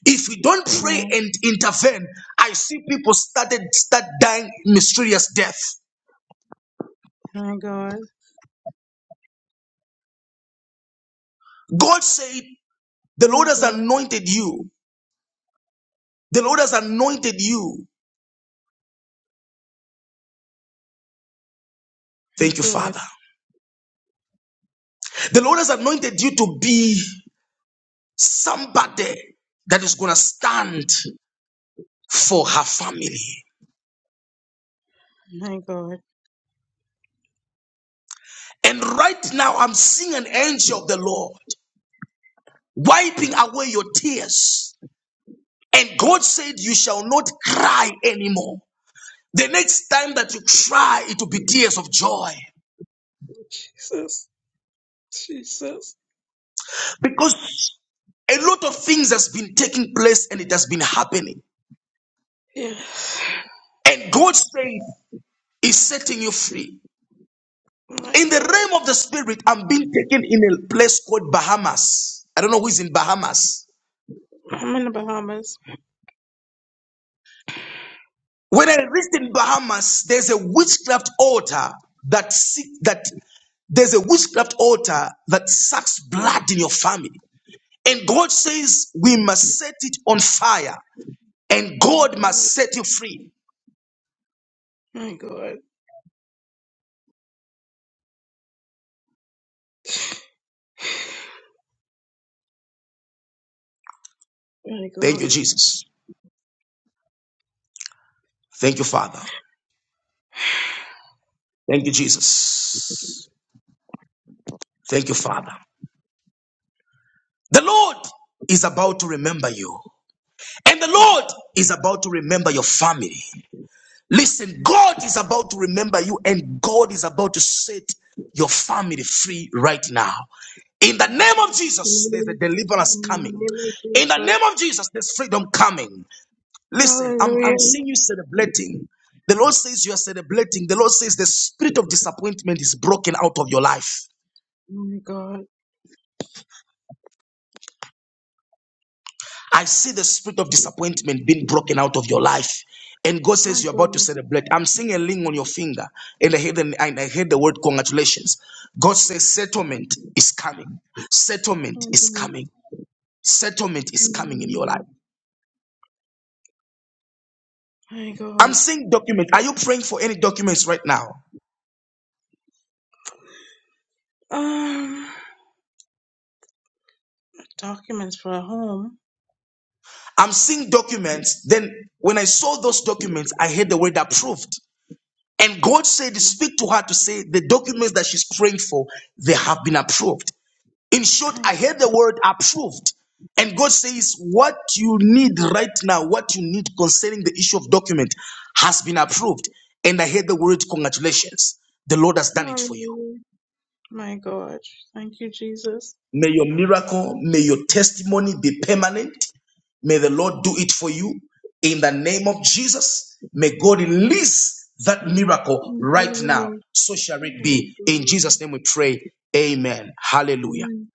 Speaker 5: If we don't pray
Speaker 4: yeah.
Speaker 5: and intervene, I see people started start dying mysterious death.
Speaker 4: My God,
Speaker 5: God said, The Lord
Speaker 4: my
Speaker 5: has
Speaker 4: God,
Speaker 5: anointed you. The Lord has anointed you.
Speaker 4: my
Speaker 5: Thank you,
Speaker 4: God,
Speaker 5: Father. The Lord has anointed you to be somebody that is going to stand for her family.
Speaker 4: my God.
Speaker 5: And right now, I'm seeing an angel of the Lord. wiping away your tears. And God said, You shall not cry anymore. The next time that you cry, it will be tears of joy. Because a lot of things has been taking place and it has been happening.
Speaker 4: Yeah,
Speaker 5: And God said, is setting you free.
Speaker 4: my
Speaker 5: In the
Speaker 4: God.
Speaker 5: realm of the spirit, I'm being taken in a place called Bahamas. I don't know who is in Bahamas.
Speaker 4: I'm in the Bahamas.
Speaker 5: When I reached in Bahamas, there's a witchcraft altar that seek that there's a witchcraft altar that sucks blood in your family. And God says we must set it on fire and
Speaker 4: My
Speaker 5: God
Speaker 4: God,
Speaker 5: must set you free.
Speaker 4: my God, my
Speaker 5: Thank you,
Speaker 4: God.
Speaker 5: Jesus. Thank you, Father. Thank you, Jesus. Thank you, Father. The Lord is about to remember you. And the Lord is about to remember your family. Listen, God is about to remember you and God is about to set your family free right now. In the name of
Speaker 4: Jesus,
Speaker 5: Jesus, there's a
Speaker 4: in
Speaker 5: deliverance coming.
Speaker 4: name of
Speaker 5: In the
Speaker 4: Jesus.
Speaker 5: name of Jesus, there's freedom coming. Listen, I'm, I'm
Speaker 4: Hallelujah.
Speaker 5: seeing you celebrating. The Lord says you are celebrating. The Lord says the spirit of disappointment is broken out of your life.
Speaker 4: My God,
Speaker 5: I see the spirit of disappointment being broken out of your life. And God
Speaker 4: my
Speaker 5: says you're
Speaker 4: God,
Speaker 5: about to
Speaker 4: my
Speaker 5: celebrate. I'm seeing a ring on your finger, and I hear the, and I hear the word congratulations. God says settlement is coming. Settlement is
Speaker 4: God,
Speaker 5: coming. Settlement is coming in your life.
Speaker 4: my
Speaker 5: I'm
Speaker 4: God.
Speaker 5: seeing documents. Are you praying for any documents right now?
Speaker 4: Um, documents for a home.
Speaker 5: I'm seeing documents. Then when I saw those documents, I heard the word approved. And God said, Speak to her to say the documents that she's praying for, they have been approved. In short,
Speaker 4: My
Speaker 5: I
Speaker 4: God.
Speaker 5: heard the word approved. And God says, what you need right now, what you need concerning the issue of document has been approved. And I heard the word congratulations. The Lord has done it for you.
Speaker 4: Hallelujah. My God. Thank you, Jesus.
Speaker 5: May your miracle, may your testimony be permanent. May the Lord do it for you in the name of Jesus. May God release that miracle
Speaker 4: Thank
Speaker 5: right now.
Speaker 4: you, Lord.
Speaker 5: So shall it
Speaker 4: My
Speaker 5: be. In
Speaker 4: God.
Speaker 5: Jesus' name we pray. Amen. Hallelujah.
Speaker 4: Amen.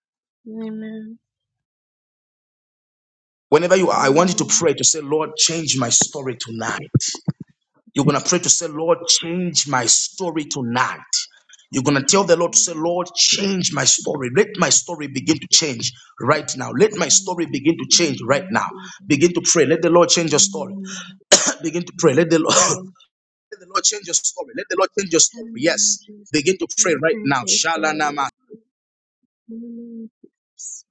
Speaker 4: Amen.
Speaker 5: Whenever you are, I want you to
Speaker 4: Amen.
Speaker 5: pray to say, Lord, change my story tonight. You're
Speaker 4: Change
Speaker 5: going to pray
Speaker 4: my
Speaker 5: to say,
Speaker 4: story.
Speaker 5: Lord, change my story tonight. You're going to
Speaker 4: Change
Speaker 5: tell
Speaker 4: my
Speaker 5: the Lord to say,
Speaker 4: story.
Speaker 5: Lord, change my story. Let my story begin to change right now. Let
Speaker 4: Yes,
Speaker 5: my
Speaker 4: Lord.
Speaker 5: story begin to change
Speaker 4: In the
Speaker 5: right
Speaker 4: name of
Speaker 5: now.
Speaker 4: Jesus.
Speaker 5: Begin to pray. Let the Lord change your story.
Speaker 4: Amen.
Speaker 5: begin to pray.
Speaker 4: Thank you,
Speaker 5: Let the, Lord,
Speaker 4: Lord.
Speaker 5: let the Lord change your story. Let the Lord change your
Speaker 4: In
Speaker 5: story.
Speaker 4: the name of
Speaker 5: Yes.
Speaker 4: Jesus.
Speaker 5: Begin to pray
Speaker 4: Lord,
Speaker 5: right
Speaker 4: change
Speaker 5: now.
Speaker 4: my story.
Speaker 5: Shalana
Speaker 4: In the name of Jesus.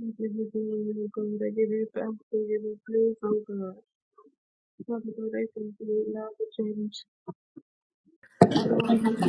Speaker 4: I give you glory, oh God. I give you thanks. I give you praise, oh God. Father God, I thank you right now for change. Hallelujah.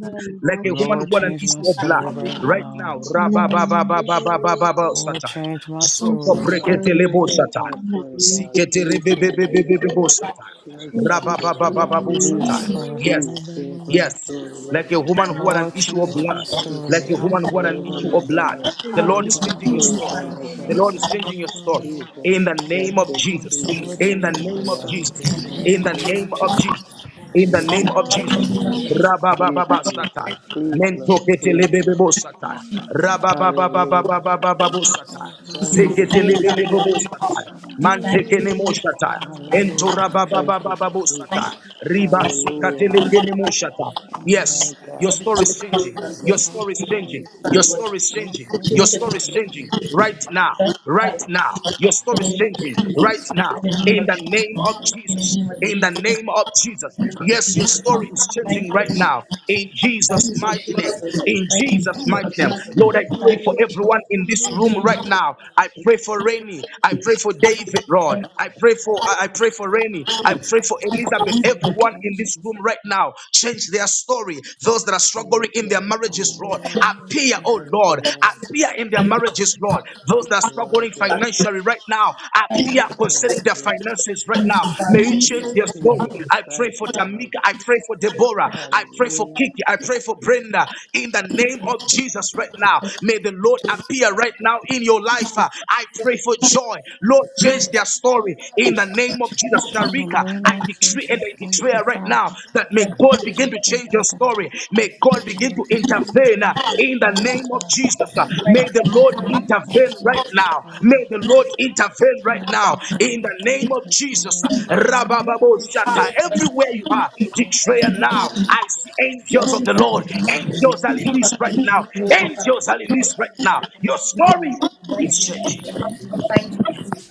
Speaker 6: But I
Speaker 5: like
Speaker 6: God,
Speaker 5: a woman
Speaker 6: change
Speaker 14: Lord,
Speaker 5: who had
Speaker 6: my
Speaker 5: an
Speaker 14: change my
Speaker 5: issue of
Speaker 6: story
Speaker 5: blood.
Speaker 6: right
Speaker 14: story
Speaker 6: now.
Speaker 4: Yes,
Speaker 14: right
Speaker 5: Right now,
Speaker 14: now.
Speaker 4: Lord.
Speaker 6: In the name of
Speaker 5: rababababababababa
Speaker 6: Jesus.
Speaker 14: Lord,
Speaker 4: Hallelujah.
Speaker 5: satan.
Speaker 14: change my
Speaker 6: Change
Speaker 5: Zoko
Speaker 6: my
Speaker 14: story.
Speaker 2: Now,
Speaker 5: brekete
Speaker 6: story
Speaker 2: please
Speaker 6: right
Speaker 5: lebo
Speaker 6: now.
Speaker 2: change
Speaker 5: satan.
Speaker 2: my
Speaker 6: In the
Speaker 2: story,
Speaker 6: name of
Speaker 2: God.
Speaker 5: Zikete
Speaker 6: Jesus.
Speaker 2: Please, Father
Speaker 6: Jesus.
Speaker 2: God.
Speaker 5: rebebebebebebo satan.
Speaker 2: Change
Speaker 6: Change
Speaker 2: my
Speaker 6: my
Speaker 2: story,
Speaker 6: story in the
Speaker 2: God.
Speaker 5: Rababababababo
Speaker 6: name of
Speaker 5: satan.
Speaker 14: Yes,
Speaker 2: Jesus.
Speaker 14: Lord.
Speaker 6: Jesus.
Speaker 2: Please
Speaker 5: Yes,
Speaker 2: change my
Speaker 14: Hallelujah.
Speaker 5: yes.
Speaker 2: story,
Speaker 5: Like
Speaker 2: Lord.
Speaker 5: a woman who
Speaker 6: I
Speaker 5: had an
Speaker 14: Lord,
Speaker 6: praise in
Speaker 5: issue of
Speaker 2: Oh,
Speaker 14: change my
Speaker 5: blood.
Speaker 6: Jesus'
Speaker 5: Like
Speaker 14: story.
Speaker 2: Jesus.
Speaker 17: stones
Speaker 5: a
Speaker 6: name.
Speaker 5: woman who had an
Speaker 2: Deliver
Speaker 5: issue
Speaker 14: Hallelujah.
Speaker 5: of
Speaker 2: me,
Speaker 5: blood.
Speaker 2: God.
Speaker 5: The Lord
Speaker 2: Change
Speaker 6: Hallelujah,
Speaker 5: is
Speaker 14: Ba,
Speaker 2: my
Speaker 14: ba,
Speaker 5: changing
Speaker 14: ba,
Speaker 5: your
Speaker 14: ba,
Speaker 2: story,
Speaker 6: Jesus.
Speaker 14: ba,
Speaker 5: story.
Speaker 14: ba,
Speaker 2: Father
Speaker 14: ba,
Speaker 5: The
Speaker 14: ba.
Speaker 2: God.
Speaker 5: Lord
Speaker 14: See,
Speaker 5: is
Speaker 14: I'm
Speaker 5: changing
Speaker 14: the
Speaker 5: your story.
Speaker 14: vulnerable.
Speaker 2: Jesus.
Speaker 5: In the
Speaker 8: Father,
Speaker 2: Thank
Speaker 5: name of
Speaker 8: in
Speaker 2: you,
Speaker 8: the name of
Speaker 5: Jesus.
Speaker 14: Lord,
Speaker 2: Jesus.
Speaker 8: Jesus.
Speaker 5: In the
Speaker 14: change
Speaker 2: Thank
Speaker 8: Thank
Speaker 14: my
Speaker 2: you,
Speaker 8: you,
Speaker 5: name of
Speaker 8: Father,
Speaker 2: Lord.
Speaker 8: for
Speaker 5: Jesus.
Speaker 14: story.
Speaker 2: Change
Speaker 14: In
Speaker 8: saving
Speaker 2: my
Speaker 5: In
Speaker 14: the
Speaker 5: the
Speaker 8: me.
Speaker 14: name
Speaker 2: story,
Speaker 14: of
Speaker 5: name of
Speaker 2: God.
Speaker 14: Jesus.
Speaker 5: Jesus.
Speaker 8: Thank you
Speaker 5: In
Speaker 14: In
Speaker 5: the
Speaker 2: Please,
Speaker 14: the
Speaker 5: name of
Speaker 14: name
Speaker 2: Lord.
Speaker 14: of
Speaker 5: Jesus.
Speaker 8: for
Speaker 14: Jesus.
Speaker 8: my soul.
Speaker 2: Please,
Speaker 5: Rabababa
Speaker 2: Jesus.
Speaker 5: satire.
Speaker 2: Please, Lord.
Speaker 5: Mentokete
Speaker 8: In
Speaker 2: Please,
Speaker 8: the name
Speaker 5: lebebebo
Speaker 2: Lord.
Speaker 8: of
Speaker 5: satire.
Speaker 8: Jesus, every man. Thank thank
Speaker 2: Hallelujah.
Speaker 8: you for
Speaker 5: Rababababababababo
Speaker 8: changing
Speaker 5: satire.
Speaker 8: every one of
Speaker 2: Thank
Speaker 8: our
Speaker 2: you,
Speaker 8: souls
Speaker 5: Zekete
Speaker 2: Jesus.
Speaker 5: lebebebo satire.
Speaker 8: according to your will.
Speaker 5: Mantekene
Speaker 8: Father.
Speaker 5: mo
Speaker 8: In
Speaker 5: satire.
Speaker 8: the name of
Speaker 5: Ento
Speaker 2: Hallelujah.
Speaker 8: Jesus
Speaker 2: Thank
Speaker 8: Christ,
Speaker 2: you,
Speaker 5: rababababababo
Speaker 2: Jesus.
Speaker 5: satire. Riba
Speaker 8: Father, you are
Speaker 2: Hallelujah.
Speaker 8: an
Speaker 5: sukatelekene mo satire.
Speaker 8: amazing
Speaker 2: My
Speaker 5: Yes. Your
Speaker 2: God.
Speaker 8: God.
Speaker 5: story is
Speaker 8: So
Speaker 5: changing.
Speaker 8: great in
Speaker 5: Your
Speaker 8: all
Speaker 5: story is
Speaker 8: your
Speaker 5: changing.
Speaker 8: ways.
Speaker 5: Your story is
Speaker 8: And we
Speaker 5: changing.
Speaker 8: thank you
Speaker 5: Your story
Speaker 8: for
Speaker 5: is
Speaker 8: saving
Speaker 5: changing right
Speaker 8: us.
Speaker 5: now. Right now. Your story is changing right now. In the
Speaker 8: Thank
Speaker 5: name
Speaker 8: you,
Speaker 5: of
Speaker 8: Father.
Speaker 5: Jesus.
Speaker 8: In
Speaker 5: In the name of Jesus. Yes,
Speaker 8: the
Speaker 5: your story
Speaker 8: name
Speaker 5: is
Speaker 8: of
Speaker 5: changing
Speaker 8: Jesus.
Speaker 5: right now. In Jesus' mighty name. In Jesus' mighty name.
Speaker 8: thank
Speaker 5: Lord, I
Speaker 8: you.
Speaker 5: pray for everyone in this room right now. I pray for Rainy. I pray for David, Lord. I pray for I I pray for Rainy. I pray for Elizabeth.
Speaker 8: In the
Speaker 5: Everyone
Speaker 8: name
Speaker 5: someone
Speaker 8: of
Speaker 5: in this room
Speaker 8: Jesus,
Speaker 5: right
Speaker 8: I
Speaker 5: now. Change their story. Those that are
Speaker 2: Yes,
Speaker 5: struggling in
Speaker 8: thank
Speaker 5: their
Speaker 8: you,
Speaker 2: Lord
Speaker 8: Father.
Speaker 5: marriages,
Speaker 8: In
Speaker 2: Jesus.
Speaker 5: Lord,
Speaker 8: the name of
Speaker 5: appear,
Speaker 8: Jesus.
Speaker 5: oh
Speaker 2: Thank
Speaker 5: Lord,
Speaker 2: you, Lord.
Speaker 5: appear in their marriages, Lord. Those that are
Speaker 2: My
Speaker 5: struggling
Speaker 2: God.
Speaker 5: financially right now, appear
Speaker 2: Thank
Speaker 5: concerning their
Speaker 2: you,
Speaker 5: finances right now. May you change their story.
Speaker 2: Jesus.
Speaker 5: I pray
Speaker 2: Thank
Speaker 5: for
Speaker 2: you, Lord.
Speaker 5: Tamika. I pray for Deborah. I pray for
Speaker 2: Hallelujah.
Speaker 5: Kiki. I pray for Brenda. In the name of Jesus right now, may the Lord appear right now in your life. Uh, I pray for joy. Lord, change their story in the name of Jesus,
Speaker 8: In the
Speaker 5: Sharika,
Speaker 8: name
Speaker 5: I
Speaker 8: of
Speaker 5: decree and I
Speaker 8: Jesus, thank you,
Speaker 5: declare right now
Speaker 8: Father.
Speaker 5: that may God begin
Speaker 8: Thank
Speaker 5: to
Speaker 8: you,
Speaker 5: change your
Speaker 8: Lord God.
Speaker 5: story.
Speaker 8: In
Speaker 5: May
Speaker 8: Jesus'
Speaker 5: God begin
Speaker 8: name,
Speaker 5: to intervene uh,
Speaker 8: change our
Speaker 5: in the
Speaker 8: stories,
Speaker 5: name of
Speaker 8: Father.
Speaker 5: Jesus. uh, May the
Speaker 8: In the
Speaker 5: Lord
Speaker 8: name of
Speaker 5: intervene right
Speaker 8: Jesus,
Speaker 5: now. May
Speaker 8: Father.
Speaker 5: the Lord intervene right
Speaker 8: Thank
Speaker 5: now
Speaker 8: you,
Speaker 5: in
Speaker 8: Father,
Speaker 5: the
Speaker 8: for
Speaker 5: name of
Speaker 8: intervening.
Speaker 5: Jesus. uh,
Speaker 8: In the name
Speaker 5: Rabababo
Speaker 8: of
Speaker 5: Shata.
Speaker 8: Jesus,
Speaker 5: Everywhere you are,
Speaker 8: thank you,
Speaker 5: declare
Speaker 8: Father.
Speaker 5: now. I see angels of the Lord.
Speaker 8: In the name
Speaker 5: Angels
Speaker 8: of
Speaker 5: are
Speaker 8: Jesus,
Speaker 5: released right now. Angels are released right now. Your
Speaker 8: thank you,
Speaker 5: story
Speaker 8: Father. In the
Speaker 5: is
Speaker 8: name
Speaker 5: changing
Speaker 8: of Jesus, thank you.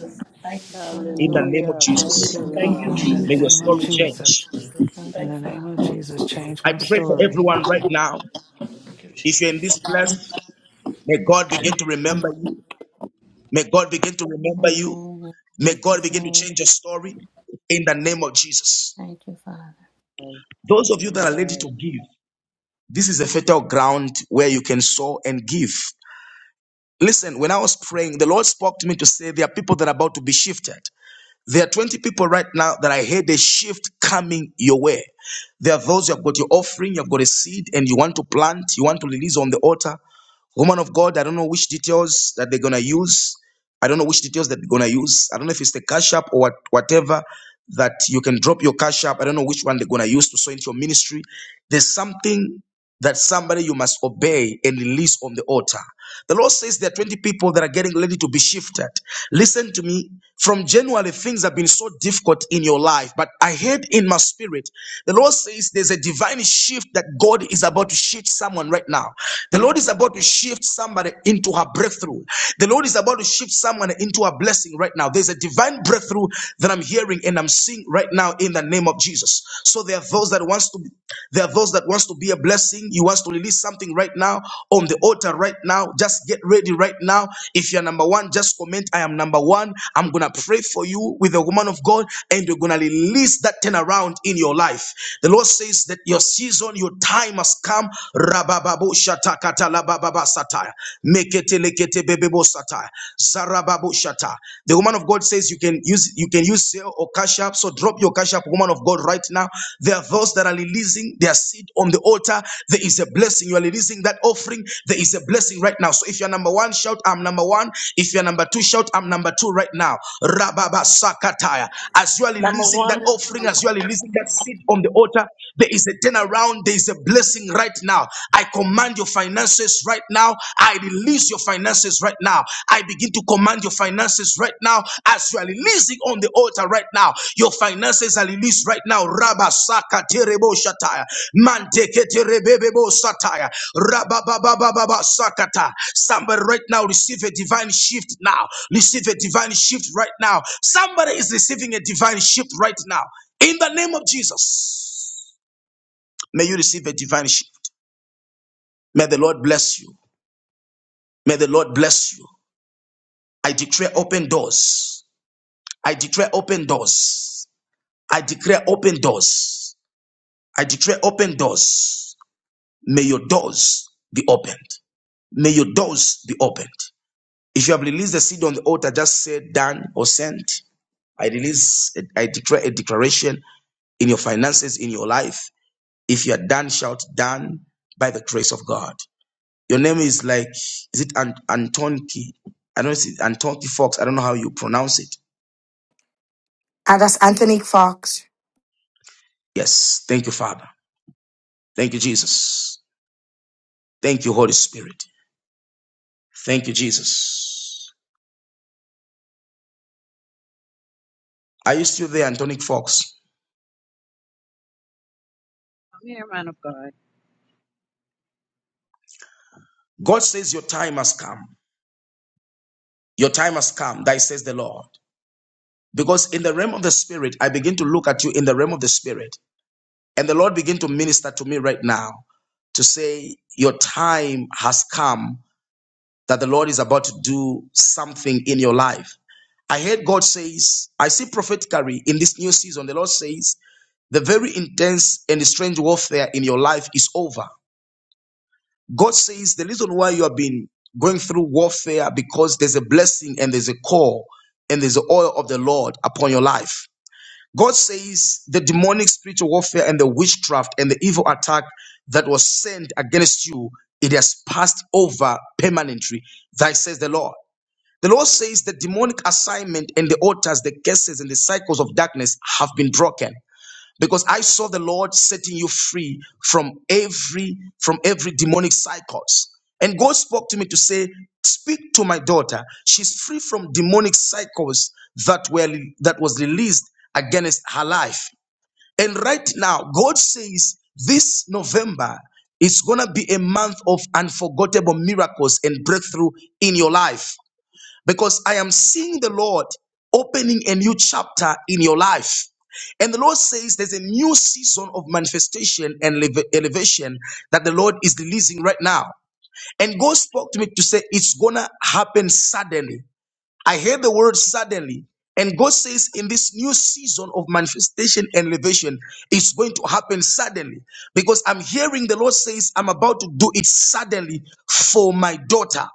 Speaker 5: in the name
Speaker 8: Hallelujah.
Speaker 5: of
Speaker 2: Hallelujah. Thank
Speaker 8: In
Speaker 5: Jesus.
Speaker 2: you,
Speaker 8: the name
Speaker 2: Lord.
Speaker 8: of
Speaker 14: In the
Speaker 2: Thank
Speaker 5: May
Speaker 8: Jesus,
Speaker 5: your
Speaker 2: you,
Speaker 14: name of
Speaker 5: story
Speaker 2: Jesus.
Speaker 5: change.
Speaker 14: Jesus.
Speaker 8: thank
Speaker 14: In
Speaker 8: you,
Speaker 14: the name of
Speaker 8: Father.
Speaker 14: Jesus, change
Speaker 5: I
Speaker 14: my
Speaker 5: pray for
Speaker 8: Thank
Speaker 14: story.
Speaker 8: you.
Speaker 5: everyone right now. If you're in this place, may God begin to remember you. May God begin to remember you.
Speaker 8: Amen. In
Speaker 5: May God
Speaker 8: Jesus'
Speaker 5: begin to
Speaker 8: name.
Speaker 5: change your story in the name of Jesus.
Speaker 8: Thank you, Father.
Speaker 2: And
Speaker 5: Those of you that are ready to
Speaker 2: amen.
Speaker 5: give, this is a fertile ground where you can sow and give. Listen, when I was praying, the Lord spoke to me to say there are people that are about to be shifted. There are 20 people right now that I heard a shift coming your way. There are those you have got your offering, you have got a seed, and you want to plant, you want to release on the altar. Woman of God, I don't know which details that they're gonna use. I don't know which details that they're gonna use. I don't know if it's the cash app or what, whatever that you can drop your cash app. I don't know which one they're gonna use to sow into your ministry. There's something that somebody you must obey and release on the altar. The Lord says there are 20 people that are getting ready to be shifted. Listen to me. From January, things have been so difficult in your life, but I heard in my spirit, the Lord says there's a divine shift that God is about to shift someone right now. The Lord is about to shift somebody into into her breakthrough. The Lord is about to shift someone into a blessing right now. There's a divine breakthrough that I'm hearing and I'm seeing right now in the name of Jesus. So there are those that wants to be, there are those that wants to be a blessing. You wants to release something right now on the altar right now. Just get ready right now. If you're number one, just comment, I am number one. I'm gonna pray for you with the woman of God, and you're gonna release that turnaround in your life. The Lord says that your season, your time has come. Rabababo shata. The woman of God says you can use you can use Zelle or Cash App. So drop your Cash App, woman of God, right now. There are those that are releasing their seed on the altar. There is a blessing. You are releasing that offering. There is a blessing right now. So if you're number one, shout I'm number one. If you're number two, shout I'm number two right now. Rababa sakataya. As you are releasing that offering, as you are releasing that seed on the altar, there is a turnaround. There is a blessing right now. I command your finances right now. I release your finances right now. I begin to command your finances right now as you are releasing on the altar right now. Your finances are released right now. Rabba saka terebo shataya. Manteke terebebebo sataya. Rabba baba baba baba sakata. Somebody right now receive a divine shift now. Receive a divine shift right now. Somebody is receiving a divine shift right now. In the name of Jesus, may you receive a divine shift. May the Lord bless you. May the Lord bless you. I declare open doors. I declare open doors. I declare open doors. I declare open doors. May your doors be opened. May your doors be opened. If you have released the seed on the altar, just say done or sent. I release, I declare a declaration in your finances, in your life. If you are done, shout done by the grace of God. Your name is like, is it An- Antonki? I don't see Antonki Fox. I don't know how you pronounce it.
Speaker 1: And that's Anthony Fox.
Speaker 5: Yes. Thank you, Father. Thank you, Jesus. Thank you, Holy Spirit. Thank you, Jesus. Are you still there, Antonic Fox?
Speaker 7: Come here, man of God.
Speaker 5: God says your time has come. Your time has come. Thy says the Lord. Because in the realm of the spirit, I begin to look at you in the realm of the spirit. And the Lord begin to minister to me right now to say, Your time has come that the Lord is about to do something in your life. I heard God says, I see prophetically in this new season, the Lord says, the very intense and strange warfare in your life is over. God says the reason why you have been going through warfare because there's a blessing and there's a call and there's the oil of the Lord upon your life. God says the demonic spiritual warfare and the witchcraft and the evil attack that was sent against you, it has passed over permanently. Thy says the Lord. The Lord says the demonic assignment and the altars, the curses, and the cycles of darkness have been broken. Because I saw the Lord setting you free from every from every demonic cycles. And God spoke to me to say, Speak to my daughter. She's free from demonic cycles that were that was released against her life. And right now, God says this November is gonna be a month of unforgettable miracles and breakthrough in your life because I am seeing the Lord opening a new chapter in your life. And the Lord says there's a new season of manifestation and leve- elevation that the Lord is releasing right now. And God spoke to me to say it's gonna happen suddenly. I heard the word suddenly. And God says in this new season of manifestation and elevation, it's going to happen suddenly. Because I'm hearing the Lord says, I'm about to do it suddenly for my daughter.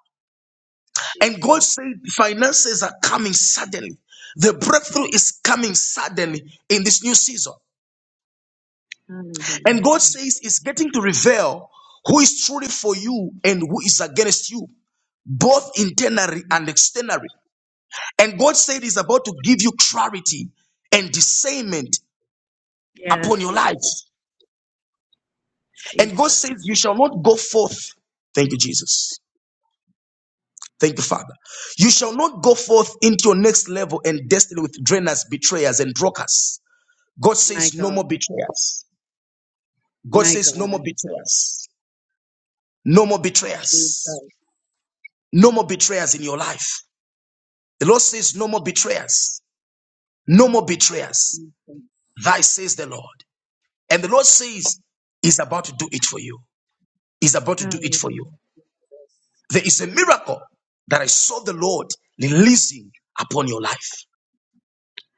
Speaker 5: And God
Speaker 7: Jesus.
Speaker 5: said, finances are coming suddenly. The breakthrough is coming suddenly in this new season.
Speaker 7: Hallelujah,
Speaker 5: And God
Speaker 7: Jesus.
Speaker 5: says, it's getting to reveal who is truly for you and who is against you, both internally and externally. And God said, is about to give you clarity and discernment upon
Speaker 7: Yes,
Speaker 5: your life. And God
Speaker 7: Jesus.
Speaker 5: says, you shall not go forth. Thank you, Jesus. Thank you, Father. You shall not go forth into your next level and destiny with drainers, betrayers, and brokers. God
Speaker 7: My
Speaker 5: says no
Speaker 7: God.
Speaker 5: more betrayers. God
Speaker 7: My
Speaker 5: says no more
Speaker 7: God.
Speaker 5: betrayers. No more
Speaker 7: Jesus.
Speaker 5: betrayers. No more betrayers in your life. The Lord says no more betrayers. No more betrayers.
Speaker 7: Jesus.
Speaker 5: Thy says the Lord. And the Lord says he's about to do it for you. He's about to do it
Speaker 7: Hallelujah,
Speaker 5: for you.
Speaker 7: Jesus.
Speaker 5: There is a miracle that I saw the Lord releasing upon your life.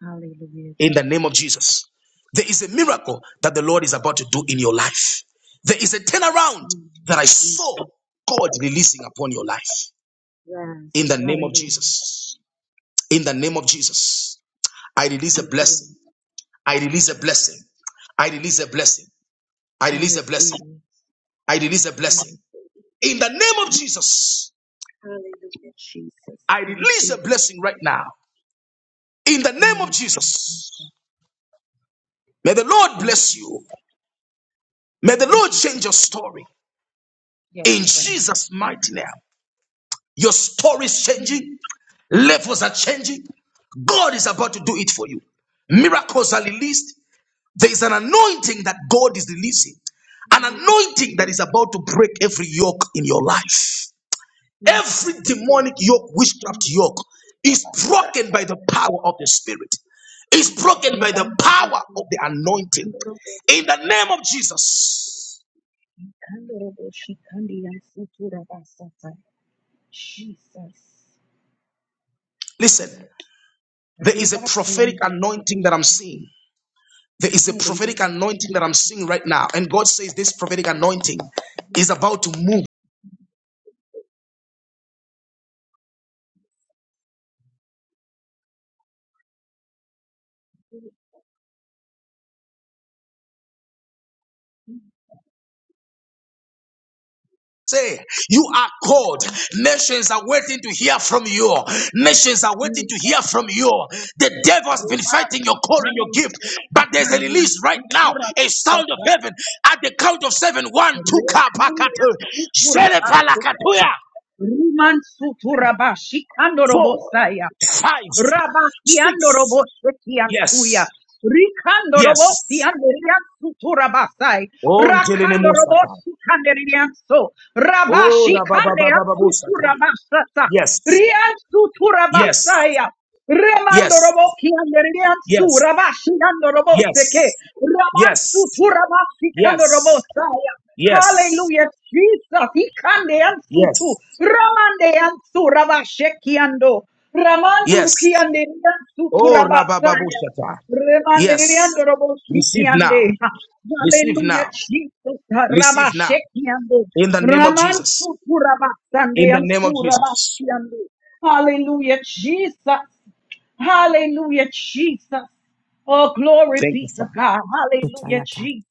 Speaker 7: Hallelujah,
Speaker 5: in the name of
Speaker 7: Jesus.
Speaker 5: Jesus. There is a miracle that the Lord is about to do in your life. There is a turnaround
Speaker 7: Mm,
Speaker 5: that I saw
Speaker 7: Jesus.
Speaker 5: God releasing upon your life
Speaker 7: Yes.
Speaker 5: in the name of
Speaker 7: Hallelujah.
Speaker 5: Jesus. In the name of Jesus, I release a
Speaker 7: Thank you,
Speaker 5: blessing.
Speaker 7: Lord.
Speaker 5: I release a blessing. I release a blessing. I
Speaker 7: I
Speaker 5: release a
Speaker 7: receive
Speaker 5: blessing.
Speaker 7: it.
Speaker 5: I release a
Speaker 7: I
Speaker 5: blessing.
Speaker 7: receive it. in
Speaker 5: In the
Speaker 7: Jesus'
Speaker 5: name of
Speaker 7: name.
Speaker 5: Jesus,
Speaker 7: Hallelujah, Jesus.
Speaker 5: I
Speaker 7: I
Speaker 5: release a
Speaker 7: receive it.
Speaker 5: blessing right now. In the name of
Speaker 7: Hallelujah.
Speaker 5: Jesus, may the Lord
Speaker 7: Thank
Speaker 5: bless
Speaker 7: you.
Speaker 5: you. May the
Speaker 7: Thank
Speaker 5: Lord
Speaker 7: you.
Speaker 5: change your story. In
Speaker 7: Yes, God.
Speaker 5: Jesus' mighty name. Your story is changing. Levels are changing. God is about to do it for you. Miracles are released. There is an anointing that God is releasing, an anointing that is about to break every yoke in your life.
Speaker 7: Jesus.
Speaker 5: Every demonic yoke, witchcraft yoke, is broken by the power of the Spirit, is broken by the power of the anointing. In the name of Jesus. Listen, there is a
Speaker 7: Rebaki
Speaker 5: prophetic
Speaker 7: and
Speaker 5: anointing that I'm seeing. There is a prophetic
Speaker 7: Hallelujah.
Speaker 5: anointing that I'm seeing right now. And God says this prophetic anointing is about to move. Say, you are called. Nations are waiting to hear from you. Nations are waiting to hear from you. The devil has been fighting your calling, your gift. But there's a release right now, a sound of
Speaker 7: Reba,
Speaker 5: heaven at the count of seven. One, two,
Speaker 7: Rekaya
Speaker 5: kapakatu,
Speaker 7: sutura basutu.
Speaker 5: zelepalakatuya,
Speaker 7: Riman sutura bashikando
Speaker 5: four,
Speaker 7: robosaya.
Speaker 5: five,
Speaker 7: Rabakiando
Speaker 5: six.
Speaker 7: roboshekian suya.
Speaker 5: Yes,
Speaker 7: Rikando robosi
Speaker 5: yes.
Speaker 7: anderian sutura basai.
Speaker 5: Oh, ntelele
Speaker 7: Rakando robosi kanderian so.
Speaker 5: Oh,
Speaker 7: Rabashi kandean
Speaker 5: rababababababosata.
Speaker 7: sutura basata.
Speaker 5: Yes,
Speaker 7: Rian sutura
Speaker 5: yes,
Speaker 7: basaya. Remando
Speaker 5: yes,
Speaker 7: roboki anderian su.
Speaker 5: yes,
Speaker 7: Rabashi ando robose
Speaker 5: yes,
Speaker 7: Rabansu
Speaker 5: yes,
Speaker 7: Turabashikano
Speaker 5: yes,
Speaker 7: Robosaya.
Speaker 5: yes,
Speaker 7: Hallelujah, Jesus. Ikande ansutu.
Speaker 5: yes,
Speaker 7: Ramande ansu rabashekiando. Ramandur
Speaker 5: yes.
Speaker 7: kiande ansu
Speaker 5: Oh,
Speaker 7: turabasaya.
Speaker 5: rababababosata.
Speaker 7: Remande riando
Speaker 5: Yes. Receive
Speaker 7: roboshikiande.
Speaker 5: now. Receive
Speaker 7: Hallelujah,
Speaker 5: now.
Speaker 7: Jesus.
Speaker 5: Receive now.
Speaker 7: Rabashekiando.
Speaker 5: In the name of
Speaker 7: Ramansu
Speaker 5: Jesus.
Speaker 7: turabasande
Speaker 5: In the name
Speaker 7: ansu
Speaker 5: of Jesus.
Speaker 7: rabasiande. Hallelujah, Jesus. Hallelujah, Jesus. Oh, glory
Speaker 5: Thank you,
Speaker 7: be to
Speaker 5: Father.
Speaker 7: God. Hallelujah,
Speaker 1: Sikayata.
Speaker 7: Jesus.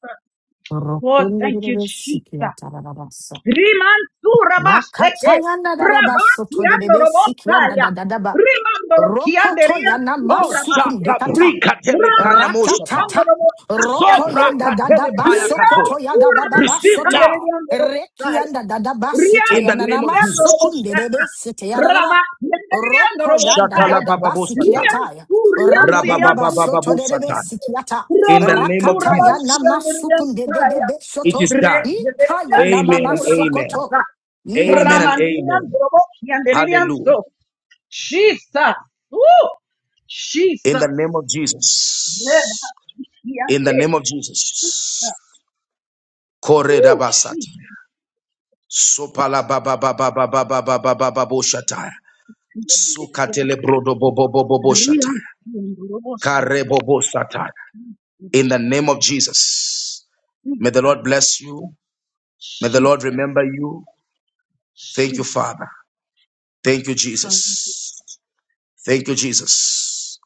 Speaker 7: Lord, thank you,
Speaker 1: Rokundurururu
Speaker 7: Jesus.
Speaker 1: sikiyata rababasa.
Speaker 7: Rimanzu rabasheke,
Speaker 1: Makatayana daraba
Speaker 7: rabati
Speaker 1: soto de
Speaker 7: ando
Speaker 1: debe sikianda
Speaker 7: robotaria,
Speaker 1: dadadaba.
Speaker 7: rimando rokiande
Speaker 1: Rokoto yana
Speaker 7: rianzu
Speaker 5: Oh,
Speaker 1: masukun
Speaker 5: shaka
Speaker 7: rabasheke,
Speaker 1: dekata.
Speaker 5: prika telekana
Speaker 7: ramanzu
Speaker 5: moshata.
Speaker 7: kando
Speaker 1: Rakatata.
Speaker 7: robotaria
Speaker 1: Roko
Speaker 7: su,
Speaker 5: Sopra
Speaker 1: yanda
Speaker 5: katele
Speaker 1: dadaba
Speaker 5: paya katoya.
Speaker 1: sokoto
Speaker 7: rianzu
Speaker 1: yada baba
Speaker 7: ramanzu
Speaker 5: Receive
Speaker 7: kande
Speaker 1: basoto.
Speaker 5: now.
Speaker 7: riando
Speaker 1: Reki
Speaker 7: robotaria,
Speaker 1: yanda dadaba seta
Speaker 5: in the
Speaker 7: rianzu
Speaker 1: yana
Speaker 5: name of
Speaker 1: nama
Speaker 7: kiando
Speaker 1: sukun
Speaker 5: Jesus.
Speaker 1: de
Speaker 7: robotaria,
Speaker 1: debe sete yaraba.
Speaker 7: rabati ando riando
Speaker 1: Roko yanda
Speaker 7: robotaria,
Speaker 1: dada basi
Speaker 5: Shatalabababosata,
Speaker 1: kiataya.
Speaker 7: rianzu
Speaker 1: Ramba
Speaker 7: rianzu
Speaker 1: baba
Speaker 7: rianzu
Speaker 1: basoto de debe
Speaker 5: rabababababosata.
Speaker 1: sikiata.
Speaker 7: rianzu,
Speaker 5: In the name
Speaker 7: ramanzu
Speaker 5: of
Speaker 1: Rakata
Speaker 7: ramanzu
Speaker 1: yana
Speaker 5: Jesus,
Speaker 7: rianzu
Speaker 1: masukun de debe
Speaker 5: it
Speaker 1: soto.
Speaker 5: is done.
Speaker 7: rianzu,
Speaker 1: ikaya na
Speaker 5: Amen
Speaker 1: mama
Speaker 5: and amen.
Speaker 1: sokoto.
Speaker 7: Sukurabasata.
Speaker 1: Ye under
Speaker 5: Amen and
Speaker 1: the-
Speaker 7: Ramandirian
Speaker 5: amen.
Speaker 7: Dorobokian Deridian
Speaker 5: Hallelujah.
Speaker 7: so. Jesus. Ooh,
Speaker 5: In the
Speaker 7: Jesus.
Speaker 5: name of Jesus. In the
Speaker 7: Rebashikiante.
Speaker 5: name of
Speaker 7: Jesus.
Speaker 5: Jesus.
Speaker 7: Ooh, Jesus.
Speaker 5: Koredabasata. Sopalababababababababababababosata.
Speaker 7: Rian
Speaker 5: Sukatelebrodobobobobobosata.
Speaker 7: Rian Dorobosata.
Speaker 5: Karebobosata. In the name
Speaker 7: Jesus.
Speaker 5: of Jesus. May the Lord bless you. May the Lord
Speaker 7: Jesus.
Speaker 5: remember you. Thank you,
Speaker 7: Jesus.
Speaker 5: Father. Thank you,
Speaker 7: Hallelujah.
Speaker 5: Jesus. Thank you, Jesus.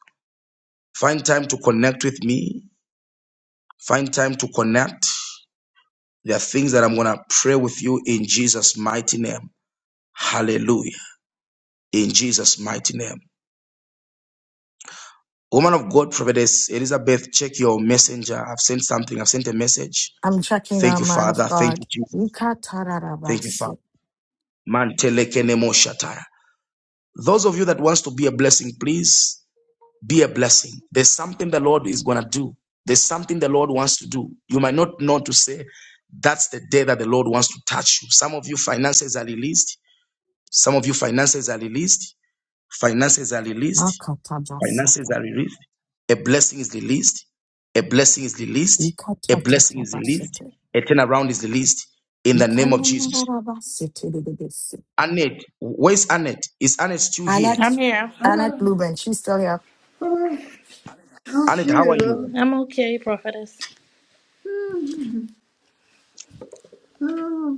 Speaker 5: Find time to connect with me. Find time to connect. There are things that I'm going to pray with you in Jesus' mighty name. Hallelujah. In Jesus' mighty name. Woman of God, Prophetess Elizabeth, check your messenger. I've sent something. I've sent a message.
Speaker 1: I'm checking
Speaker 5: Thank
Speaker 1: now,
Speaker 5: you,
Speaker 1: man
Speaker 5: Father.
Speaker 1: of
Speaker 5: Thank you,
Speaker 1: God.
Speaker 5: Jesus. Thank you, Father.
Speaker 1: Ikatarabasi.
Speaker 5: Man, telekene mo shataya. Those of you that wants to be a blessing, please Be a blessing. There's something the Lord is going to do. There's something the Lord wants to do. You might not know to say, that's the day that the Lord wants to touch you. Some of you finances are released. Some of you finances are released. Finances are released. Finances
Speaker 1: Makatabasata.
Speaker 5: are released. A blessing is released. A blessing is released. A blessing is released.
Speaker 1: Ikatatatabasete.
Speaker 5: A turnaround is released in the name of Jesus.
Speaker 1: Ikanyanarabasete dededesi.
Speaker 5: Annette, where's Annette? Is Annette still here?
Speaker 1: Annette, Annette Lubin, she's still here.
Speaker 18: Oh,
Speaker 5: Annette, how are
Speaker 18: shoot. Oh,
Speaker 5: you?
Speaker 18: oh,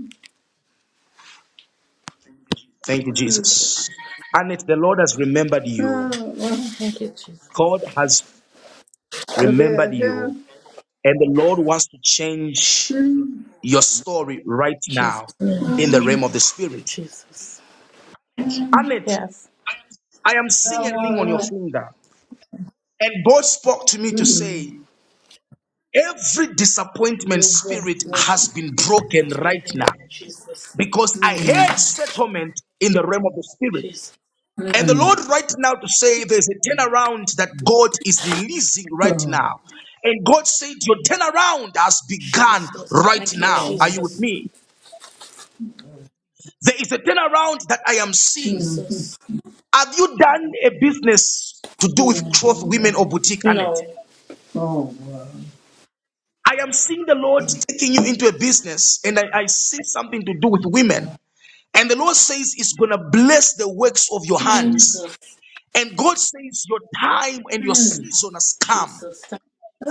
Speaker 5: Thank you, Jesus. Annette, the Lord has remembered you.
Speaker 18: oh,
Speaker 5: God has
Speaker 18: oh,
Speaker 5: remembered you,
Speaker 18: here.
Speaker 5: and the Lord wants to change your story right now in the realm of the Spirit. Annette, I am seeing a ring on your
Speaker 18: Oh, oh,
Speaker 5: finger, and God spoke to me to say, Every disappointment spirit has been broken right now because I heard settlement in the realm of the Spirit. And the
Speaker 18: oh.
Speaker 5: Lord, right now, to say there's a turnaround that God is releasing right
Speaker 18: Oh,
Speaker 5: now. And God said, Your turnaround has begun right
Speaker 18: oh,
Speaker 5: now. Are you with me? There is a turnaround that I am seeing. Have you done a business to do with cloth women
Speaker 18: oh,
Speaker 5: or boutique, Annette?
Speaker 18: oh, wow.
Speaker 5: I am seeing the Lord taking you into a business, and I, I see something to do with women. And the Lord says it's going to bless the works of your
Speaker 18: Hmm.
Speaker 5: hands. And God says, Your time and your
Speaker 18: Hmm.
Speaker 5: season has come.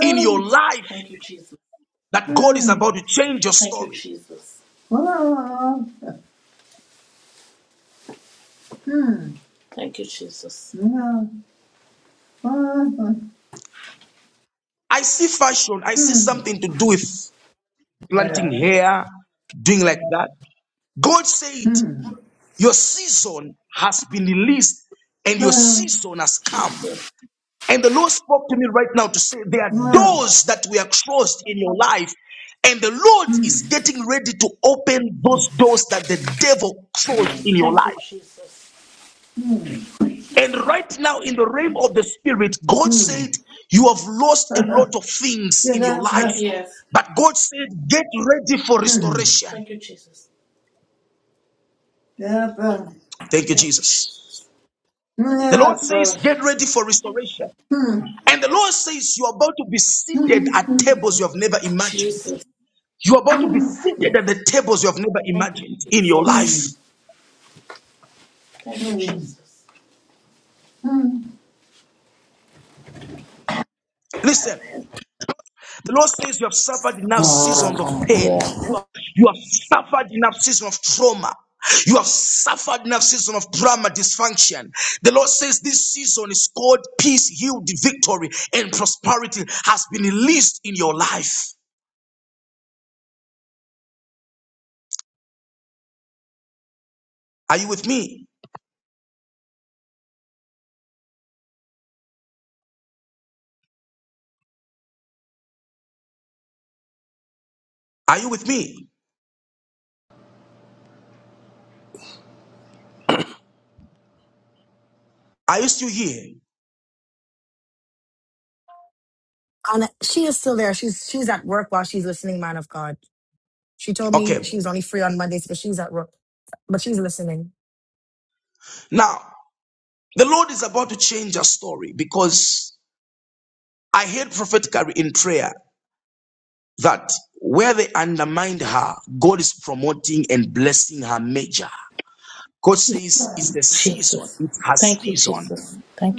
Speaker 5: in your life that God is
Speaker 18: hmm.
Speaker 5: about to change your story.
Speaker 18: Oh, hmm. No. Oh,
Speaker 5: I see fashion, I see something to do with planting
Speaker 18: there. Oh,
Speaker 5: hair, doing like that. God said, Your season has been released and your
Speaker 18: Better.
Speaker 5: season has come. And the Lord spoke to me right now to say, There are
Speaker 18: oh,
Speaker 5: doors that we are closed in your life. And the Lord is getting ready to open those doors that the devil closed in your life. And right now, in the realm of the spirit, God
Speaker 18: hmm.
Speaker 5: said, You have lost a lot of things
Speaker 18: Get
Speaker 5: in your
Speaker 18: up.
Speaker 5: life.
Speaker 18: uh,
Speaker 5: But God said, Get ready for restoration.
Speaker 18: Get up. uh,
Speaker 5: Thank you, Jesus.
Speaker 18: Get
Speaker 5: The Lord
Speaker 18: up. uh,
Speaker 5: says, Get ready for restoration. And the Lord says, You're about to be seated at tables you have never imagined. You're about to be seated at the tables you have never imagined in your life. Listen, the Lord says, You have suffered enough seasons of pain. You have suffered enough season of trauma. You have suffered enough season of drama, dysfunction. The Lord says this season is called peace, healed, victory, and prosperity has been released in your life. Are you with me? Are you with me? Are you still here?
Speaker 1: on she is still there. She's she's at work while she's listening, man of God. She told me
Speaker 5: Okay.
Speaker 1: she's only free on Mondays, but she's at work. But she's listening.
Speaker 5: Now, the Lord is about to change our story because I heard prophetically in prayer that where they undermined her, God is promoting and blessing her major. God says it's the season. It has season.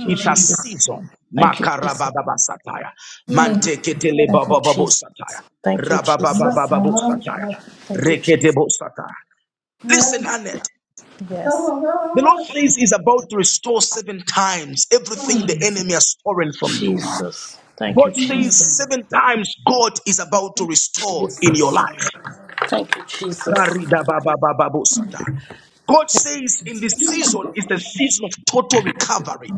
Speaker 5: It has season. Makarabababa satire. Manteketele bababo satire. Rabababababo satire. Reketebo satire. Listen, Annette. The Lord
Speaker 18: Oh,
Speaker 5: says He's about to restore seven times everything the enemy has stolen from you. God says seven times God is about to restore in your life. Karidababababo satire. God says in this season is the season of total recovery.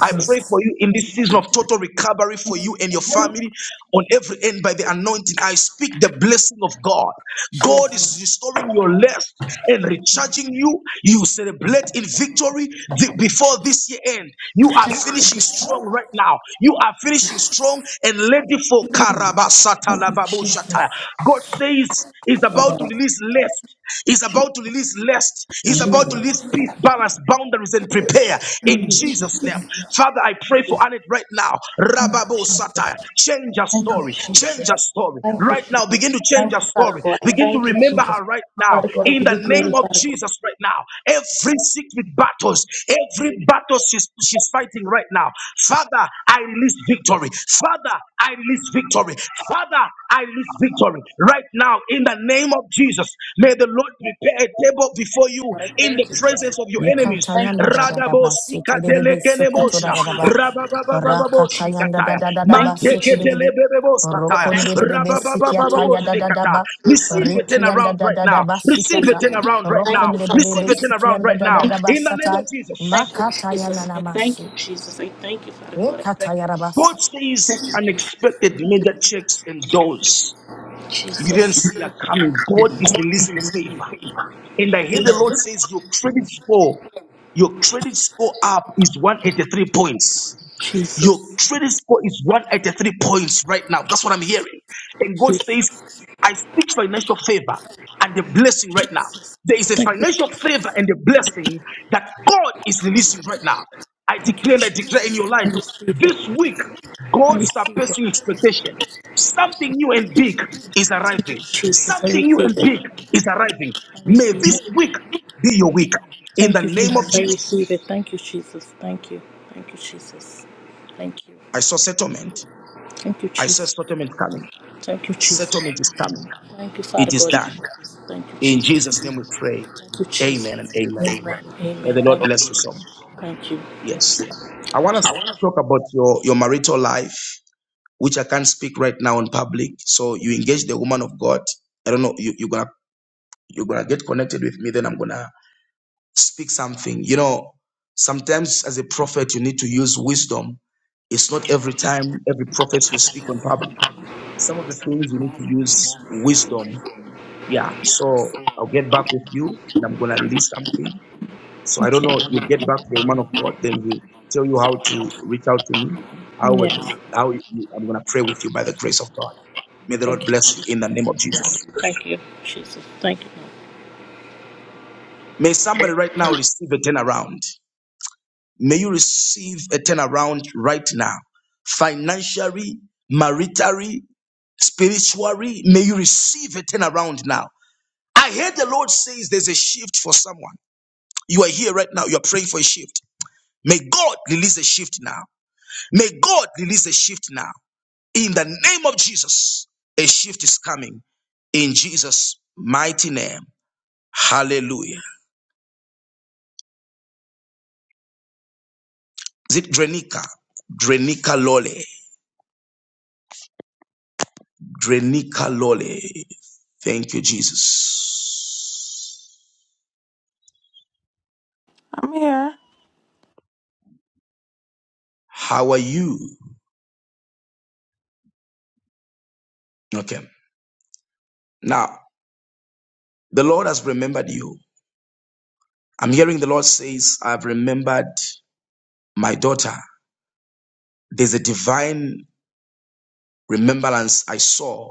Speaker 5: I pray for you in this season of total recovery for you and your family on every end by the anointing. I speak the blessing of God. God is restoring your lust and recharging you. You celebrate in victory th- before this year end. You are finishing strong right now. You are finishing strong and ready for Karabasatalababushata. God says He's about to release lest. He's about to release lest. He's about to release peace, balance, boundaries, and prepare in Jesus' name. Father, I pray for Annette right now. Rababo Satire. Change her story. Change her story. Right now, begin to change her story. Begin to remember her right now. In the name of Jesus, right now. Every secret battles, every battle she's, she's fighting right now. Father, I release victory. Father, I release victory. Father, I release victory right now in the name of Jesus. May the Lord prepare a table before you in the presence of your enemies.
Speaker 1: Yikatayanda da da da
Speaker 5: Radabo
Speaker 1: ba sete de de be sokoto da
Speaker 5: sikatelekenemosha.
Speaker 1: da da ba.
Speaker 5: Rabababababo
Speaker 1: Rakatayanda da
Speaker 5: sikataya.
Speaker 1: da da da ba sete de de be.
Speaker 5: Manteketelebebebo sataya.
Speaker 1: Rokonde de de be
Speaker 5: Rabababababo
Speaker 1: sikiataya da da da
Speaker 5: sikataya.
Speaker 1: ba.
Speaker 5: Receive a turnaround
Speaker 1: Rikianda da
Speaker 5: right
Speaker 1: da da
Speaker 5: now.
Speaker 1: ba
Speaker 5: Receive a
Speaker 1: sikata.
Speaker 5: turnaround right now.
Speaker 1: Rokonde de de
Speaker 5: Receive
Speaker 1: be
Speaker 5: a turnaround
Speaker 1: sikianda
Speaker 5: right
Speaker 1: da
Speaker 5: now.
Speaker 1: da da ba
Speaker 5: In the name of
Speaker 1: satai.
Speaker 5: Jesus.
Speaker 1: Makatayana namasu.
Speaker 5: God says unexpected major checks and doors. You didn't see her coming. God is releasing favor. And I hear the Lord says your credit score, your credit score up is 183 points. Your trading score is 183 points right now. That's what I'm hearing. And God says, I speak financial favor and the blessing right now. There is a financial favor and a blessing that God is releasing right now. I declare and I declare in your life this week, God surpassing expectation. Something new and big is arriving. Something new and big is arriving. May this week be your week. In the name of Jesus, I saw settlement. I saw settlement coming. Settlement is coming. It is done. In Jesus' name we pray. Amen and amen. May the Lord bless you so much. Yes. I want us to talk about your, your marital life, which I can't speak right now in public. So you engage the woman of God. I don't know, you, you're gonna you're gonna get connected with me, then I'm gonna speak something. You know, sometimes as a prophet you need to use wisdom. It's not every time every prophet you speak on public. Some of the things you need to use wisdom Yeah, so I'll get back with you and I'm gonna release something. So I don't know, you get back to the woman of God, then you tell you how to reach out to me, how we can, how you, I'm gonna pray with you by the grace of God. May the Lord bless you in the name of Jesus. May somebody right now receive a turnaround. May you receive a turnaround right now. Financially, maritally, spiritually, may you receive a turnaround now. I heard the Lord says there's a shift for someone. You are here right now, you're praying for a shift. May God release a shift now. May God release a shift now. In the name of Jesus, a shift is coming. In Jesus' mighty name. Hallelujah. Is it Drenica? Drenica Lole. Drenica Lole. Thank you, Jesus.
Speaker 10: I'm here.
Speaker 5: How are you? Okay. Now, the Lord has remembered you. I'm hearing the Lord says, I've remembered my daughter. There's a divine remembrance I saw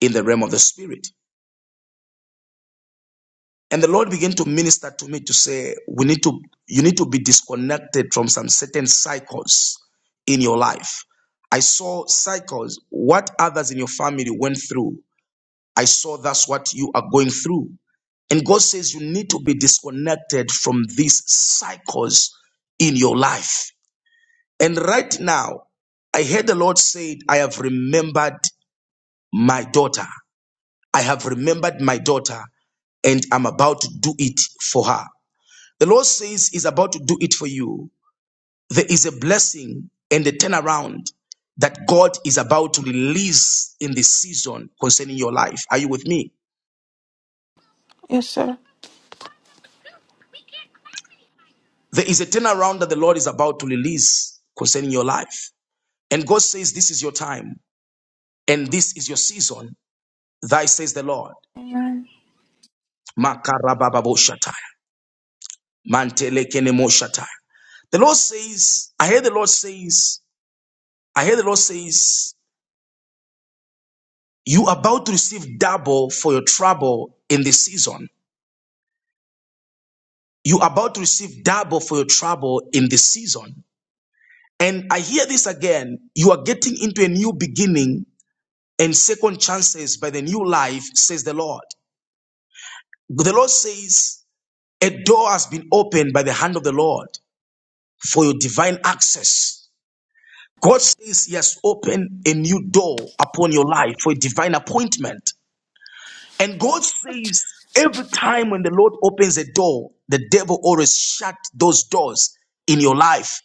Speaker 5: in the realm of the spirit. And the Lord began to minister to me to say, we need to, you need to be disconnected from some certain cycles in your life. I saw cycles, what others in your family went through. I saw that's what you are going through. And God says you need to be disconnected from these cycles in your life. And right now, I heard the Lord said, I have remembered my daughter. I have remembered my daughter. and I'm about to do it for her. The Lord says He's about to do it for you. There is a blessing and a turnaround that God is about to release in this season concerning your life. Are you with me?
Speaker 10: Yes, sir.
Speaker 5: There is a turnaround that the Lord is about to release concerning your life. And God says, This is your time and this is your season. Thy says the Lord.
Speaker 10: Amen.
Speaker 5: The Lord says, I hear the Lord says, I hear the Lord says, You are about to receive double for your trouble in this season. You are about to receive double for your trouble in this season. And I hear this again. You are getting into a new beginning and second chances by the new life, says the Lord. The Lord says, a door has been opened by the hand of the Lord for your divine access. God says He has opened a new door upon your life for a divine appointment. And God says every time when the Lord opens a door, the devil always shut those doors in your life.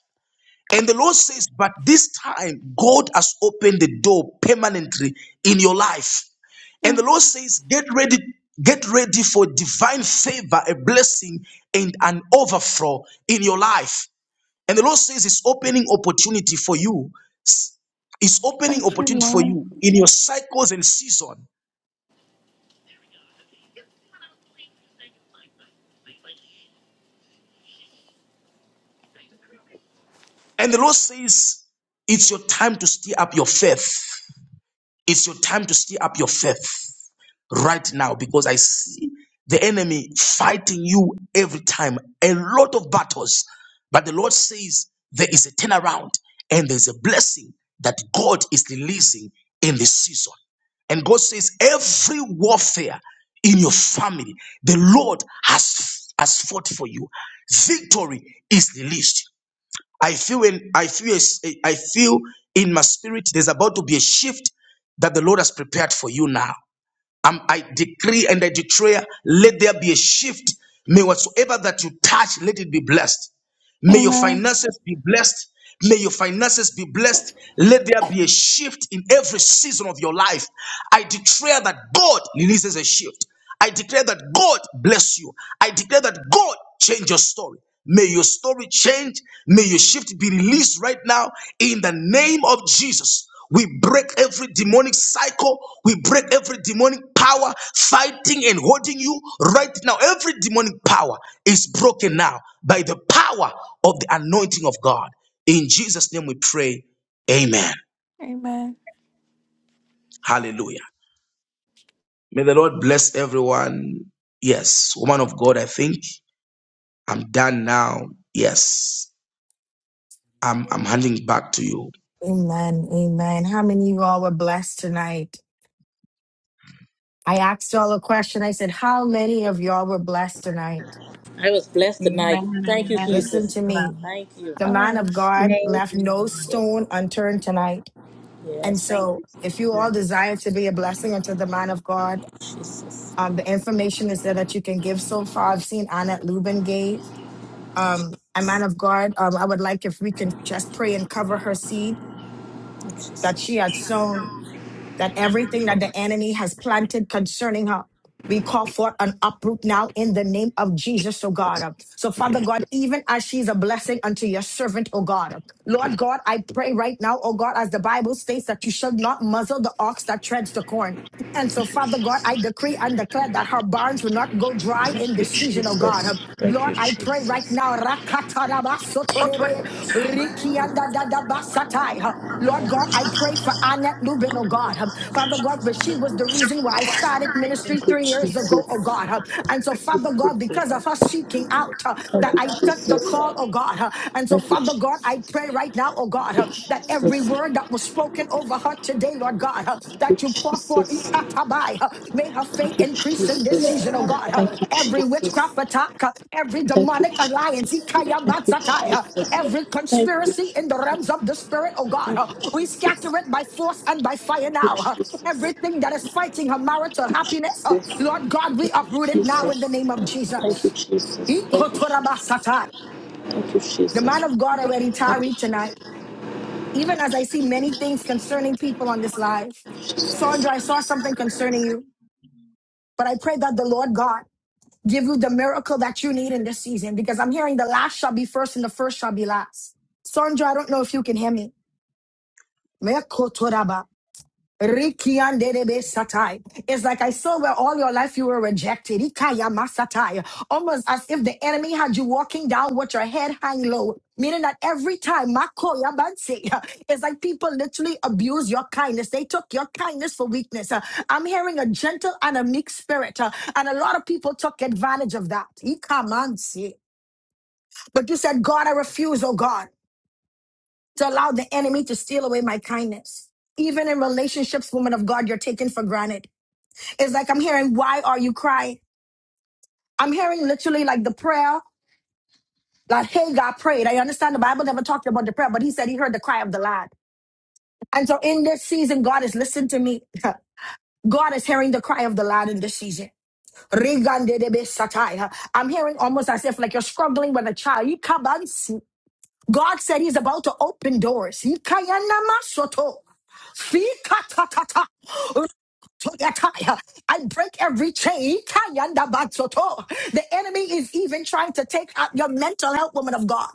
Speaker 5: And the Lord says, but this time God has opened the door permanently in your life. And the Lord
Speaker 10: Amen.
Speaker 5: says, get ready, get ready for divine favor, a blessing, and an overflow in your life. And the Lord says, it's opening opportunity for you. It's opening
Speaker 10: Thank you,
Speaker 5: opportunity for
Speaker 10: Lord.
Speaker 5: you in your cycles and season. And the Lord says, it's your time to stir up your faith. It's your time to stir up your faith right now because I see the enemy fighting you every time. A lot of battles. But the Lord says there is a turnaround and there's a blessing that God is releasing in this season. And God says, every warfare in your family, the Lord has, has fought for you. Victory is released. I feel in I feel a s- I feel in my spirit there's about to be a shift that the Lord has prepared for you now. I'm, I decree and I declare, let there be a shift. May whatsoever that you touch, let it be blessed. May your
Speaker 10: Amen.
Speaker 5: finances be blessed. May your finances be blessed. Let there be a shift in every season of your life. I declare that God releases a shift. I declare that God bless you. I declare that God change your story. May your story change. May your shift be released right now in the name of Jesus. We break every demonic cycle. We break every demonic power fighting and holding you right now. Every demonic power is broken now by the power of the anointing of God. In Jesus' name we pray. Amen.
Speaker 10: Amen.
Speaker 5: Hallelujah. May the Lord bless everyone. Yes, woman of God, I think I'm done now. Yes, I'm, I'm handing back to you.
Speaker 1: Amen. Amen. How many of y'all were blessed tonight? I asked y'all a question. I said, How many of y'all were blessed tonight?
Speaker 7: Amen. Amen. I
Speaker 2: Amen.
Speaker 1: Listen
Speaker 7: was
Speaker 10: Amen.
Speaker 1: to me.
Speaker 7: blessed.
Speaker 1: The
Speaker 10: I
Speaker 1: man of
Speaker 10: was.
Speaker 6: We
Speaker 1: God
Speaker 7: Thank
Speaker 1: left
Speaker 7: you,
Speaker 1: no
Speaker 7: Lord.
Speaker 1: stone unturned tonight. And
Speaker 7: Thank you,
Speaker 1: so, if you all
Speaker 7: Jesus.
Speaker 1: desire to be a blessing unto the man of God, um, the information is there that you can give so far. I've seen Annette Lubin gave. Um, a man of God, um, I would like if we can just pray and cover her seed that she had sown that everything that the enemy has planted concerning her, we call for an uproot now in the name of Jesus, oh God. So, Father God, even as she's a blessing unto your servant, oh God. Lord God, I pray right now, oh God, as the Bible states that you shall not muzzle the ox that treads the corn. And so, Father God, I decree and declare that her barns will not go dry in this season, oh God. Lord, I pray right now, Torebe, Rikianda Dada Basatai. Lord God, I pray for Annette Lubin, oh God. Father God, but she was the reason why I started ministry three years ago, oh God. And so, Father God, because of her seeking out uh, that I took the call, oh God. And so, Father God, I pray right now, oh God, that every word that was spoken over her today, Lord God that you pour forth. Ikatabai. Uh, May her faith increase in this season, oh God. Uh, Every witchcraft attack, uh, every demonic alliance, Ikayambatsatai, uh, every conspiracy in the realms of the spirit, oh God. Uh, We scatter it by force and by fire now. Uh, Everything that is fighting her marital happiness, uh, Lord God, we uproot it now in the name of Jesus. Ikotorabasatai. The man of God already tarried tonight even as I see many things concerning people on this live. Sandra, I saw something concerning you, but I pray that the Lord God give you the miracle that you need in this season because I'm hearing the last shall be first and the first shall be last. Sandra, I don't know if you can hear me. Rikiandebe satai. It's like I saw where all your life you were rejected. Ikaya masatai. Almost as if the enemy had you walking down with your head hang low. Meaning that every time, makoya banse, it's like people literally abuse your kindness. They took your kindness for weakness. Uh, I'm hearing a gentle and a meek spirit. uh, And a lot of people took advantage of that. Ikamanse. But you said, God, I refuse, oh God, to allow the enemy to steal away my kindness even in relationships, woman of God, you're taken for granted. It's like I'm hearing, why are you crying? I'm hearing literally like the prayer, like hey, God prayed. I understand the Bible never talked about the prayer, but he said he heard the cry of the lad. And so in this season, God is listening to me. God is hearing the cry of the lad in this season. Rigandedebesataya. I'm hearing almost as if like you're struggling with a child. You kabansi. God said he's about to open doors. He kayana masoto. Fikatatata. Toyatai. I break every chain. Kayanda batsoto. The enemy is even trying to take out your mental health, woman of God.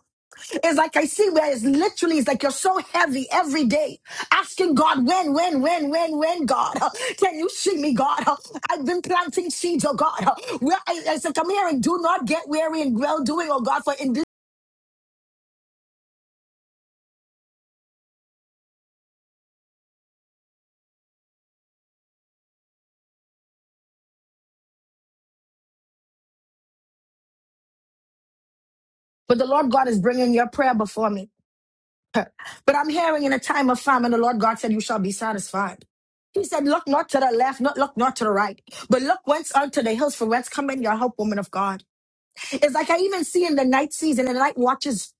Speaker 1: It's like I see where it's literally, it's like you're so heavy every day, asking God, when, when, when, when, when, God, can you see me, God? I've been planting seeds, oh God. Where I, I said, come here and do not get weary in well doing, oh God, for in this. But the Lord God is bringing your prayer before me. But I'm hearing in a time of famine, the Lord God said, You shall be satisfied. He said, Look not to the left, not look not to the right, but look whence unto the hills, for whence coming your help, woman of God. It's like I even see in the night season and the night watches.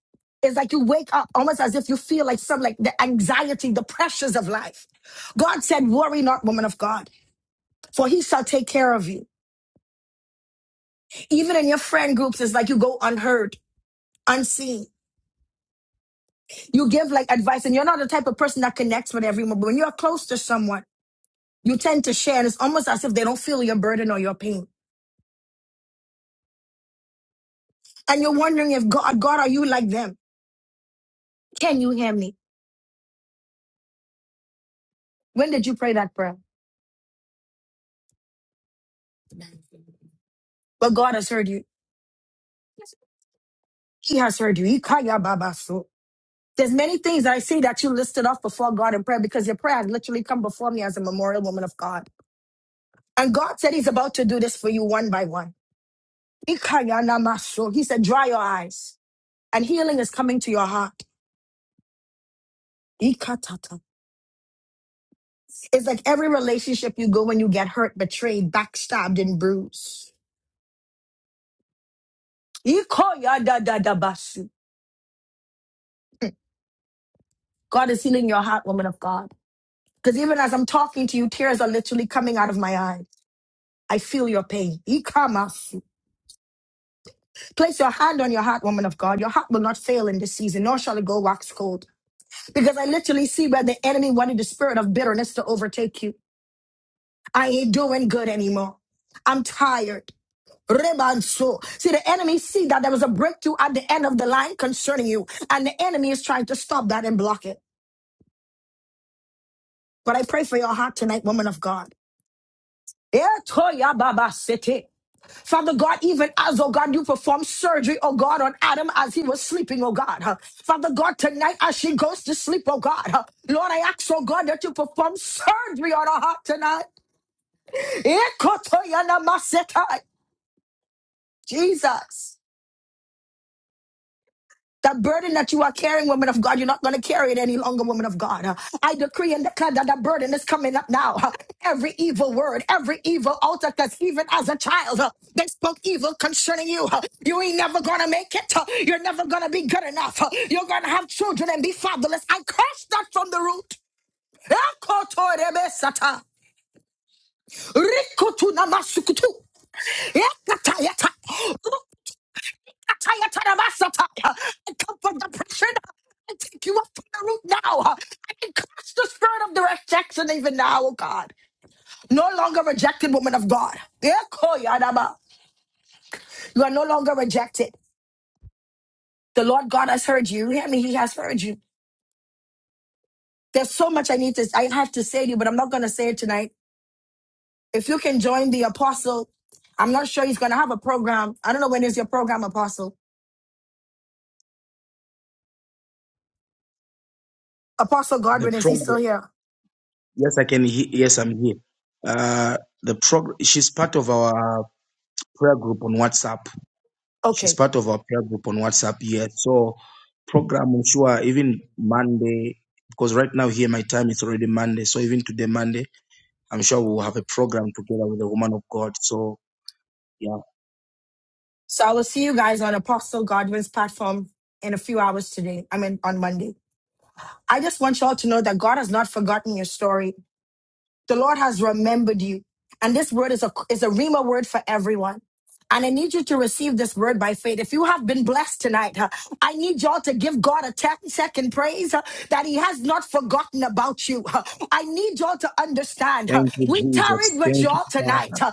Speaker 1: It's like you wake up almost as if you feel like some like the anxiety, the pressures of life. God said, Worry not, woman of God, for he shall take care of you. Even in your friend groups, it's like you go unheard, unseen. You give like advice, and you're not the type of person that connects with everyone, but when you're close to someone, You tend to share, and it's almost as if they don't feel your burden or your pain. And you're wondering if God, God, are you like them? Can you hear me? When did you pray that prayer? But God has heard you. He has heard you. Ikaya baba so. There's many things I see that you listed off before God in prayer because your prayer has literally come before me as a memorial woman of God. And God said He's about to do this for you one by one. Ikaya kaya nama so. He said, dry your eyes and healing is coming to your heart. Ikatata. It's like every relationship you go when you get hurt, betrayed, backstabbed, and bruised. Ikoyadadadabasi. God is healing your heart, woman of God. Because even as I'm talking to you, tears are literally coming out of my eyes. I feel your pain. Ikamasi. Place your hand on your heart, woman of God. Your heart will not fail in this season, nor shall it go wax cold. Because I literally see where the enemy wanted the spirit of bitterness to overtake you. I ain't doing good anymore. I'm tired. Rebanso. See, the enemy see that there was a breakthrough at the end of the line concerning you, and the enemy is trying to stop that and block it. But I pray for your heart tonight, woman of God. Etoya baba sete. Father God, even as, oh God, you perform surgery, oh God, on Adam as he was sleeping, oh God. huh. Father God, tonight as she goes to sleep, oh God. huh. Lord, I ask, oh God, that you perform surgery on her heart tonight. Ekotoya namasetai. Jesus. That burden that you are carrying, woman of God, you're not going to carry it any longer, woman of God. Uh, I decree and declare that that burden is coming up now. Uh, Every evil word, every evil altar, because even as a child, uh, they spoke evil concerning you. Uh, You ain't never going to make it. Uh, You're never going to be good enough. Uh, You're going to have children and be fatherless. I curse that from the root. Ekotorebesata. Rikutunamasukutu. Ekatayata. I come from depression. I take you up from the root now. I can crush the spirit of the rejection even now, oh God. No longer rejected, woman of God. Eko yadaba. You are no longer rejected. The Lord God has heard you. You Hear me, He has heard you. There's so much I need to I have to say to you, but I'm not gonna say it tonight. If you can join the apostle, I'm not sure he's gonna have a program. I don't know when is your program, Apostle. Apostle
Speaker 5: The
Speaker 1: Godwin, is he still
Speaker 5: program.
Speaker 1: here?
Speaker 5: Yes, I can hear. Yes, I'm here. Uh, the program. She's part of our. prayer group on WhatsApp.
Speaker 1: Okay.
Speaker 5: She's part of our prayer group on WhatsApp here. So program I'm sure even Monday because right now here my time is already Monday. So even today Monday, I'm sure we'll have a program together with the woman of God. So yeah.
Speaker 1: So I will see you guys on Apostle Godwin's platform in a few hours today. I mean, on Monday. I just want y'all to know that God has not forgotten your story. The Lord has remembered you. And this word is a is a Rima word for everyone. And I need you to receive this word by faith. If you have been blessed tonight, huh, I need y'all to give God a 10 second praise huh, that He has not forgotten about you. huh. I need y'all to understand. huh,
Speaker 5: Thank you,
Speaker 1: We tarried
Speaker 5: Jesus.
Speaker 1: with
Speaker 5: Thank you,
Speaker 1: y'all tonight.
Speaker 5: Father.
Speaker 1: huh.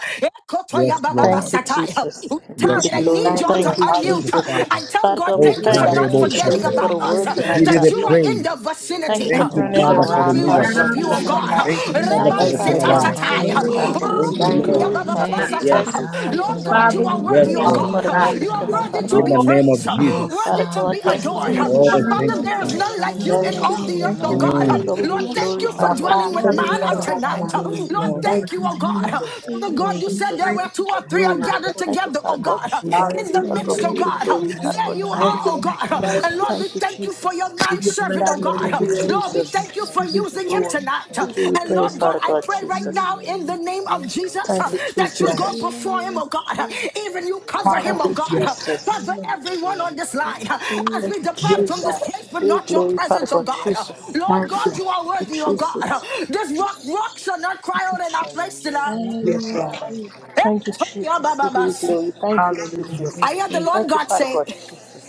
Speaker 5: Yes, Lord.
Speaker 1: Ekotoyabababasatai, huh. We
Speaker 5: Yes,
Speaker 1: tarried. I
Speaker 2: Thank
Speaker 5: Lord.
Speaker 2: you,
Speaker 1: need
Speaker 9: Thank
Speaker 1: y'all
Speaker 9: you,
Speaker 1: to
Speaker 2: Lord.
Speaker 6: Praise
Speaker 2: Thank
Speaker 5: Thank
Speaker 2: you,
Speaker 1: unmute
Speaker 5: you,
Speaker 6: us.
Speaker 1: huh,
Speaker 9: hallelujah.
Speaker 5: Father.
Speaker 1: and
Speaker 2: Jesus.
Speaker 1: tell God,
Speaker 6: thank
Speaker 5: Oh
Speaker 9: We
Speaker 1: thank you
Speaker 6: you,
Speaker 9: give
Speaker 1: for
Speaker 9: back
Speaker 1: not
Speaker 2: Hallelujah.
Speaker 5: Karebo
Speaker 6: Jesus, for
Speaker 9: the
Speaker 6: you
Speaker 1: forgetting
Speaker 5: Shata.
Speaker 6: are
Speaker 9: Lord,
Speaker 1: about us,
Speaker 6: mighty
Speaker 1: huh,
Speaker 2: Glory
Speaker 7: Hallelujah,
Speaker 5: We
Speaker 9: Niki
Speaker 2: to
Speaker 9: and
Speaker 6: God.
Speaker 5: give
Speaker 2: your
Speaker 5: you
Speaker 1: that
Speaker 5: the
Speaker 9: the
Speaker 1: you
Speaker 2: name.
Speaker 1: are
Speaker 9: Lord.
Speaker 2: We
Speaker 1: in
Speaker 5: praise.
Speaker 7: Jesus.
Speaker 1: the
Speaker 2: give you glory,
Speaker 6: Thank
Speaker 1: vicinity.
Speaker 14: Yes,
Speaker 6: you
Speaker 5: Thank
Speaker 1: huh.
Speaker 10: Thank
Speaker 5: you,
Speaker 2: honor,
Speaker 6: for
Speaker 10: you,
Speaker 2: and
Speaker 14: Lord.
Speaker 6: all
Speaker 14: In
Speaker 5: Father,
Speaker 14: the
Speaker 1: Lord
Speaker 6: the
Speaker 5: for
Speaker 2: praise,
Speaker 5: the
Speaker 1: God,
Speaker 10: Jesus.
Speaker 1: we
Speaker 14: mighty
Speaker 8: Lord,
Speaker 2: Father.
Speaker 8: thank
Speaker 5: miracle.
Speaker 6: new
Speaker 1: worship
Speaker 8: you
Speaker 2: Thank
Speaker 1: you you, oh
Speaker 2: you,
Speaker 14: name
Speaker 8: so
Speaker 14: of
Speaker 1: God.
Speaker 6: creation.
Speaker 7: Hallelujah,
Speaker 9: Hallelujah.
Speaker 5: Thank
Speaker 8: much,
Speaker 2: Lord.
Speaker 5: you,
Speaker 14: Jesus.
Speaker 10: Thank
Speaker 5: Father,
Speaker 10: you,
Speaker 8: Jesus,
Speaker 5: for
Speaker 7: Jesus.
Speaker 1: Reban
Speaker 8: for
Speaker 9: Thank
Speaker 5: the
Speaker 9: you,
Speaker 10: Jesus.
Speaker 2: God,
Speaker 8: not
Speaker 2: we
Speaker 10: Thank
Speaker 9: God.
Speaker 6: Thank
Speaker 5: turnaround.
Speaker 6: you,
Speaker 10: you,
Speaker 1: setatatai.
Speaker 8: forgetting
Speaker 10: Lord.
Speaker 2: glorify
Speaker 7: Glory,
Speaker 2: you.
Speaker 8: about
Speaker 10: Thank you,
Speaker 6: Jesus,
Speaker 7: to
Speaker 2: We
Speaker 10: for
Speaker 8: us.
Speaker 5: Thank
Speaker 10: your
Speaker 6: for
Speaker 2: thank
Speaker 14: Hallelujah,
Speaker 5: you,
Speaker 9: Thank
Speaker 6: the
Speaker 2: you.
Speaker 10: word.
Speaker 7: hallelujah,
Speaker 1: Rukupuya
Speaker 2: We
Speaker 5: Lord.
Speaker 9: you,
Speaker 14: God.
Speaker 6: Jesus.
Speaker 2: give you
Speaker 7: Jesus.
Speaker 8: Thank
Speaker 10: Thank you
Speaker 9: Jesus.
Speaker 8: you,
Speaker 10: for
Speaker 1: babababasata.
Speaker 2: praise,
Speaker 10: your
Speaker 5: Yes.
Speaker 8: God, in
Speaker 1: Lord
Speaker 10: prophets,
Speaker 2: honor.
Speaker 8: the
Speaker 1: God,
Speaker 10: Father
Speaker 7: Father,
Speaker 1: you
Speaker 7: we
Speaker 1: are
Speaker 8: name
Speaker 10: God.
Speaker 6: Oh,
Speaker 1: worthy,
Speaker 8: of
Speaker 5: Yes,
Speaker 2: Thank
Speaker 1: oh
Speaker 7: praise
Speaker 2: you,
Speaker 5: Lord.
Speaker 1: God.
Speaker 7: you,
Speaker 9: Hallelujah.
Speaker 10: I
Speaker 2: Father
Speaker 7: God.
Speaker 8: Jesus
Speaker 6: Jesus.
Speaker 14: Hallelujah,
Speaker 1: You
Speaker 10: just
Speaker 7: We
Speaker 2: God.
Speaker 1: are
Speaker 7: give
Speaker 8: Christ.
Speaker 7: you
Speaker 10: ask you,
Speaker 2: Thank
Speaker 1: worthy
Speaker 14: God.
Speaker 1: to
Speaker 2: you,
Speaker 10: Lord,
Speaker 5: in
Speaker 1: be
Speaker 5: the
Speaker 10: that you
Speaker 7: glory,
Speaker 2: Lord.
Speaker 5: name of
Speaker 1: praised,
Speaker 2: Thank you,
Speaker 8: Oh,
Speaker 7: Jesus.
Speaker 5: Jesus.
Speaker 1: worthy to
Speaker 6: I
Speaker 8: Father,
Speaker 2: Jesus.
Speaker 1: be
Speaker 9: Yes,
Speaker 6: will
Speaker 8: thank
Speaker 1: adored.
Speaker 8: you.
Speaker 9: Lord.
Speaker 10: continue to
Speaker 6: thank
Speaker 1: For
Speaker 5: Oh,
Speaker 6: God.
Speaker 1: Father,
Speaker 5: thank
Speaker 10: strengthen
Speaker 5: you,
Speaker 10: us.
Speaker 1: there is
Speaker 7: Hallelujah,
Speaker 2: Hallelujah.
Speaker 5: Father.
Speaker 14: Hallelujah.
Speaker 1: none like you
Speaker 6: You
Speaker 1: in
Speaker 9: Thank
Speaker 6: are
Speaker 7: Jesus.
Speaker 1: all
Speaker 9: you.
Speaker 1: the
Speaker 2: Oh
Speaker 6: my
Speaker 1: earth,
Speaker 8: Hallelujah.
Speaker 7: Thank
Speaker 6: earth,
Speaker 1: oh
Speaker 7: you,
Speaker 2: God,
Speaker 6: my
Speaker 1: God.
Speaker 7: Lord.
Speaker 2: thank
Speaker 14: Nobody
Speaker 5: Mm.
Speaker 2: you,
Speaker 6: Jesus.
Speaker 1: Lord,
Speaker 2: Lord.
Speaker 14: like you.
Speaker 10: Yes,
Speaker 1: thank
Speaker 2: Thank
Speaker 1: you
Speaker 2: you,
Speaker 1: for
Speaker 2: Lord.
Speaker 9: Baka,
Speaker 1: dwelling with
Speaker 2: Thank
Speaker 9: thank
Speaker 14: Hallelujah.
Speaker 2: you,
Speaker 9: you,
Speaker 1: man on
Speaker 8: Glory
Speaker 7: Hallelujah,
Speaker 2: Lord.
Speaker 8: to
Speaker 7: Jesus.
Speaker 8: your
Speaker 1: tonight.
Speaker 9: Andalaba.
Speaker 8: name,
Speaker 1: Lord,
Speaker 7: Thank you
Speaker 9: Thank
Speaker 7: for
Speaker 8: Jesus.
Speaker 2: Hallelujah.
Speaker 1: thank
Speaker 7: the
Speaker 1: you,
Speaker 9: you,
Speaker 1: oh
Speaker 7: word, of
Speaker 1: God.
Speaker 7: God.
Speaker 9: Jesus.
Speaker 2: Thank
Speaker 1: Father
Speaker 6: Hallelujah,
Speaker 2: you,
Speaker 1: God,
Speaker 8: Thank
Speaker 1: you
Speaker 2: Lord,
Speaker 7: We
Speaker 1: said
Speaker 2: for
Speaker 1: there
Speaker 7: praise
Speaker 1: were
Speaker 7: you
Speaker 2: your
Speaker 1: two
Speaker 6: Jesus.
Speaker 7: for
Speaker 1: or three
Speaker 2: blessed
Speaker 1: are
Speaker 7: the
Speaker 9: Glory to
Speaker 2: word,
Speaker 7: life
Speaker 9: God.
Speaker 1: gathered
Speaker 7: of this
Speaker 1: together,
Speaker 2: Father
Speaker 1: oh
Speaker 7: God.
Speaker 1: God.
Speaker 2: God.
Speaker 8: you, Lord.
Speaker 1: In the
Speaker 9: Hallelujah.
Speaker 2: May
Speaker 1: midst, oh
Speaker 8: Thank
Speaker 6: Hallelujah,
Speaker 2: they
Speaker 8: you,
Speaker 7: Hallelujah,
Speaker 2: be
Speaker 1: God.
Speaker 2: a
Speaker 8: thank
Speaker 14: In the
Speaker 1: There
Speaker 7: Jesus.
Speaker 2: blessing,
Speaker 1: you
Speaker 14: mighty
Speaker 6: Jesus.
Speaker 9: Thank
Speaker 7: Father,
Speaker 2: God.
Speaker 9: you,
Speaker 1: Oh
Speaker 14: name
Speaker 2: May
Speaker 7: thank
Speaker 9: God.
Speaker 14: of
Speaker 2: you
Speaker 1: God,
Speaker 7: you.
Speaker 2: bless
Speaker 9: Thank
Speaker 1: and
Speaker 9: you.
Speaker 1: Lord,
Speaker 2: them
Speaker 1: we
Speaker 14: Jesus.
Speaker 1: thank you for
Speaker 2: tremendously
Speaker 1: your
Speaker 2: in
Speaker 9: We
Speaker 7: We
Speaker 9: give the
Speaker 7: bless
Speaker 2: Jesus'
Speaker 1: manservant, oh
Speaker 6: Thank
Speaker 9: thanks
Speaker 7: your
Speaker 9: to
Speaker 6: you,
Speaker 1: God.
Speaker 9: the
Speaker 7: name,
Speaker 2: mighty
Speaker 14: Thank
Speaker 9: Lord.
Speaker 2: name.
Speaker 1: Lord,
Speaker 14: you,
Speaker 1: we
Speaker 7: Jesus.
Speaker 6: Jesus.
Speaker 1: thank you for
Speaker 9: We
Speaker 2: Thank
Speaker 14: Jesus.
Speaker 9: give
Speaker 2: you,
Speaker 9: the
Speaker 1: using
Speaker 7: Hallelujah,
Speaker 1: him
Speaker 9: glory.
Speaker 2: Lord.
Speaker 1: tonight.
Speaker 7: Jesus.
Speaker 6: Thank you for
Speaker 1: And Lord
Speaker 6: doing
Speaker 14: Thank
Speaker 6: it,
Speaker 1: God,
Speaker 2: Hallelujah.
Speaker 14: you,
Speaker 1: I pray
Speaker 6: God.
Speaker 1: right now
Speaker 7: Hallelujah,
Speaker 2: Glory
Speaker 1: in the
Speaker 2: to
Speaker 7: Jesus.
Speaker 1: name
Speaker 2: God.
Speaker 1: of
Speaker 2: Glory
Speaker 1: Jesus
Speaker 2: to
Speaker 1: uh,
Speaker 2: your
Speaker 9: Yes,
Speaker 1: that you
Speaker 9: Lord.
Speaker 1: go
Speaker 2: precious
Speaker 14: Jesus.
Speaker 2: name,
Speaker 1: before him,
Speaker 6: Hallelujah,
Speaker 1: oh
Speaker 2: Lord.
Speaker 1: God. Even
Speaker 2: Thank
Speaker 1: you
Speaker 6: Jesus.
Speaker 2: you,
Speaker 1: cover
Speaker 2: Lord.
Speaker 1: him, oh
Speaker 2: Thank
Speaker 1: God.
Speaker 2: you,
Speaker 9: Hallelujah.
Speaker 2: Jesus.
Speaker 1: Cover
Speaker 2: We bless
Speaker 1: everyone
Speaker 2: your
Speaker 1: on this
Speaker 2: name,
Speaker 1: line
Speaker 2: Lord.
Speaker 1: uh,
Speaker 2: Thank
Speaker 1: as
Speaker 6: Hallelujah.
Speaker 2: you,
Speaker 1: we depart
Speaker 9: Yes,
Speaker 2: Jesus.
Speaker 1: from this
Speaker 9: Lord.
Speaker 1: place, but not your presence, oh
Speaker 2: Hallelujah.
Speaker 1: God.
Speaker 14: Yes,
Speaker 1: Lord
Speaker 9: Thank
Speaker 2: Hallelujah.
Speaker 1: God,
Speaker 9: you.
Speaker 1: you are worthy, oh
Speaker 2: Hallelujah.
Speaker 1: God.
Speaker 2: Glory to
Speaker 1: This
Speaker 2: God.
Speaker 1: rock, rock shall not cry out in our place tonight.
Speaker 4: Yes,
Speaker 2: Hallelujah.
Speaker 9: Yes,
Speaker 6: Hallelujah.
Speaker 9: Lord.
Speaker 4: Lord.
Speaker 2: Thank
Speaker 6: Jesus.
Speaker 2: you, Lord.
Speaker 9: Hallelujah.
Speaker 8: you,
Speaker 1: I hear the
Speaker 8: Jesus.
Speaker 1: Lord God say,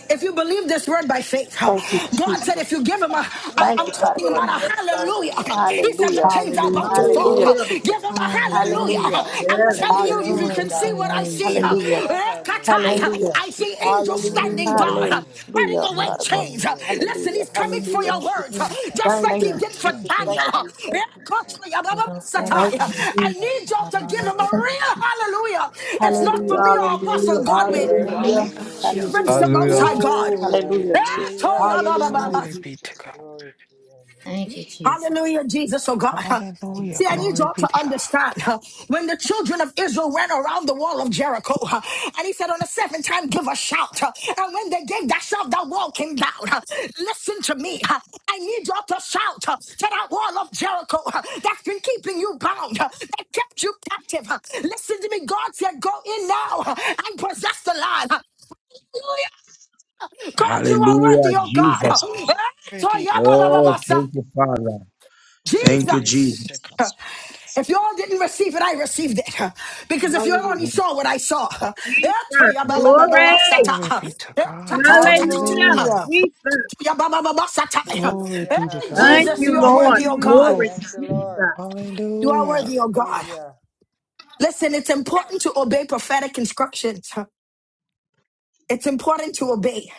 Speaker 1: if you believe this word by faith, huh, God said, if you give him a, I, I'm talking about a hallelujah. huh, He said, the chains are
Speaker 2: Hallelujah.
Speaker 1: about to
Speaker 9: Hallelujah.
Speaker 1: fall.
Speaker 2: Glory
Speaker 1: huh.
Speaker 4: Hallelujah.
Speaker 2: to
Speaker 1: Give
Speaker 2: your
Speaker 1: him a
Speaker 2: name, Lord.
Speaker 1: hallelujah.
Speaker 8: Hallelujah.
Speaker 1: huh. I'm
Speaker 4: Yes,
Speaker 1: telling you,
Speaker 2: Hallelujah.
Speaker 1: if you
Speaker 9: Hallelujah,
Speaker 1: can
Speaker 8: Glory
Speaker 1: see
Speaker 8: to
Speaker 9: God.
Speaker 8: your
Speaker 1: what I
Speaker 8: name,
Speaker 1: see, huh,
Speaker 8: Jesus.
Speaker 2: Hallelujah,
Speaker 1: Rekatai,
Speaker 9: Thank
Speaker 1: huh,
Speaker 9: you.
Speaker 2: hallelujah.
Speaker 1: I see angels
Speaker 2: Glory
Speaker 8: Father,
Speaker 2: to
Speaker 1: standing
Speaker 9: Hallelujah.
Speaker 2: your
Speaker 1: guard,
Speaker 8: thank
Speaker 1: huh,
Speaker 2: name.
Speaker 1: cutting away
Speaker 4: Yes,
Speaker 1: chains.
Speaker 4: Lord.
Speaker 1: huh.
Speaker 2: Hallelujah,
Speaker 1: Listen, he's
Speaker 2: Jesus.
Speaker 1: coming
Speaker 8: you.
Speaker 1: for your
Speaker 8: Thank
Speaker 1: words,
Speaker 8: you,
Speaker 1: huh, just
Speaker 9: Thank
Speaker 1: like he
Speaker 9: you.
Speaker 1: did for
Speaker 2: Hallelujah.
Speaker 8: Jesus.
Speaker 1: Daniel. huh. Rekatai,
Speaker 8: In
Speaker 2: Hallelujah.
Speaker 9: Thank
Speaker 1: Ababasatai,
Speaker 9: you,
Speaker 8: the
Speaker 1: huh. I
Speaker 9: Jesus.
Speaker 1: need y'all to give him a
Speaker 2: Hallelujah.
Speaker 1: real hallelujah. It's not for me or
Speaker 2: Hallelujah,
Speaker 1: Apostle
Speaker 4: Hallelujah.
Speaker 1: Godwin.
Speaker 2: Jesus.
Speaker 14: Lord.
Speaker 8: Name
Speaker 9: Hallelujah.
Speaker 8: of
Speaker 14: Hallelujah.
Speaker 2: Hallelujah.
Speaker 1: Reverence
Speaker 8: Jesus.
Speaker 1: the Most
Speaker 12: Hallelujah.
Speaker 1: High God.
Speaker 9: Oh,
Speaker 1: Eh,
Speaker 2: Hallelujah.
Speaker 1: toya ba ba ba
Speaker 9: hallelujah,
Speaker 1: ba.
Speaker 14: Glory be
Speaker 9: Jesus.
Speaker 14: to God.
Speaker 2: Glory to your name.
Speaker 8: Thank you, Jesus.
Speaker 1: Hallelujah, Jesus, oh God.
Speaker 2: Thank
Speaker 14: Hallelujah.
Speaker 1: See,
Speaker 2: you,
Speaker 1: I
Speaker 8: Thank
Speaker 1: need
Speaker 8: you.
Speaker 14: Glory
Speaker 1: y'all
Speaker 2: Lord.
Speaker 14: be
Speaker 1: to
Speaker 14: to
Speaker 1: understand
Speaker 14: God.
Speaker 1: huh, when the children of Israel ran around the wall of Jericho, huh, and he said, On the seventh time, give a shout. huh, And when they gave that shout, that wall came down. huh. Listen to me. huh, I need y'all to shout huh, to that wall of Jericho huh, that's been keeping you bound, huh, that kept you captive. huh. Listen to me. God said, Go in now huh, and possess the land. huh. Hallelujah. God, you are worthy,
Speaker 5: Hallelujah,
Speaker 1: oh God.
Speaker 5: Jesus.
Speaker 14: Glory be to God.
Speaker 5: Oh,
Speaker 1: Toyababababasa.
Speaker 5: thank you, Father. Thank you,
Speaker 14: Glory be
Speaker 1: Jesus.
Speaker 14: to
Speaker 5: Jesus.
Speaker 14: God.
Speaker 1: If you all didn't receive it, I received it. Because if you only
Speaker 4: Hallelujah.
Speaker 5: Mm,
Speaker 1: saw what I saw.
Speaker 5: mm.
Speaker 9: Thank you.
Speaker 7: Glory.
Speaker 14: Glory
Speaker 1: Etoyabababababasata.
Speaker 14: be to God.
Speaker 7: Hallelujah,
Speaker 1: Etatatatata.
Speaker 14: Hallelujah.
Speaker 9: Hallelujah.
Speaker 7: Jesus.
Speaker 1: Toyababababasata.
Speaker 14: Glory
Speaker 1: Eh,
Speaker 2: Hallelujah.
Speaker 14: be to God.
Speaker 7: Thank
Speaker 9: Thank
Speaker 1: Jesus,
Speaker 7: you,
Speaker 1: you
Speaker 9: you,
Speaker 2: Hallelujah,
Speaker 1: are
Speaker 7: Lord.
Speaker 1: worthy, oh
Speaker 2: Jesus.
Speaker 1: God.
Speaker 7: Glory,
Speaker 2: Thank
Speaker 9: Jesus.
Speaker 2: you, Lord.
Speaker 7: Jesus.
Speaker 1: You are
Speaker 14: Hallelujah.
Speaker 1: worthy, oh God.
Speaker 2: Hallelujah.
Speaker 1: Listen, it's important to obey prophetic instructions. It's important to obey.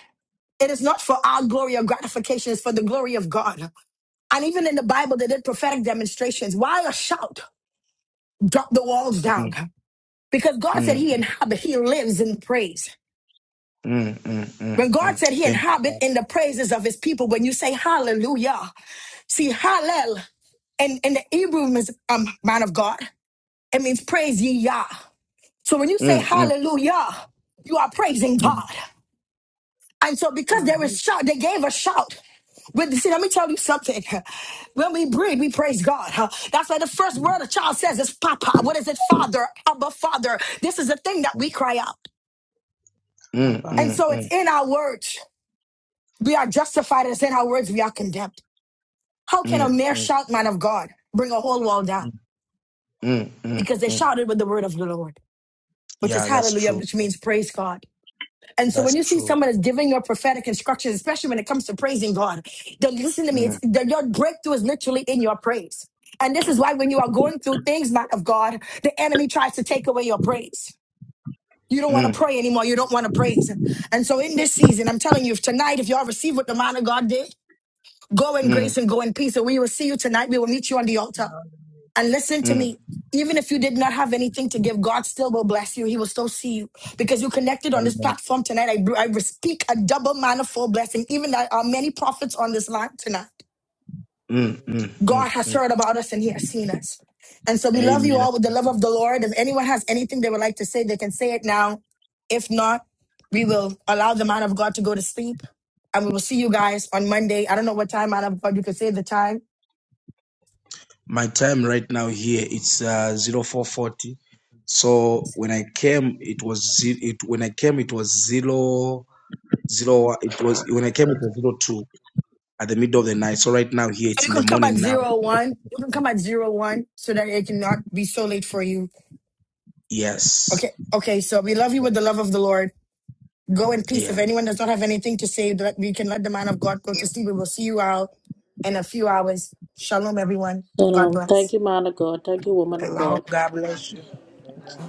Speaker 1: It is not for our glory or gratification, it's for the glory of God. And even in the Bible, they did prophetic demonstrations. Why a shout? Drop the walls down. Because God said
Speaker 5: Mm,
Speaker 1: he inhabits, he lives in praise.
Speaker 5: mm, mm, mm, mm,
Speaker 1: When God
Speaker 5: mm.
Speaker 1: said he
Speaker 5: Thank you,
Speaker 1: inhabits
Speaker 5: Father.
Speaker 1: in the praises of his people, when you say hallelujah, see, hallel in, in the Hebrew means, um, man of God, it means praise ye Yah. So when you say
Speaker 5: Mm, mm,
Speaker 1: hallelujah, you are praising
Speaker 5: mm,
Speaker 1: God. And so because there is shout, they gave a shout. But see, let me tell you something. When we breathe, we praise God. huh? That's why the first word a child says is Papa. What is it? Father, Abba, Father. This is the thing that we cry out.
Speaker 4: Mhm.
Speaker 5: mm,
Speaker 1: And
Speaker 5: mm,
Speaker 1: so it's
Speaker 5: mm,
Speaker 1: in our words. We are justified. It's in our words. We are condemned. How can a
Speaker 5: mm,
Speaker 1: mere
Speaker 5: mm,
Speaker 1: shout, man of God, bring a whole wall down?
Speaker 5: mm,
Speaker 1: Because
Speaker 5: mm.
Speaker 1: they shouted with the word of the Lord, which is
Speaker 5: Yeah, that's
Speaker 1: hallelujah,
Speaker 5: true.
Speaker 1: which means praise God. And so when
Speaker 5: That's
Speaker 1: you see
Speaker 5: true.
Speaker 1: someone that's giving your prophetic instructions, especially when it comes to praising God, then listen to me.
Speaker 5: Mm,
Speaker 1: It's the, your breakthrough is literally in your praise. And this is why when you are going through things, not of God, the enemy tries to take away your praise. You don't want to
Speaker 5: mm,
Speaker 1: pray anymore. You don't want to praise. And so in this season, I'm telling you, if tonight, if y'all receive what the man of God did, go in
Speaker 5: mm,
Speaker 1: grace and go in peace. And we will see you tonight. We will meet you on the altar. And listen to
Speaker 5: mm.
Speaker 1: me. Even if you did not have anything to give, God still will bless you. He will still see you because you connected on this
Speaker 5: Amen.
Speaker 1: platform tonight. I, I speak a double manifold blessing. Even there are many prophets on this line tonight.
Speaker 5: Mm, mm,
Speaker 2: Hallelujah,
Speaker 5: mm,
Speaker 1: God has
Speaker 5: mm.
Speaker 1: heard about us and He has seen us. And
Speaker 2: Jesus.
Speaker 1: so we love you
Speaker 5: Amen.
Speaker 1: all with the love of the Lord. If anyone has anything they would like to say, they can say it now. If not, we will allow the man of God to go to sleep. And we will see you guys on Monday. I don't know what time, man of God, you can say the time
Speaker 5: My time right now here it's uh, 0440. So when I came, it was ze- it when I came it was zero zero. It was when I came it was zero two at the middle of the night. So right now here
Speaker 1: So
Speaker 5: it's
Speaker 1: You
Speaker 5: in the
Speaker 1: can come
Speaker 5: morning
Speaker 1: at
Speaker 5: now.
Speaker 1: zero one. You can come at zero one so that it cannot be so late for you.
Speaker 5: Yes.
Speaker 1: Okay. Okay. So we love you with the love of the Lord. Go in peace.
Speaker 5: Yeah.
Speaker 1: If anyone does not have anything to say, that we can let the man of God go to sleep. We will see you out in a few hours. Shalom, everyone. God bless.
Speaker 2: Thank you, Lord.
Speaker 9: Hello. God bless you.
Speaker 2: Amen.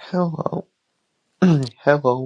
Speaker 19: Hello, hello.